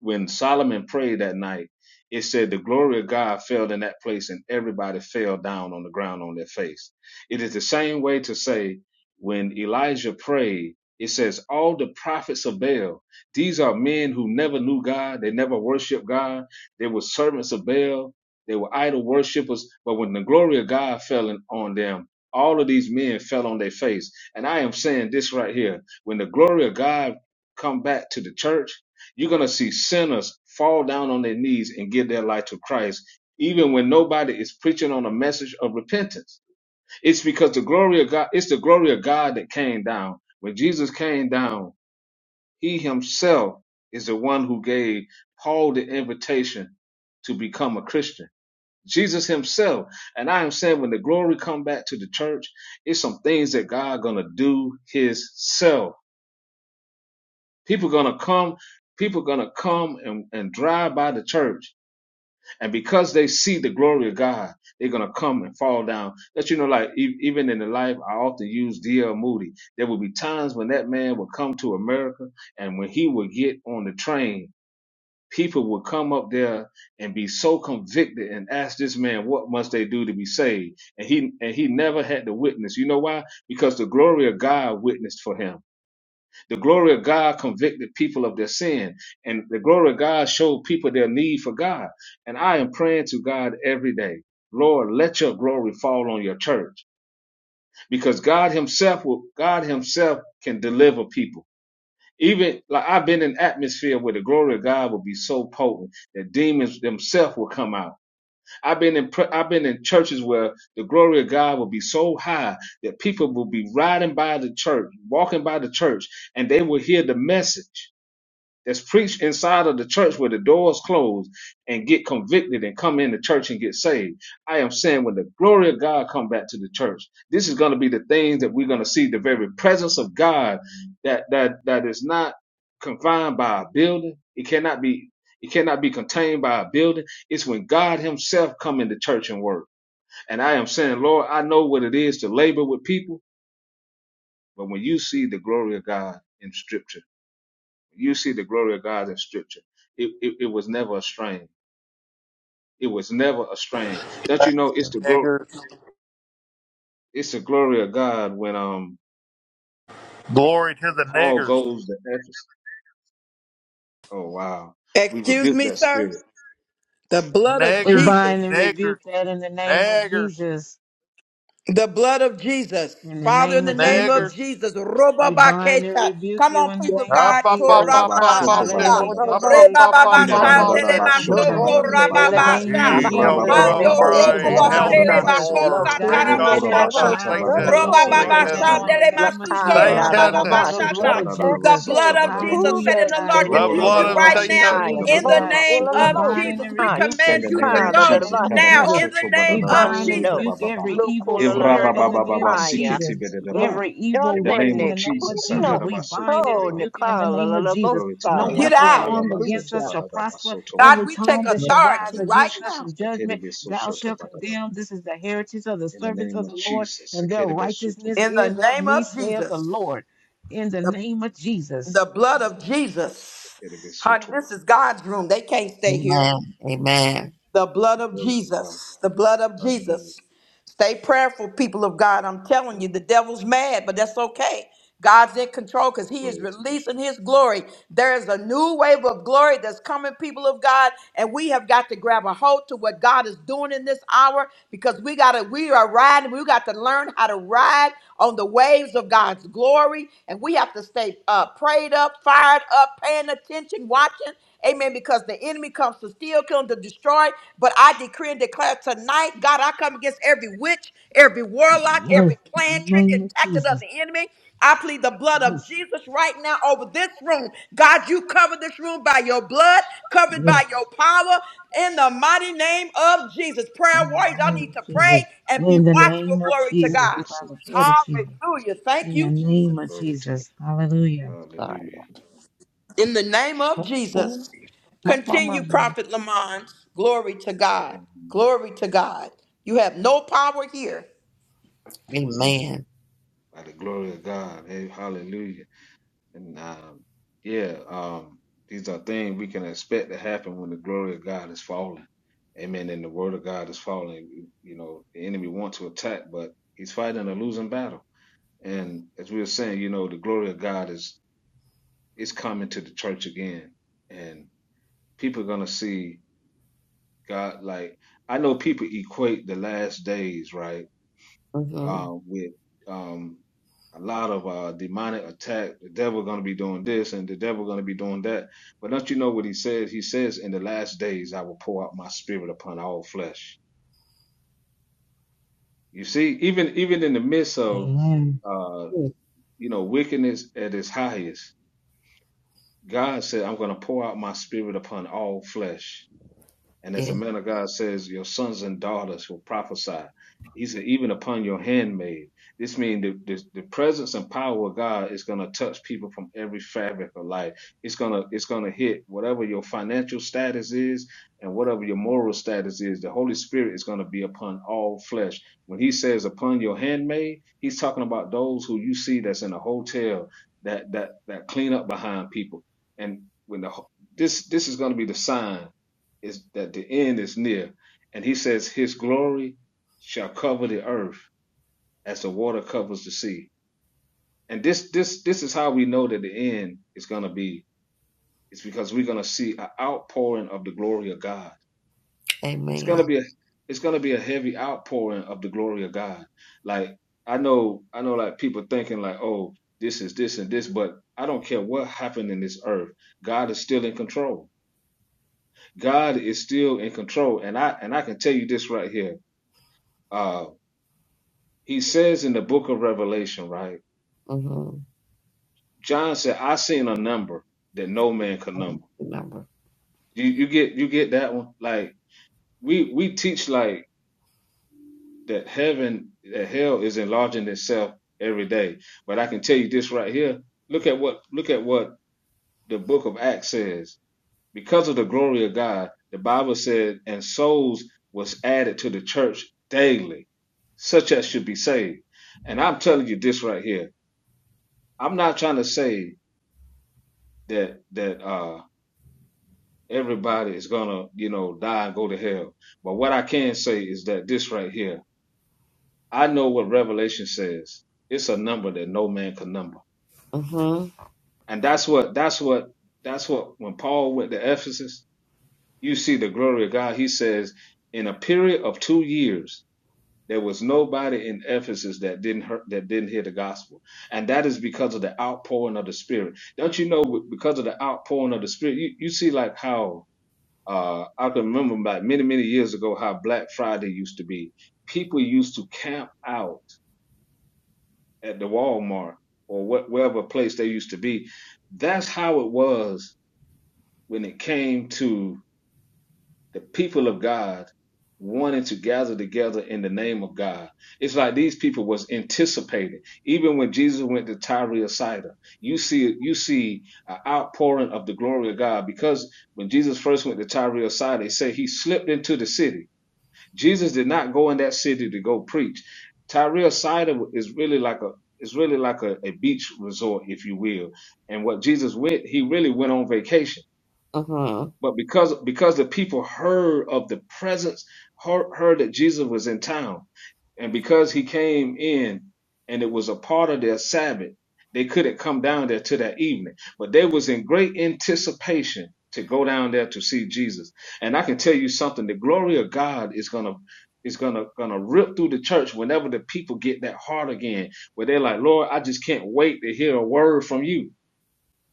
Speaker 8: when Solomon prayed that night, it said the glory of God fell in that place and everybody fell down on the ground on their face. It is the same way to say when Elijah prayed, it says all the prophets of Baal, these are men who never knew God. They never worshiped God. They were servants of Baal. They were idol worshippers. But when the glory of God fell in- on them, all of these men fell on their face. And I am saying this right here. When the glory of God come back to the church, you're going to see sinners fall down on their knees and give their life to Christ, even when nobody is preaching on a message of repentance. It's because the glory of God, it's the glory of God that came down. When Jesus came down, he himself is the one who gave Paul the invitation to become a Christian. Jesus himself. And I am saying when the glory come back to the church, it's some things that God gonna do himself People are gonna come, people are gonna come and, and drive by the church. And because they see the glory of God, they're gonna come and fall down. That you know, like e- even in the life, I often use D.L. Moody. There will be times when that man would come to America and when he would get on the train, people would come up there and be so convicted and ask this man, what must they do to be saved? And he and he never had to witness. You know why? Because the glory of God witnessed for him the glory of God convicted people of their sin, and the glory of God showed people their need for God. And I am praying to God every day, Lord, let your glory fall on your church, because God Himself will, God Himself can deliver people. Even like I've been in atmosphere where the glory of God will be so potent that demons themselves will come out. I've been in I've been in churches where the glory of God will be so high that people will be riding by the church, walking by the church, and they will hear the message that's preached inside of the church where the doors closed and get convicted and come in the church and get saved. I am saying when the glory of God come back to the church, this is going to be the things that we're going to see the very presence of God that that that is not confined by a building. It cannot be it cannot be contained by a building. It's when God himself come into church and work. And I am saying, Lord, I know what it is to labor with people, but when you see the glory of God in scripture, you see the glory of God in scripture. It, it, it was never a strain. It was never a strain. Don't you know it's the glory
Speaker 9: Niggers.
Speaker 8: it's the glory of God when um
Speaker 9: Glory to the
Speaker 8: Paul
Speaker 9: niggers.
Speaker 8: goes to Ephesus. Oh wow. We
Speaker 1: Excuse
Speaker 8: rebuke
Speaker 1: me,
Speaker 8: that
Speaker 1: sir.
Speaker 8: spirit.
Speaker 1: The blood of
Speaker 2: We
Speaker 9: Niggers,
Speaker 1: Jesus.
Speaker 2: bind and
Speaker 9: niggers,
Speaker 2: rebuke that in the name of
Speaker 9: niggers,
Speaker 2: Jesus.
Speaker 1: The blood of Jesus.
Speaker 2: In the
Speaker 1: Father, in
Speaker 2: name
Speaker 1: the
Speaker 2: of
Speaker 1: name of
Speaker 2: Jesus.
Speaker 9: niggers.
Speaker 1: Jesus.
Speaker 2: We bind and
Speaker 1: Robabakesha.
Speaker 2: rebuke
Speaker 1: Come
Speaker 2: you
Speaker 1: on,
Speaker 2: in the
Speaker 1: people of
Speaker 2: name of
Speaker 9: Up,
Speaker 1: God.
Speaker 9: up,
Speaker 6: the
Speaker 9: up,
Speaker 2: Jesus.
Speaker 9: up, up,
Speaker 6: ah
Speaker 9: up,
Speaker 6: cool
Speaker 2: Hallelujah.
Speaker 1: Torababashanda.
Speaker 9: digger.
Speaker 6: the
Speaker 8: Ba-da-ba-shoto-ba-da-da-da-ba.
Speaker 9: Up,
Speaker 6: boat
Speaker 9: up, up,
Speaker 6: I
Speaker 9: up,
Speaker 2: In
Speaker 6: I
Speaker 9: up, up,
Speaker 6: say
Speaker 1: Rebababashandele
Speaker 9: digger.
Speaker 6: look
Speaker 1: masoko
Speaker 6: on
Speaker 8: Ida-ba-da-da-da-ba-shoto-ba-da-da-da-ba.
Speaker 6: the
Speaker 2: the
Speaker 6: box
Speaker 2: name of
Speaker 1: rababasha.
Speaker 6: the under
Speaker 9: Eco
Speaker 2: Jesus,
Speaker 6: the
Speaker 2: we
Speaker 1: Hando
Speaker 6: boat
Speaker 2: plead the
Speaker 9: crumbray,
Speaker 6: cool
Speaker 2: blood of
Speaker 6: on
Speaker 1: robobashele
Speaker 6: the
Speaker 2: Jesus.
Speaker 8: Ira-ba-ba-ba-ba-ba-sikete-ba-da-da-da-ba-so.
Speaker 6: look
Speaker 9: Elkanor,
Speaker 1: makosa
Speaker 9: rake
Speaker 6: on
Speaker 2: God,
Speaker 9: up
Speaker 2: shut
Speaker 6: the
Speaker 2: the
Speaker 9: at
Speaker 6: boat
Speaker 1: taramashata.
Speaker 2: mouths of
Speaker 6: and
Speaker 2: the
Speaker 9: Satan,
Speaker 2: enemy
Speaker 6: on the
Speaker 2: right
Speaker 9: Satan,
Speaker 6: key
Speaker 2: now in
Speaker 8: Okoro-ba-shata-ba-da-da-ba-soto-ba-da-da-ba.
Speaker 2: the
Speaker 1: Robababashandele
Speaker 6: look
Speaker 2: name of
Speaker 1: masuko
Speaker 6: on
Speaker 2: Jesus,
Speaker 6: the
Speaker 9: Satan,
Speaker 6: the
Speaker 2: by
Speaker 6: box
Speaker 2: the
Speaker 9: the
Speaker 6: up
Speaker 2: blood
Speaker 1: rabababashata.
Speaker 2: of
Speaker 6: at
Speaker 1: The
Speaker 2: Jesus.
Speaker 6: the
Speaker 1: blood of
Speaker 8: Ah-ba-da-da-ba-soto-ba-da-da-da-ba-soto-ba-da-da-ba.
Speaker 6: who
Speaker 1: Jesus said
Speaker 2: Hallelujah,
Speaker 1: in the
Speaker 6: then
Speaker 2: God.
Speaker 6: the
Speaker 1: Lord
Speaker 2: We
Speaker 6: the
Speaker 1: rebuke
Speaker 6: the
Speaker 2: thank
Speaker 9: blood
Speaker 6: the
Speaker 1: you
Speaker 2: you,
Speaker 9: of
Speaker 8: ba
Speaker 6: boat
Speaker 1: right
Speaker 2: God.
Speaker 8: so
Speaker 2: We
Speaker 1: now
Speaker 9: Satan.
Speaker 6: side
Speaker 8: shata
Speaker 6: of
Speaker 2: praise
Speaker 6: the
Speaker 8: ba
Speaker 2: you,
Speaker 1: in
Speaker 8: da
Speaker 1: the
Speaker 8: da
Speaker 6: boat
Speaker 2: God.
Speaker 8: ba
Speaker 6: cool
Speaker 1: name
Speaker 6: on
Speaker 8: soto
Speaker 2: We
Speaker 6: the
Speaker 8: ba
Speaker 1: of
Speaker 8: da
Speaker 6: boat
Speaker 8: da ba
Speaker 2: bind
Speaker 1: Jesus.
Speaker 2: and
Speaker 1: We
Speaker 6: I
Speaker 2: rebuke
Speaker 8: In
Speaker 6: just
Speaker 1: command
Speaker 2: this
Speaker 8: the
Speaker 1: you
Speaker 8: name
Speaker 1: to
Speaker 2: spirit
Speaker 8: of
Speaker 6: call
Speaker 2: in the
Speaker 1: go
Speaker 6: the
Speaker 8: Jesus.
Speaker 2: name
Speaker 6: box
Speaker 2: of
Speaker 1: now
Speaker 2: Jesus.
Speaker 1: in the
Speaker 8: Karabasoto
Speaker 1: name
Speaker 2: We
Speaker 1: of
Speaker 2: bind and
Speaker 8: badadabasoto
Speaker 6: Pando,
Speaker 1: Jesus.
Speaker 2: rebuke
Speaker 8: bababa.
Speaker 2: every evil spirit in
Speaker 6: Lukulabo
Speaker 2: the name
Speaker 8: Ibrababababa
Speaker 2: of
Speaker 6: Fire,
Speaker 2: Jesus
Speaker 8: sikiti bededaba.
Speaker 2: every evil
Speaker 8: In the
Speaker 2: work
Speaker 8: name
Speaker 2: in
Speaker 8: of
Speaker 6: Moshanene
Speaker 2: the name of
Speaker 8: Jesus.
Speaker 2: Jesus.
Speaker 6: Kuno,
Speaker 2: We bind
Speaker 8: Sakarabasoto
Speaker 2: and
Speaker 6: Oh,
Speaker 8: baba.
Speaker 2: rebuke it in the name of
Speaker 6: Nicola
Speaker 2: Jesus.
Speaker 8: Glory to
Speaker 2: No
Speaker 8: God.
Speaker 6: Fire,
Speaker 1: Get
Speaker 2: weapon
Speaker 1: out.
Speaker 2: formed against
Speaker 8: Alabasoto
Speaker 2: us
Speaker 6: hallelujah.
Speaker 2: shall prosper.
Speaker 8: badadabasoto ba.
Speaker 1: God,
Speaker 2: Every
Speaker 1: we take
Speaker 2: tongue that shall
Speaker 8: In the
Speaker 2: rise
Speaker 1: authority
Speaker 8: name of
Speaker 1: right
Speaker 2: against us
Speaker 1: now
Speaker 8: Jesus.
Speaker 2: in judgment, thou
Speaker 8: Sekeribesoto
Speaker 2: shalt
Speaker 8: badadaba.
Speaker 2: condemn. This is the heritage of the
Speaker 8: In the
Speaker 2: servants
Speaker 8: name
Speaker 2: of
Speaker 8: of
Speaker 2: the Lord,
Speaker 8: Jesus.
Speaker 2: and their
Speaker 8: Sekeribesoto
Speaker 2: righteousness
Speaker 1: in
Speaker 8: ba.
Speaker 1: the
Speaker 2: is of
Speaker 1: name
Speaker 2: me,
Speaker 1: of
Speaker 2: saith the
Speaker 1: Jesus,
Speaker 2: Lord. In the
Speaker 1: the,
Speaker 2: name of Jesus.
Speaker 1: the
Speaker 8: In
Speaker 1: blood
Speaker 8: the
Speaker 1: of
Speaker 8: name of Jesus.
Speaker 1: Jesus. Honey,
Speaker 8: Sekeribesoto ba.
Speaker 1: this is God's room. They can't stay here.
Speaker 7: Amen. Amen.
Speaker 1: The blood of
Speaker 8: Glory to God.
Speaker 1: Jesus. The blood of
Speaker 8: Hallelujah.
Speaker 1: Jesus. Stay prayerful, people of God. I'm telling you, the devil's mad, but that's okay. God's in control because he is
Speaker 8: Glory to God.
Speaker 1: releasing his glory. There is a new wave of glory that's coming, people of God, and we have got to grab a hold to what God is doing in this hour because we gotta, we are riding, we got to learn how to ride on the waves of God's glory, and we have to stay uh, prayed up, fired up, paying attention, watching. Amen. Because the the enemy comes to steal, kill, and to destroy. But I decree and declare tonight, God, I come against every witch, every warlock,
Speaker 2: Yes,
Speaker 1: every plan,
Speaker 2: in the
Speaker 1: trick, and
Speaker 2: name of
Speaker 1: tactic of
Speaker 2: Jesus.
Speaker 1: the enemy. I plead the blood of
Speaker 2: Yes,
Speaker 1: Jesus right now over this room. God, you cover this room by your blood, covered
Speaker 2: yes,
Speaker 1: by your power in the mighty name of Jesus. Prayer
Speaker 2: in the
Speaker 1: warriors, I
Speaker 2: name
Speaker 1: need to
Speaker 2: of Jesus.
Speaker 1: pray and be
Speaker 2: In the
Speaker 1: watchful.
Speaker 2: name of
Speaker 1: Glory to
Speaker 7: Mhm.
Speaker 2: Jesus,
Speaker 1: God.
Speaker 2: by the
Speaker 8: Glory
Speaker 2: blood of Jesus.
Speaker 1: Hallelujah. Thank
Speaker 2: In the
Speaker 1: you,
Speaker 2: name
Speaker 1: Jesus.
Speaker 2: of
Speaker 8: to God.
Speaker 2: Jesus. Hallelujah.
Speaker 6: God,
Speaker 8: Hallelujah.
Speaker 1: In the name of
Speaker 6: oh,
Speaker 1: Jesus,
Speaker 6: my, my,
Speaker 1: continue,
Speaker 6: my.
Speaker 1: Prophet Lamont. Glory to God.
Speaker 8: Amen.
Speaker 1: Glory to God. You have no power here.
Speaker 8: Amen.
Speaker 7: Amen.
Speaker 8: by the glory of God. Hey, hallelujah. And um, yeah, um, these are things we can expect to happen when the glory of God is falling. Amen. And the word of God is falling. You know, the enemy wants to attack, but he's fighting a losing battle. And as we were saying, you know, the glory of God is is coming to the church again. And people are gonna see God like I know people equate the last days, right? uh,
Speaker 7: Mm-hmm.
Speaker 8: with um, a lot of uh, demonic attack. The devil going to be doing this, and the devil going to be doing that. But don't you know what he says? He says, "In the last days, I will pour out my spirit upon all flesh." You see, even even in the midst of
Speaker 2: Amen.
Speaker 8: uh, you know wickedness at its highest, God said, "I'm going to pour out my spirit upon all flesh." And as
Speaker 7: Yeah.
Speaker 8: the man of God says, your sons and daughters will prophesy. He said, even upon your handmaid. This means the, the, the presence and power of God is gonna touch people from every fabric of life. It's gonna it's gonna hit whatever your financial status is and whatever your moral status is. The Holy Spirit is gonna be upon all flesh. When He says upon your handmaid, He's talking about those who you see that's in a hotel that that that clean up behind people. And when the ho- this this is gonna be the sign is that the end is near. And he says, His glory shall cover the earth as the water covers the sea. And this this this is how we know that the end is gonna be. It's because we're gonna see an outpouring of the glory of God. It's gonna
Speaker 7: Amen.
Speaker 8: be a it's gonna be a heavy outpouring of the glory of God. Like I know I know like people thinking like, oh, this is this and this, but I don't care what happened in this earth. God is still in control. God is still in control. And I and I can tell you this right here. Uh, he says in the book of Revelation, right?
Speaker 7: Mm-hmm.
Speaker 8: John said, "I seen a number that no man can number."
Speaker 7: Remember.
Speaker 8: You, you get you get that one? Like we we teach like that heaven that hell is enlarging itself every day, but I can tell you this right here. Look at what look at what the book of Acts says. Because of the glory of God, the Bible said, and souls was added to the church daily, such as should be saved. And I'm telling you this right here. I'm not trying to say that that uh everybody is gonna you know die and go to hell but what i can say is that this right here i know what revelation says it's a number that no man can number
Speaker 7: Mm-hmm.
Speaker 8: and that's what that's what that's what when paul went to ephesus you see the glory of god he says in a period of two years there was nobody in ephesus that didn't hear, that didn't hear the gospel and that is because of the outpouring of the spirit don't you know because of the outpouring of the spirit you, you see like how Uh, I can remember about many, many years ago how Black Friday used to be. People used to camp out at the Walmart or what, wherever place they used to be. That's how it was when it came to the people of God wanting to gather together in the name of God. It's like these people was anticipating. Even when Jesus went to Tyre of Sidon, you see you see an outpouring of the glory of God because when Jesus first went to Tyre of Sidon, they say he slipped into the city Jesus did not go in that city to go preach. Tyre Sidon is really like a is really like a, a beach resort, if you will. And what Jesus went, he really went on vacation
Speaker 7: Mm-hmm.
Speaker 8: but because because the people heard of the presence, heard, heard that Jesus was in town, and because he came in and it was a part of their Sabbath, they couldn't come down there till that evening. But they was in great anticipation to go down there to see Jesus. And I can tell you something, the glory of God is gonna is gonna gonna rip through the church whenever the people get that heart again, where they're like, Lord, I just can't wait to hear a word from you.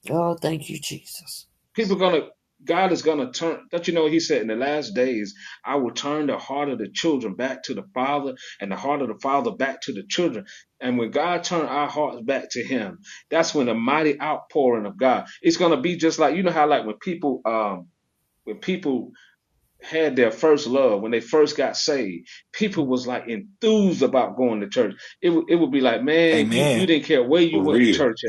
Speaker 7: Oh, thank you, Jesus.
Speaker 8: People gonna God is gonna turn. Don't you know He said in the last days I will turn the heart of the children back to the father and the heart of the father back to the children. And when God turned our hearts back to Him, that's when the mighty outpouring of God. It's gonna be just like you know how like when people um when people had their first love when they first got saved people was like enthused about going to church it, would- it would be like man you, you
Speaker 3: Amen.
Speaker 8: didn't care where
Speaker 3: For
Speaker 8: you went to
Speaker 3: real.
Speaker 8: church at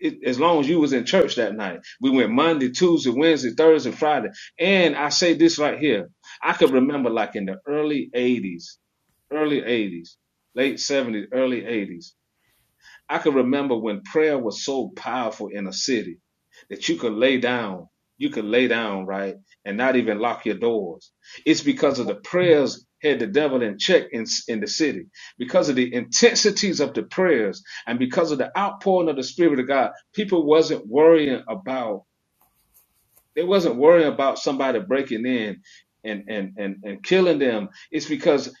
Speaker 8: it, as long as you was in church that night. We went Monday, Tuesday, Wednesday, Thursday, Friday. And I say this right here. I could remember like in the early 80s, early 80s, late 70s, early 80s. I can remember when prayer was so powerful in a city that you could lay down, you could lay down, right, and not even lock your doors. It's because of the prayers had the devil in check in, in the city, because of the intensities of the prayers and because of the outpouring of the Spirit of God. People wasn't worrying about they wasn't worrying about somebody breaking in and and and and killing them. It's because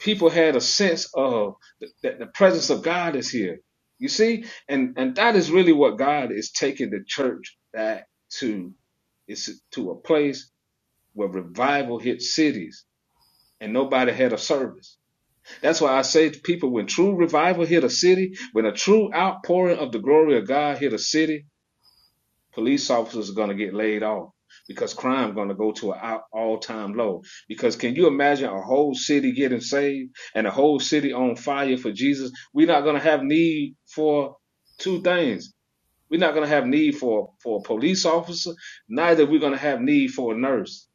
Speaker 8: people had a sense of th- that the presence of God is here. You see, and and that is really what God is taking the church back to. It's to a place where revival hit cities and nobody had a service. That's why I say to people, when true revival hit a city, when a true outpouring of the glory of God hit a city, police officers are going to get laid off because crime going to go to an all-time low because can you imagine a whole city getting saved and a whole city on fire for jesus we're not going to have need for two things we're not going to have need for for a police officer neither we're going to have need for a nurse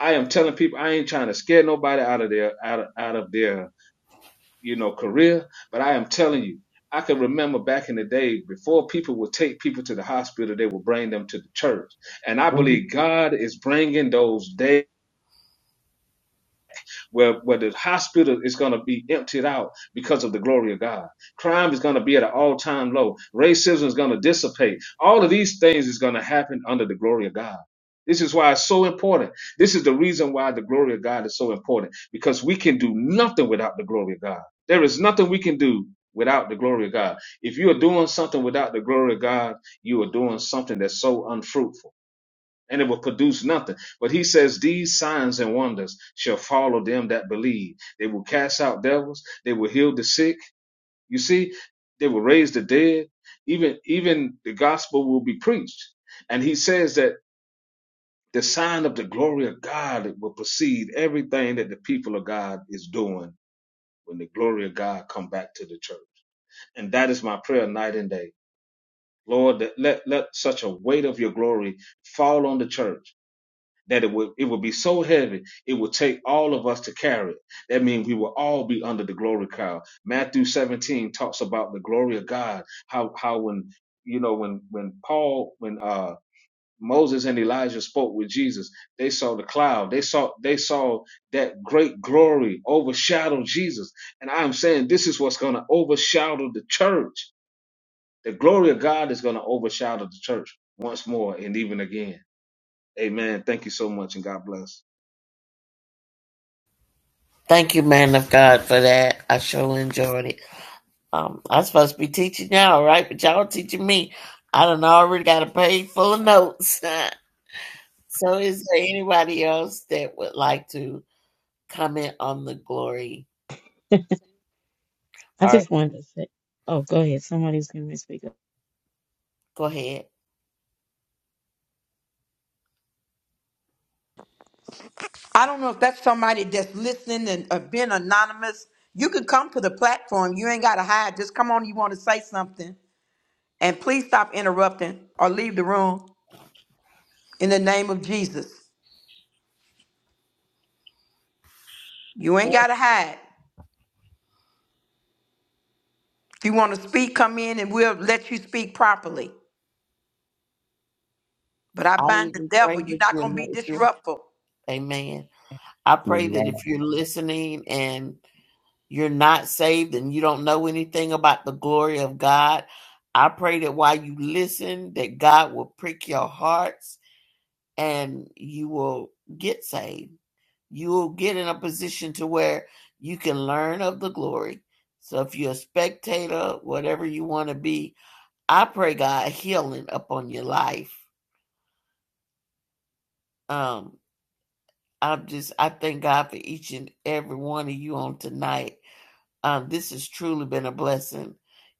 Speaker 8: i am telling people i ain't trying to scare nobody out of their out of, out of their you know, career. But I am telling you, I can remember back in the day before people would take people to the hospital, they would bring them to the church. And I
Speaker 7: hmm
Speaker 8: believe God is bringing those days where, where the hospital is going to be emptied out because of the glory of God. Crime is going to be at an all time low. Racism is going to dissipate. All of these things is going to happen under the glory of God. This is why it's so important. This is the reason why the glory of God is so important because we can do nothing without the glory of God. There is nothing we can do without the glory of of God. God, If you you are are doing doing something something without the glory of God, you are doing something that's so unfruitful and it will produce nothing. But he says, These signs and wonders shall follow them that believe. They will cast out devils, they will heal the sick. You see, they will raise the dead. Even even the gospel will be preached. And he says that the sign of the glory of God will precede everything that the people of God is doing when the glory of God come back to the church. And that is my prayer night and day. Lord, that let, let such a weight of your glory fall on the church that it would it would be so heavy it would take all of us to carry it. That means we will all be under the glory cloud. Matthew 17 talks about the glory of God. How how when you know when when Paul when uh Moses and Elijah spoke with Jesus. They saw the cloud. They saw they saw that great glory overshadow Jesus. And I'm saying this is what's going to overshadow the church. The glory of God is going to overshadow the church once more and even again. Amen. Thank you so much and God bless.
Speaker 7: Thank you, man of God, for that. I sure enjoyed it. Um, I'm supposed to be teaching y'all, right? But y'all teaching me. I done already got a page full of notes. so is there anybody else that would like to comment on the glory?
Speaker 2: I
Speaker 7: Or
Speaker 2: just wanted to say, oh, go ahead. Somebody's going to speak up.
Speaker 7: go ahead.
Speaker 1: I don't know if that's somebody that's listening and uh, being anonymous. You can come to the platform. You ain't got to hide. Just come on. You want to say something. And please stop interrupting or leave the room in the name of Jesus. You ain't got to hide. If you want to speak, come in and we'll let you speak properly. But I
Speaker 7: I
Speaker 1: bind the
Speaker 7: even
Speaker 1: devil.
Speaker 7: prayed
Speaker 1: You're not
Speaker 7: with
Speaker 1: going to be
Speaker 7: you.
Speaker 1: disruptful.
Speaker 7: Amen. I pray that
Speaker 6: Amen.
Speaker 7: if you're listening and you're not saved and you don't know anything about the glory of God, I pray that while you listen, that God will prick your hearts and you will get saved. You will get in a position to where you can learn of the glory. So if you're a spectator, whatever you want to be, I pray God healing upon your life. Um, I'm just I thank God for each and every one of you on tonight Um, this has truly been a blessing.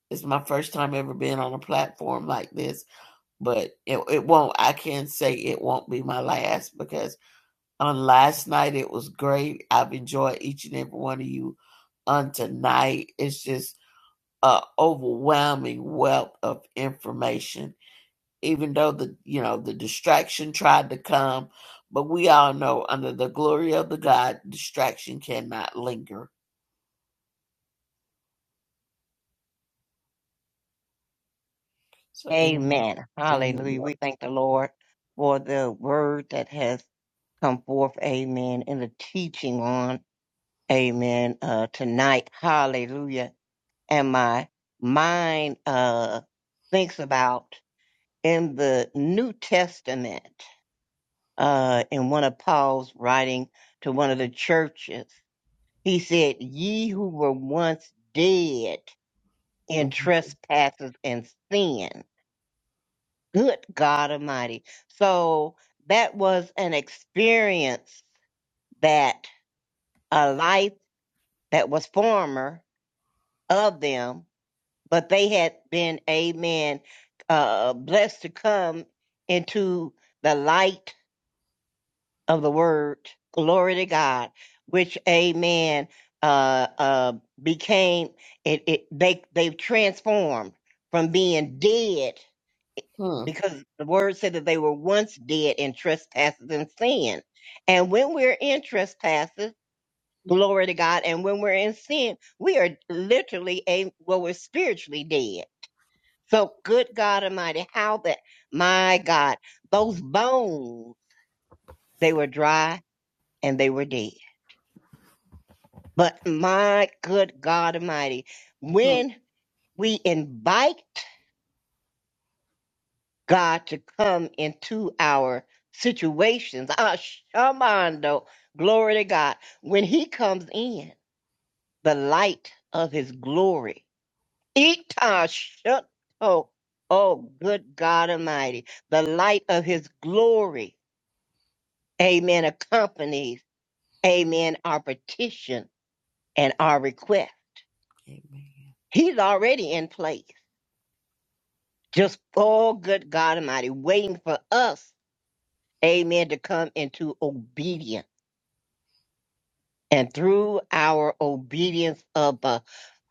Speaker 7: It's my first time ever being on a platform like this, but it, it won't, I can't say it won't be my last because on last night it was great. I've enjoyed each and every one of you on tonight. It's just an overwhelming wealth of information, even though the, you know, the distraction tried to come, but we all know under the glory of the God, distraction cannot linger. So anyone,
Speaker 6: Amen.
Speaker 7: anyone
Speaker 6: Hallelujah. We thank the Lord for the word that has come forth, amen, and the teaching on, amen, uh, tonight. Hallelujah. And my mind, uh, thinks about in the New Testament, uh, in one of Paul's writing to one of the churches, he said, Ye who were once dead in
Speaker 7: else?
Speaker 6: trespasses and sin. Good God Almighty. So that was an experience that a life that was former of them, but they had been, amen, uh, blessed to come into the light of the word, glory to God, which amen, uh, uh, became, it, it, they, they've transformed from being dead
Speaker 7: Hmm,
Speaker 6: because the word said that they were once dead in trespasses and sin. And when we're in trespasses, glory to God, and when we're in sin, we are literally a, well, we're spiritually dead. So good God Almighty, how that, my God, those bones, they were dry and they were dead. But my good God Almighty,
Speaker 7: hmm.
Speaker 6: when we invite God to come into our situations, our shamando, glory to God, when He comes in, the light of His glory, ita shuto, oh good God Almighty, the light of His glory, amen, accompanies, amen, our petition and our request.
Speaker 7: Amen.
Speaker 6: He's already in place. Just for good God Almighty, waiting for us, amen, to come into obedience. And through our obedience of the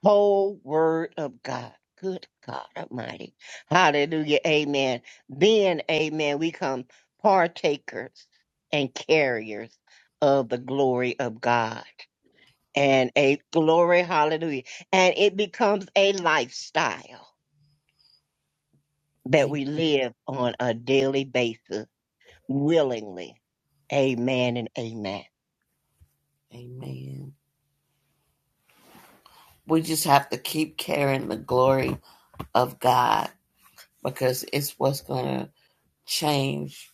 Speaker 6: whole word of God. Good God Almighty. Hallelujah. Amen. Then, amen, we come partakers and carriers of the glory of God. And a glory, hallelujah. And it becomes a lifestyle that
Speaker 7: A-
Speaker 6: we live on a daily basis willingly. Amen and amen.
Speaker 7: Amen. We just have to keep carrying the glory of God because it's what's going to change.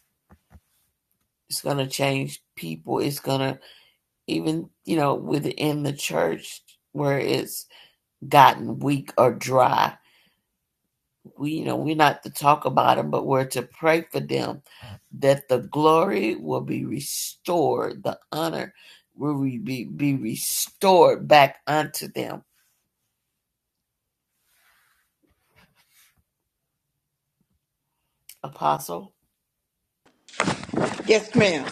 Speaker 7: It's going to change people. It's going to, even, you know, within the church where it's gotten weak or dry, we, you know, we're not to talk about them, but we're to pray for them that the glory will be restored, the honor will be, be restored back unto them. Apostle?
Speaker 1: Yes, ma'am.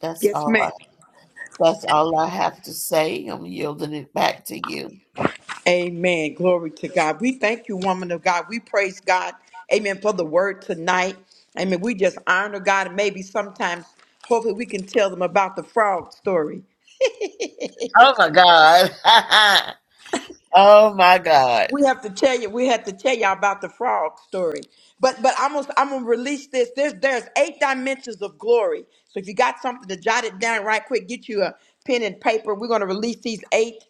Speaker 7: That's
Speaker 1: Yes,
Speaker 7: all
Speaker 1: ma'am.
Speaker 7: I, that's all I have to say. I'm yielding it back to you.
Speaker 1: Amen. Glory to God. We thank you, woman of God. We praise God. Amen. For the word tonight. Amen. We just honor God and maybe sometimes, hopefully, we can tell them about the fraud story.
Speaker 7: Oh my God. oh my God.
Speaker 1: We have to tell you. We have to tell y'all about the frog story. But but I'm gonna I'm gonna release this. There's there's eight dimensions of glory. So if you got something to jot it down right quick, get you a pen and paper. We're gonna release these eight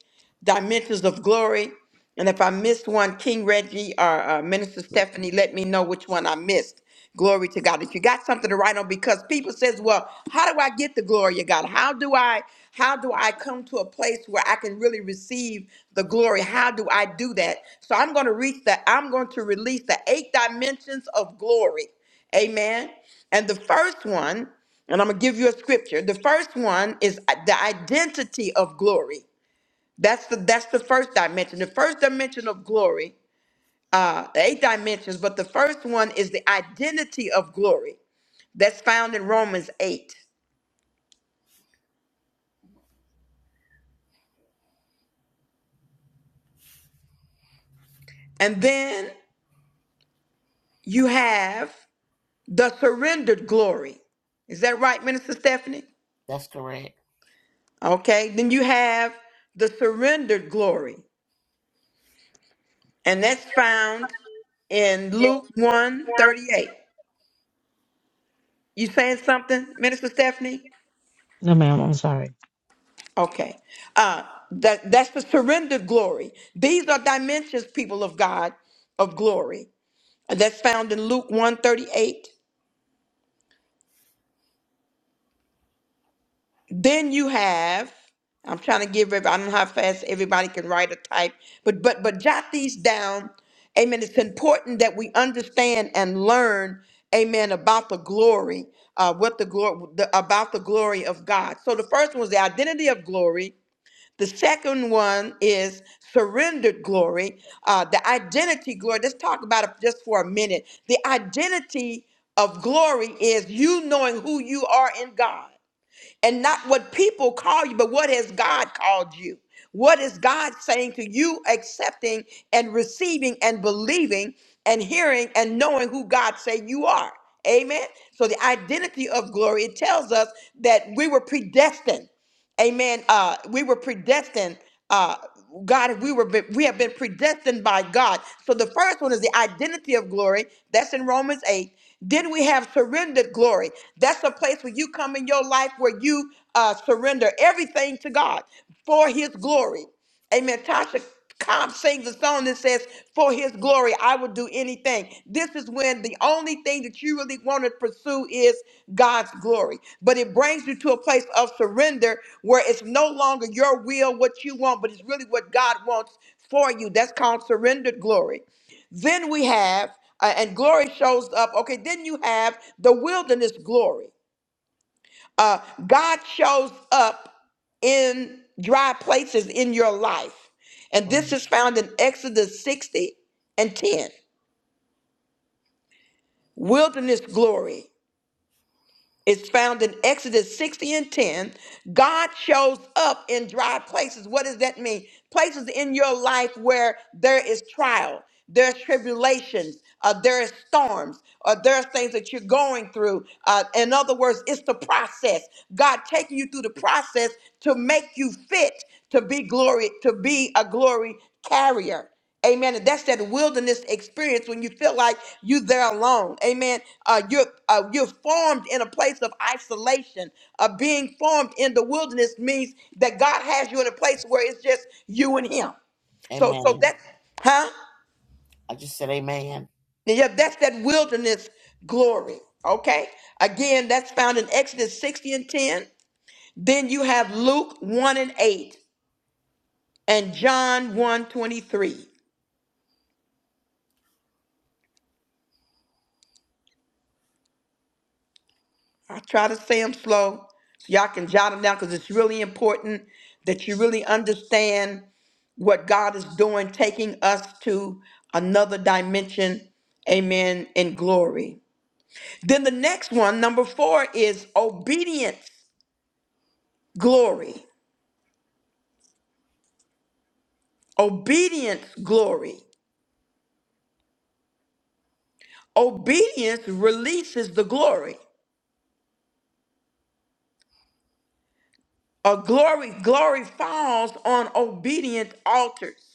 Speaker 1: dimensions of glory. And if I missed one, King Reggie or uh, Minister Stephanie, let me know which one I missed. Glory to God that you got something to write on because people says, "Well, how do I get the glory of God? How do I how do I come to a place where I can really receive the glory? How do I do that?" So I'm going to reach the I'm going to release the eight dimensions of glory. Amen. And the first one, and I'm going to give you a scripture. The first one is uh, the identity of glory. That's the that's the first dimension. The first dimension of glory uh, the eight dimensions, but the first one is the identity of glory that's found in Romans 8. And then you have the surrendered glory. Is that right, Minister Stephanie?
Speaker 7: That's correct.
Speaker 1: Okay. Then you have the surrendered glory, and that's found in Luke one 38. You saying something, Minister Stephanie?
Speaker 2: No, ma'am. I'm sorry.
Speaker 1: Okay. Uh, that, that's the surrendered glory. These are dimensions, people of God, of glory. That's found in Luke 138. Then you have, I'm trying to give every I don't know how fast everybody can write or type, but but but jot these down. Amen. It's important that we understand and learn, amen, about the glory, uh, what the glory the, about the glory of God. So the first one was the identity of glory. The second one is surrendered glory, uh, the identity glory. Let's talk about it just for a minute. The identity of glory is you knowing who you are in God and not what people call you, but what has God called you? What is God saying to you, accepting and receiving and believing and hearing and knowing who God say you are? Amen. So the identity of glory, it tells us that we were predestined. Amen. Uh, we were predestined. Uh, God, we were we have been predestined by God. So the first one is the identity of glory. That's in Romans eight. Then we have surrendered glory. That's a place where you come in your life where you uh, surrender everything to God for His glory. Amen. Tasha Cobb sings a song that says, For his glory, I will do anything. This is when the only thing that you really want to pursue is God's glory. But it brings you to a place of surrender where it's no longer your will, what you want, but it's really what God wants for you. That's called surrendered glory. Then we have, uh, and glory shows up. Okay, then you have the wilderness glory. Uh, God shows up in dry places in your life. And this
Speaker 7: Mm.
Speaker 1: is found in Exodus 60 and 10. Wilderness glory. It's found in Exodus 60 and 10. God shows up in dry places. What does that mean? Places in your life where there is trial, there's tribulations, uh, there is storms, or there are things that you're going through. Uh, in other words, it's the process. God taking you through the process to make you fit to be glory, to be a glory carrier. Amen. And that's that wilderness experience when you feel like you're there alone. Amen. Uh, you're uh, you're formed in a place of isolation. Uh, being formed in the wilderness means that God has you in a place where it's just you and Him. So so
Speaker 7: Amen.
Speaker 1: that's huh?
Speaker 7: I just said amen.
Speaker 1: Yeah, that's that wilderness glory. Okay. Again, that's found in Exodus 60 and 10. Then you have Luke 1 and 8 and John one 23. I try to say them slow so y'all can jot them down because it's really important that you really understand what God is doing, taking us to another dimension. Amen. In glory. Then the next one, number four, is obedience, glory. Obedience, glory. Obedience releases the glory. A glory, glory falls on obedient altars.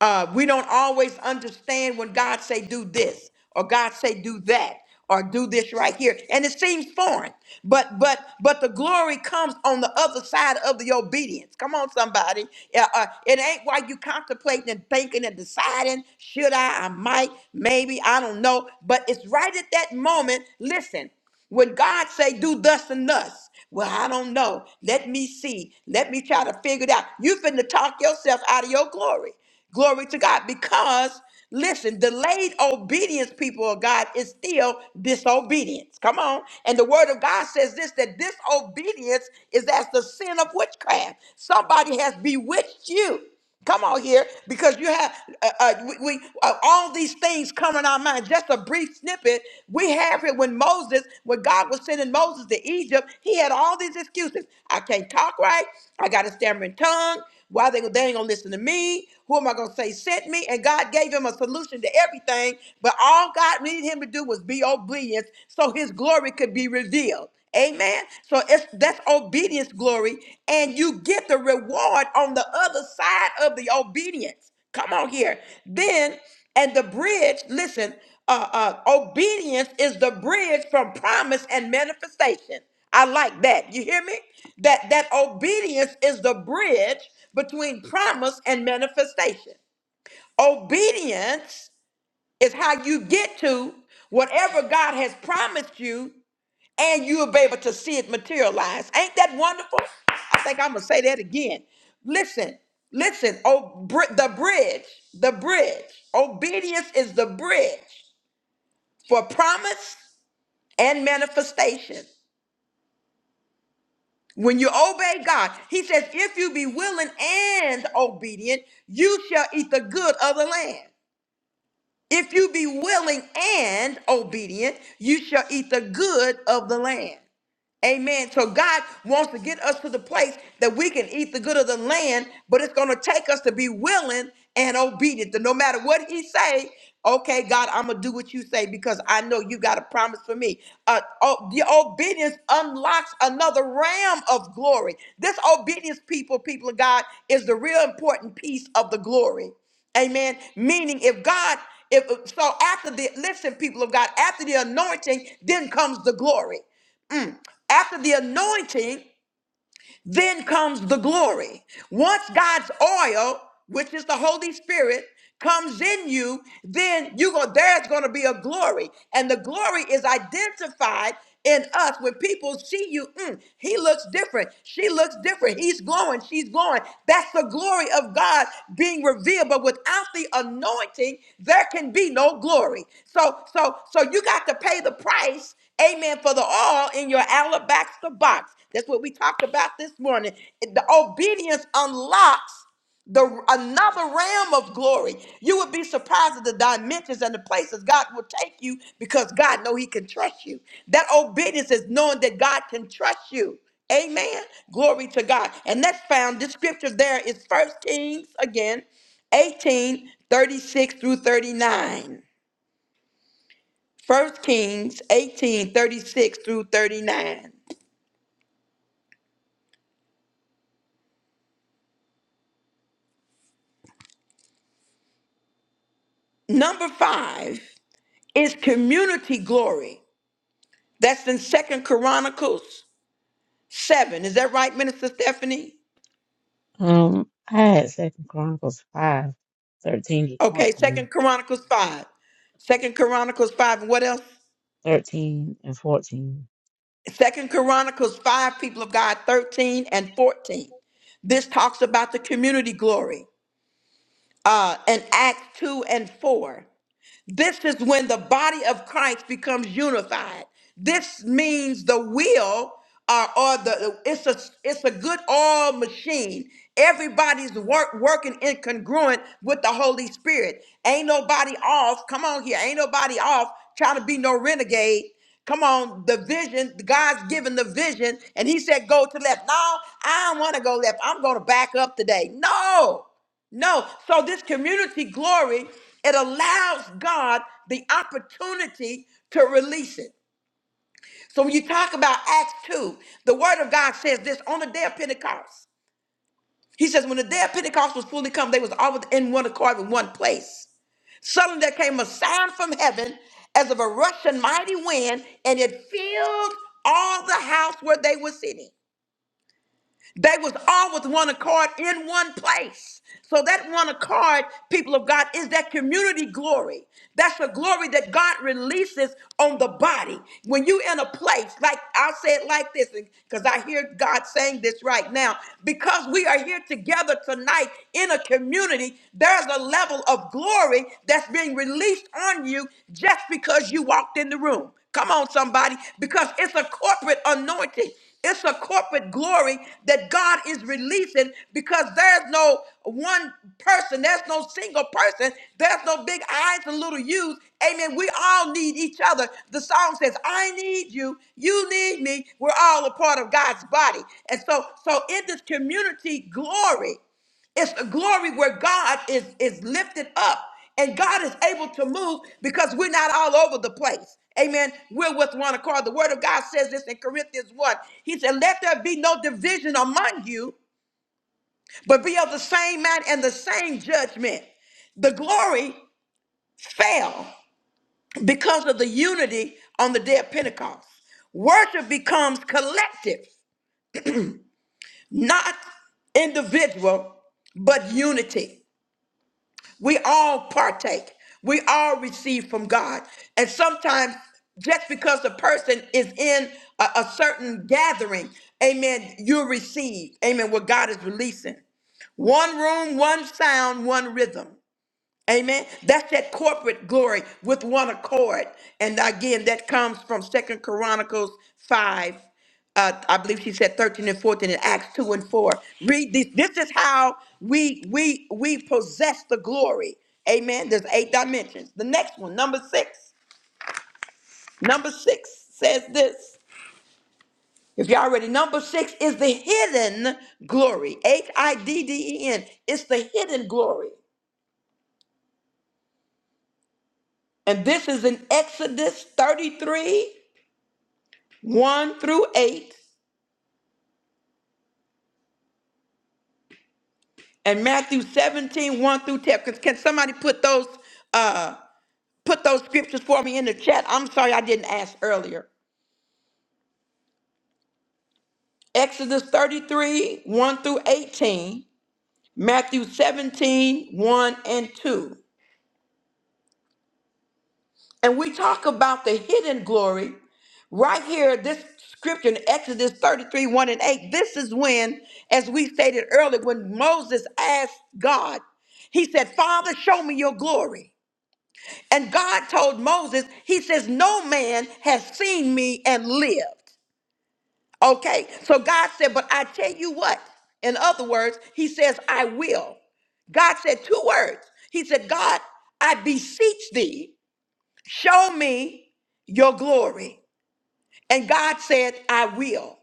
Speaker 1: uh, we don't always understand when God say do this or God say do that or do this right here, and it seems foreign. But but but the glory comes on the other side of the obedience. Come on, somebody. Yeah, uh, it ain't while you contemplating and thinking and deciding should I, I might, maybe, I don't know. But it's right at that moment. Listen, when God say do thus and thus, well, I don't know. Let me see. Let me try to figure it out. You finna talk yourself out of your glory. Glory to God. Because, listen, delayed obedience, people of God, is still disobedience. Come on. And the word of God says this that disobedience is as the sin of witchcraft. Somebody has bewitched you. Come on here, because you have uh, uh, we, we uh, all these things come in our mind. Just a brief snippet we have here when Moses, when God was sending Moses to Egypt, he had all these excuses. I can't talk right. I got a stammering tongue. Why they, they ain't gonna listen to me? Who am I gonna say sent me? And God gave him a solution to everything, but all God needed him to do was be obedient so his glory could be revealed. Amen. So it's that's obedience glory, and you get the reward on the other side of the obedience. Come on here. Then and the bridge, listen, uh, uh, obedience is the bridge from promise and manifestation. I like that. You hear me? That that obedience is the bridge between promise and manifestation. Obedience is how you get to whatever God has promised you and you'll be able to see it materialize. Ain't that wonderful? I think I'm going to say that again. Listen. Listen, oh, br- the bridge, the bridge. Obedience is the bridge for promise and manifestation. When you obey God, he says, if you be willing and obedient, you shall eat the good of the land. If you be willing and obedient, you shall eat the good of the land. Amen. So God wants to get us to the place that we can eat the good of the land, but it's going to take us to be willing and obedient. That no matter what He say, okay, God, I'm gonna do what You say because I know You got a promise for me. Uh, oh, the obedience unlocks another realm of glory. This obedience, people, people of God, is the real important piece of the glory. Amen. Meaning, if God, if so, after the listen, people of God, after the anointing, then comes the glory. After the anointing, then comes the glory. Once God's oil, which is the Holy Spirit, comes in you, then you go there's going to be a glory. And the glory is identified in us when people see you, "Mm, he looks different. She looks different. He's glowing. She's glowing. That's the glory of God being revealed. But without the anointing, there can be no glory. So, so, so you got to pay the price Amen. For the all in your alabaster box. That's what we talked about this morning. The obedience unlocks the another realm of glory. You would be surprised at the dimensions and the places God will take you because God know He can trust you. That obedience is knowing that God can trust you. Amen. Glory to God. And that's found. This scripture there is First Kings again, 18 36 through 39. First Kings 18 36 through 39. Number five is community glory. That's in Second Chronicles 7. Is that right, Minister Stephanie?
Speaker 2: Um, I had Second Chronicles five, thirteen to
Speaker 1: Okay,
Speaker 2: 14,
Speaker 1: Second Chronicles 5. Second Chronicles 5, and what else?
Speaker 2: 13 and 14.
Speaker 1: Second Chronicles 5, people of God 13 and 14. This talks about the community glory. Uh, and Acts 2 and 4. This is when the body of Christ becomes unified. This means the will uh, or the it's a it's a good all machine. Everybody's work working incongruent with the Holy Spirit. Ain't nobody off. Come on here. Ain't nobody off trying to be no renegade. Come on, the vision, God's given the vision, and he said, go to left. No, I don't want to go left. I'm going to back up today. No. No. So this community glory, it allows God the opportunity to release it. So when you talk about Acts 2, the word of God says this on the day of Pentecost. He says, when the day of Pentecost was fully come, they was all in one accord in one place. Suddenly there came a sound from heaven as of a rushing mighty wind, and it filled all the house where they were sitting. They was all with one accord in one place. So that one accord, people of God, is that community glory. That's the glory that God releases on the body. When you in a place, like I'll say it like this, because I hear God saying this right now. Because we are here together tonight in a community, there's a level of glory that's being released on you just because you walked in the room. Come on, somebody, because it's a corporate anointing. It's a corporate glory that God is releasing because there's no one person, there's no single person, there's no big I's and little U's. Amen. We all need each other. The song says, I need you, you need me. We're all a part of God's body. And so, so in this community, glory. It's a glory where God is is lifted up and God is able to move because we're not all over the place. Amen. We're with one accord. The word of God says this in Corinthians 1. He said, Let there be no division among you, but be of the same mind and the same judgment. The glory fell because of the unity on the day of Pentecost. Worship becomes collective, not individual, but unity. We all partake. We all receive from God. And sometimes just because the person is in a, a certain gathering, amen, you receive, amen, what God is releasing. One room, one sound, one rhythm. Amen. That's that corporate glory with one accord. And again, that comes from Second Chronicles 5. Uh, I believe she said 13 and 14 in Acts 2 and 4. Read this. This is how we we we possess the glory. Amen. There's eight dimensions. The next one, number six. Number six says this. If y'all ready, number six is the hidden glory. H-I-D-D-E-N. It's the hidden glory. And this is in Exodus 33 1 through 8 and Matthew seventeen one through 10. Can, can somebody put those uh put those scriptures for me in the chat? I'm sorry I didn't ask earlier. Exodus 33, 1 through 18, Matthew seventeen one and 2. And we talk about the hidden glory right here, this scripture in Exodus 33, 1 and 8. This is when, as we stated earlier, when Moses asked God, he said, Father, show me your glory. And God told Moses, He says, No man has seen me and lived. Okay, so God said, But I tell you what. In other words, He says, I will. God said two words. He said, God, I beseech thee, show me your glory. And God said, I will.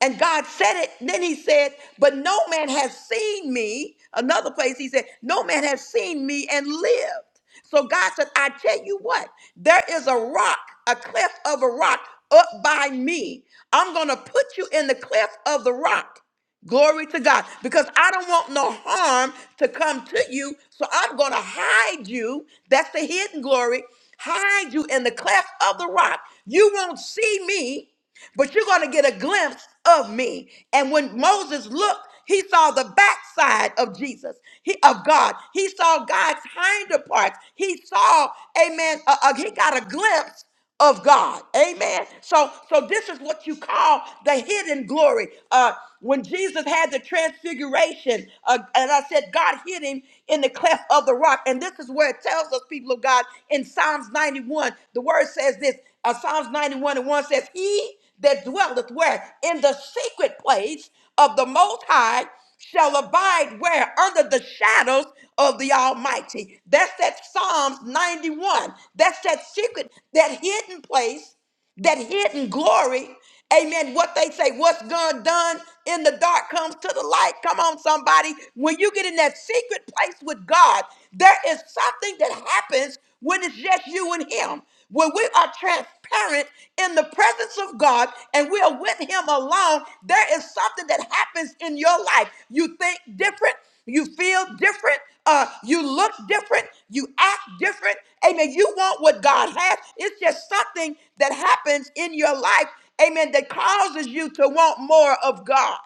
Speaker 1: And God said it. Then he said, But no man has seen me. Another place he said, No man has seen me and lived. So God said, I tell you what, there is a rock, a cliff of a rock up by me. I'm going to put you in the cliff of the rock. Glory to God. Because I don't want no harm to come to you. So I'm going to hide you. That's the hidden glory. Hide you in the cleft of the rock. You won't see me, but you're going to get a glimpse of me. And when Moses looked, he saw the backside of Jesus, he, of God. He saw God's hinder parts. He saw, amen, uh, uh, he got a glimpse of God. Amen. So so this is what you call the hidden glory. Uh when Jesus had the transfiguration, uh, and I said God hid him in the cleft of the rock. And this is where it tells us, people of God, in Psalms 91, the word says this, uh, Psalms 91 and 1 says, He that dwelleth where? In the secret place of the Most High shall abide where? Under the shadows of the Almighty. That's that Psalms 91. That's that secret, that hidden place, that hidden glory. Amen. What they say, what's done done in the dark comes to the light. Come on, somebody. When you get in that secret place with God, there is something that happens when it's just you and Him. When we are transparent in the presence of God and we are with Him alone, there is something that happens in your life. You think different, you feel different, uh, you look different, you act different. Amen. You want what God has. It's just something that happens in your life, amen, that causes you to want more of God.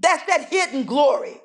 Speaker 1: That's that hidden glory.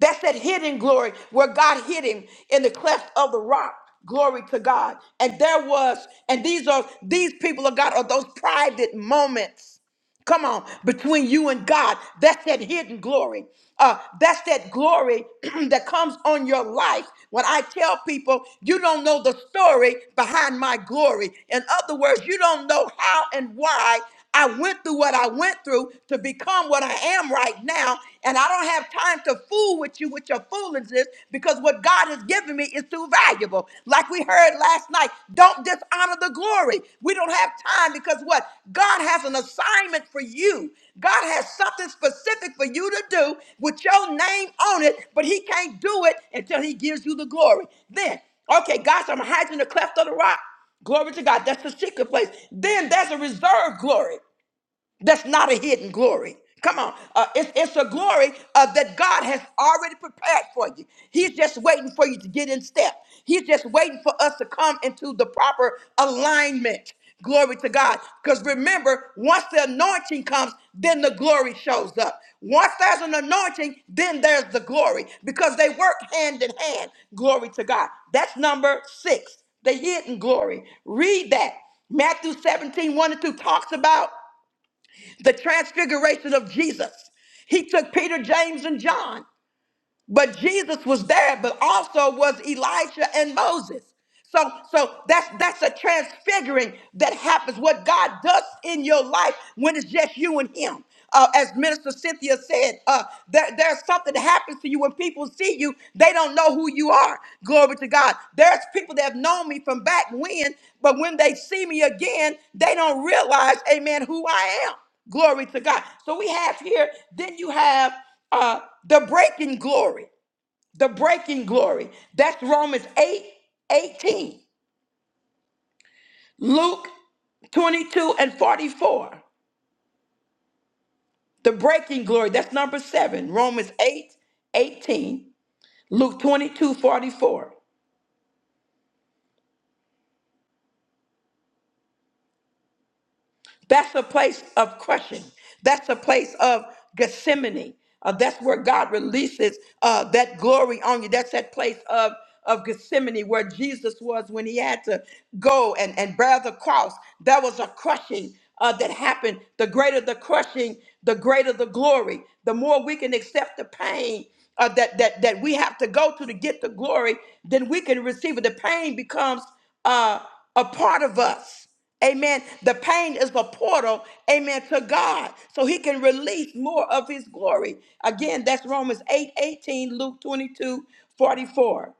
Speaker 1: That's that hidden glory where God hid him in the cleft of the rock. Glory to God. And there was, and these are, these people of God are those private moments Come on, between you and God. That's that hidden glory. Uh, that's that glory that comes on your life. When I tell people, you don't know the story behind my glory. In other words, you don't know how and why I went through what I went through to become what I am right now. And I don't have time to fool with you with your foolishness because what God has God has me is too valuable. Like we heard last night, don't dishonor the glory. We don't have time because what? God has an assignment for you. God has something specific for you to do with your name on it, but He can't do it until He gives you the glory. Then, okay, God, so I'm hiding in the cleft of the rock. Glory to God. That's the secret place. Then there's a reserved glory. That's not a hidden glory. Come on. Uh, it's, it's a glory uh, that God has already prepared for you. He's just waiting for you to get in step. He's just waiting for us to come into the proper alignment. Glory to God. Because remember, once the anointing comes, then the glory shows up. Once there's an anointing, then there's the glory because they work hand in hand. Glory to God. That's number six, the hidden glory. Read that. Matthew seventeen one and 2 talks about the transfiguration of Jesus. He took Peter, James, and John. But Jesus was there, but also was Elijah and Moses. So, so that's that's a transfiguring that happens. What God does in your life when it's just you and Him. Uh, as Minister Cynthia said, uh, there, there's something that happens to you when people see you. They don't know who you are. Glory to God. There's people that have known me from back when, but when they see me again, they don't realize, amen, who I am. Glory to God. So we have here, then you have uh, the breaking glory, the breaking glory. That's Romans 8 18, Luke 22 and 44. The breaking glory, that's number seven, Romans 8 18, Luke 22 44. That's a place of crushing. That's a place of Gethsemane. Uh, that's where God releases uh, that glory on you. That's that place of, of Gethsemane where Jesus was when he had to go and, and bear the cross. That was a crushing uh, that happened. The greater the crushing, the greater the glory. The more we can accept the pain uh, that, that, that we have to go to to get the glory, then we can receive it. The pain becomes uh, a part of us. Amen. The pain is the portal, amen, to God. So he can release more of his glory. Again, that's Romans 8 18, Luke 22 44.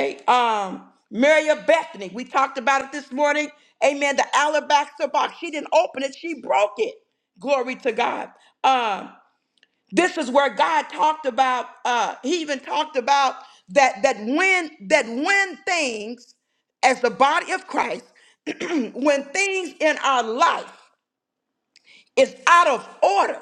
Speaker 1: Okay. Um, Mary of Bethany, we talked about it this morning. Amen. The alabaster box. She didn't open it, she broke it. Glory to God. Um, this is where God talked about uh he even talked about that that when that when things as the body of Christ when things in our life is out of order.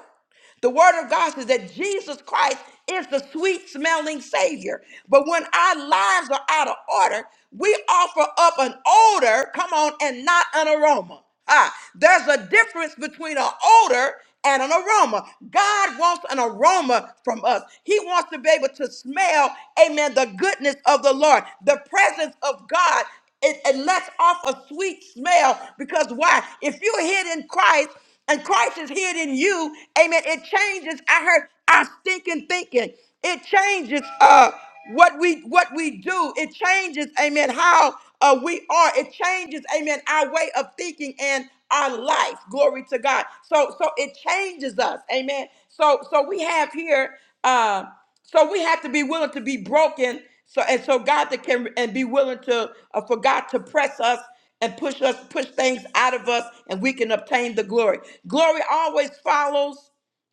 Speaker 1: The word of God says that Jesus Christ is the sweet smelling Savior. But when our lives are out of order, we offer up an odor, come on, and not an aroma. Ah, there's a difference between an odor and an aroma. God wants an aroma from us. He wants to be able to smell, amen, the goodness of the Lord, the presence of God. It, it lets off a sweet smell because why? If you're hid in Christ, and Christ is hid in you, amen, it changes, I heard, our stinking thinking. It changes uh, what we what we do. It changes, amen, how uh, we are. It changes, amen, our way of thinking and our life. Glory to God. So so it changes us, amen. So so we have here uh, so we have to be willing to be broken. So and so God that can and be willing to uh, for God to press us and push us push things out of us and we can obtain the glory glory always follows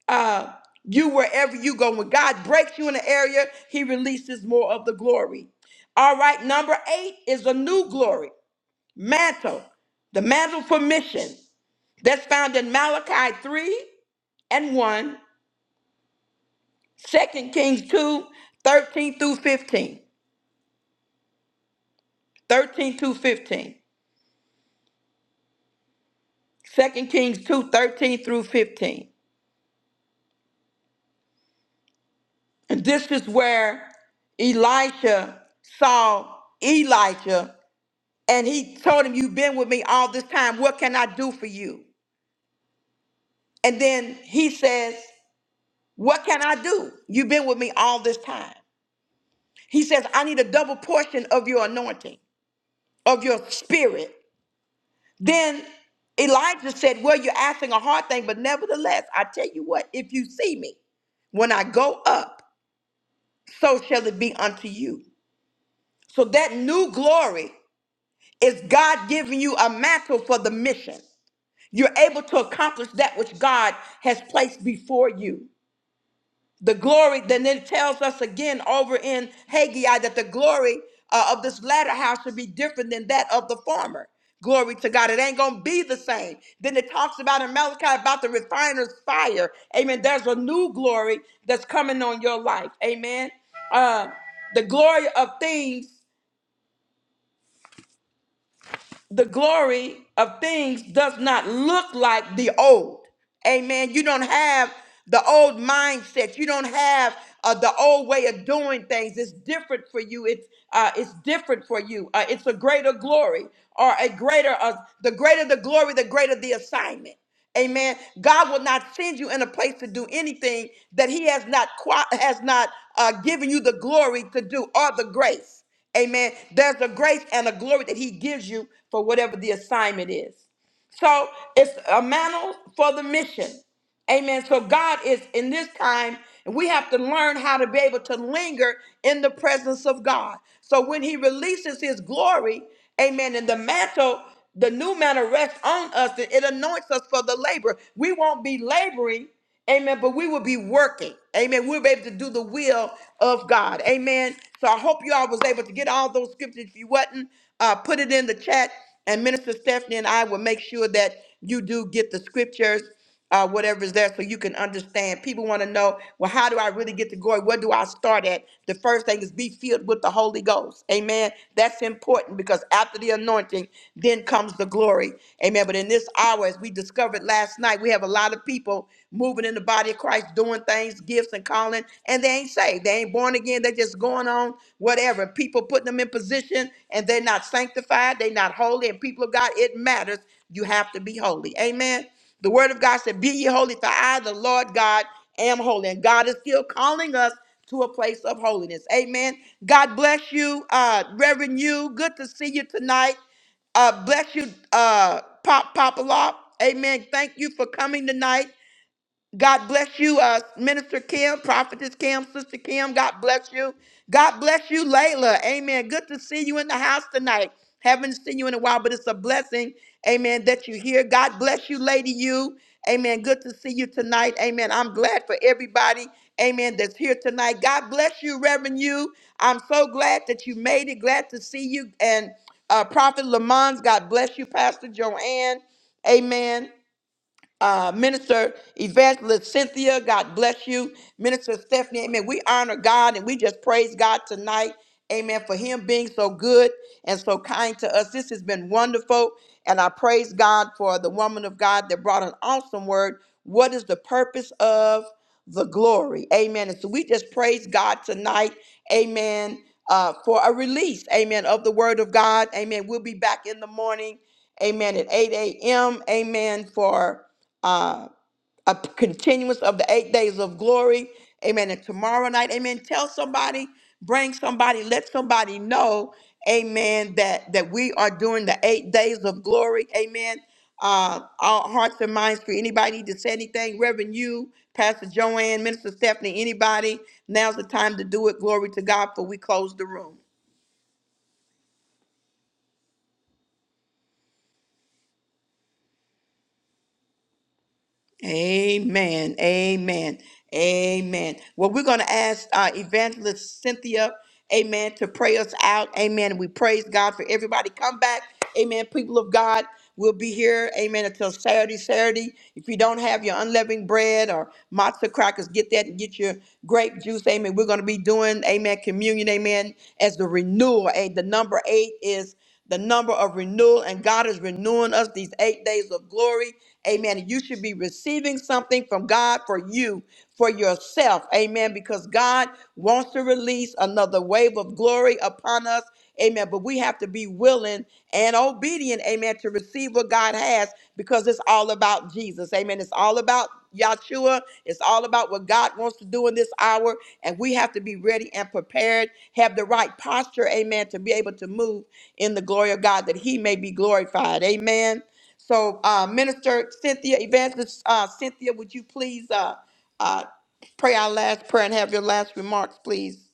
Speaker 1: uh you wherever you go when god breaks you in an area he releases more of the glory all right number eight is a new glory mantle the mantle for mission that's found in malachi 3 and one, Second kings 2 13 through 15 13 through 15 2 kings 2 13 through 15 And this is where Elisha saw Elijah and he told him, You've been with me all this time. What can I do for you? And then he says, What can I do? You've been with me all this time. He says, I need a double portion of your anointing, of your spirit. Then Elijah said, Well, you're asking a hard thing, but nevertheless, I tell you what, if you see me, when I go up, so shall it be unto you. So that new glory Is God giving you a mantle for the mission? You're able to accomplish that which God has placed before you. The glory, then it tells us again over in Haggai that the glory uh, of this latter house should be different than that of the former. Glory to God. It ain't going to be the same. Then it talks about in Malachi about the refiner's fire. Amen. There's a new glory that's coming on your life. Amen. Uh, the glory of things the glory of things does not look like the old. Amen. You don't have the old mindset. You don't have uh, the old way of doing things. It's different for you. It's uh, it's different for you. Uh, it's a greater glory or a greater uh, the greater the glory, the greater the assignment. Amen. God will not send you in a place to do anything that He has not qua- has not uh, given you the glory to do or the grace. Amen. There's a grace and a glory that he gives you for whatever the assignment is. So it's a mantle for the mission. Amen. So God is in this time, and we have to learn how to be able to linger in the presence of God. So when He releases His glory, amen, and the mantle, the new mantle rests on us, and it anoints us for the labor. We won't be laboring, amen, but we will be working. Amen. We'll be able to do the will of God. Amen. So I hope you all was able to get all those scriptures. If you wasn't, uh, put it in the chat, and Minister Stephanie and I will make sure that you do get the scriptures, uh, whatever is there, so you can understand. People want to know, well, how do I really get to glory? Where do I start at? The first thing is be filled with the Holy Ghost. Amen. That's important because after the anointing, then comes the glory. Amen. But in this hour, as we discovered last night, we have a lot of people moving in the body of Christ doing things, gifts and calling, and they ain't saved. They ain't born again. They just going on whatever. People putting them in position and they're not sanctified. They're not holy. And people of God, it matters. You have to be holy. Amen. The word of God said, Be ye holy, for I, the Lord God, am holy. And God is still calling us to a place of holiness. Amen. God bless you, uh, Reverend you. Good to see you tonight. Uh, bless you, uh, Pop Papa Law. Amen. Thank you for coming tonight. God bless you, uh, Minister Kim, Prophetess Kim, Sister Kim. God bless you. God bless you, Layla. Amen. Good to see you in the house tonight. Haven't seen you in a while, but it's a blessing. Amen. That you're here. God bless you, Lady You. Amen. Good to see you tonight. Amen. I'm glad for everybody. Amen. That's here tonight. God bless you, Reverend You. I'm so glad that you made it. Glad to see you. And uh, Prophet Lamont, God bless you, Pastor Joanne. Amen uh, Minister Evangelist Cynthia, God bless you. Minister Stephanie, amen. We honor God and we just praise God tonight, amen, for Him being so good and so kind to us. This has been wonderful. And I praise God for the woman of God that brought an awesome word. What is the purpose of the glory? Amen. And so we just praise God tonight, amen, uh, for a release, amen, of the word of God. Amen. We'll be back in the morning, amen, at 8 a.m., amen, for uh, a p- continuance of the eight days of glory. Amen. And tomorrow night, amen. Tell somebody, bring somebody, let somebody know, amen, that, that we are doing the eight days of glory. Amen. Uh, our hearts and minds for anybody need to say anything. Reverend, you, Pastor Joanne, Minister Stephanie, anybody, now's the time to do it. Glory to God, for we close the room. Amen. Amen. Amen. Well, we're going to ask uh, Evangelist Cynthia, amen, to pray us out. Amen. We praise God for everybody. Come back. Amen. People of God, we'll be here. Amen. Until Saturday, Saturday. If you don't have your unleavened bread or matzo crackers, get that and get your grape juice. Amen. We're going to be doing, amen, communion. Amen. As the renewal. eh, the number eight is the number of renewal, and God is renewing us these eight days of glory. Amen. You should be receiving something from God for you, for yourself. Amen. Because God wants to release another wave of glory upon us. Amen. But we have to be willing and obedient. Amen. To receive what God has because it's all about Jesus. Amen. It's it's all about Yahshua. It's all about what God wants to do in this hour. And we have to be ready and prepared, have the right posture, amen, to be able to move in the glory of God that he may be glorified. Amen. So, uh, Minister Cynthia, Evangelist uh, Cynthia, would you please uh, uh, pray our last prayer and have your last remarks, please?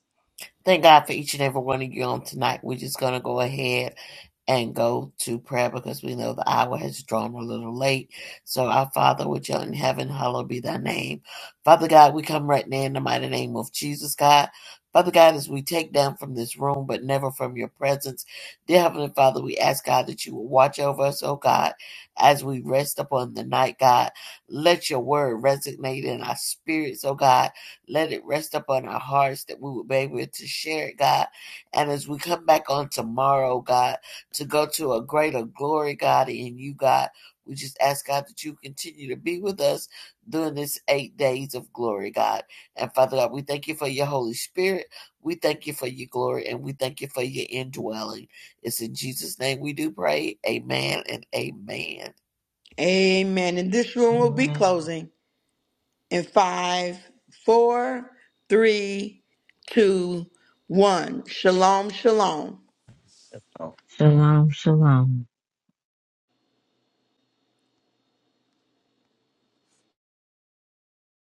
Speaker 7: Thank God for each and every one of you on tonight. We're just going to go ahead and go to prayer because we know the hour has drawn a little late. So, our Father, which art in heaven, hallowed be thy name. Father God, we come right now in the mighty name of Jesus, God. Father God, as we take down from this room, but never from your presence, dear Heavenly Father, we ask God that you will watch over us, oh God, as we rest upon the night, God. Let your word resonate in our spirits, oh God let it rest upon our hearts that we would be able to share it, God. And as we come back on tomorrow, God, to go to a greater glory, God, in you, God, we just ask, God, that you continue to be with us during this eight days of glory, God. And Father God, we thank you for your Holy Spirit. We thank you for your glory and we thank you for your indwelling. It's in Jesus' name we do pray. Amen and amen.
Speaker 1: Amen. And this room will be
Speaker 2: Amen.
Speaker 1: closing in five, four, three, two, one. Shalom, shalom.
Speaker 6: Oh,
Speaker 2: Shalom, shalom.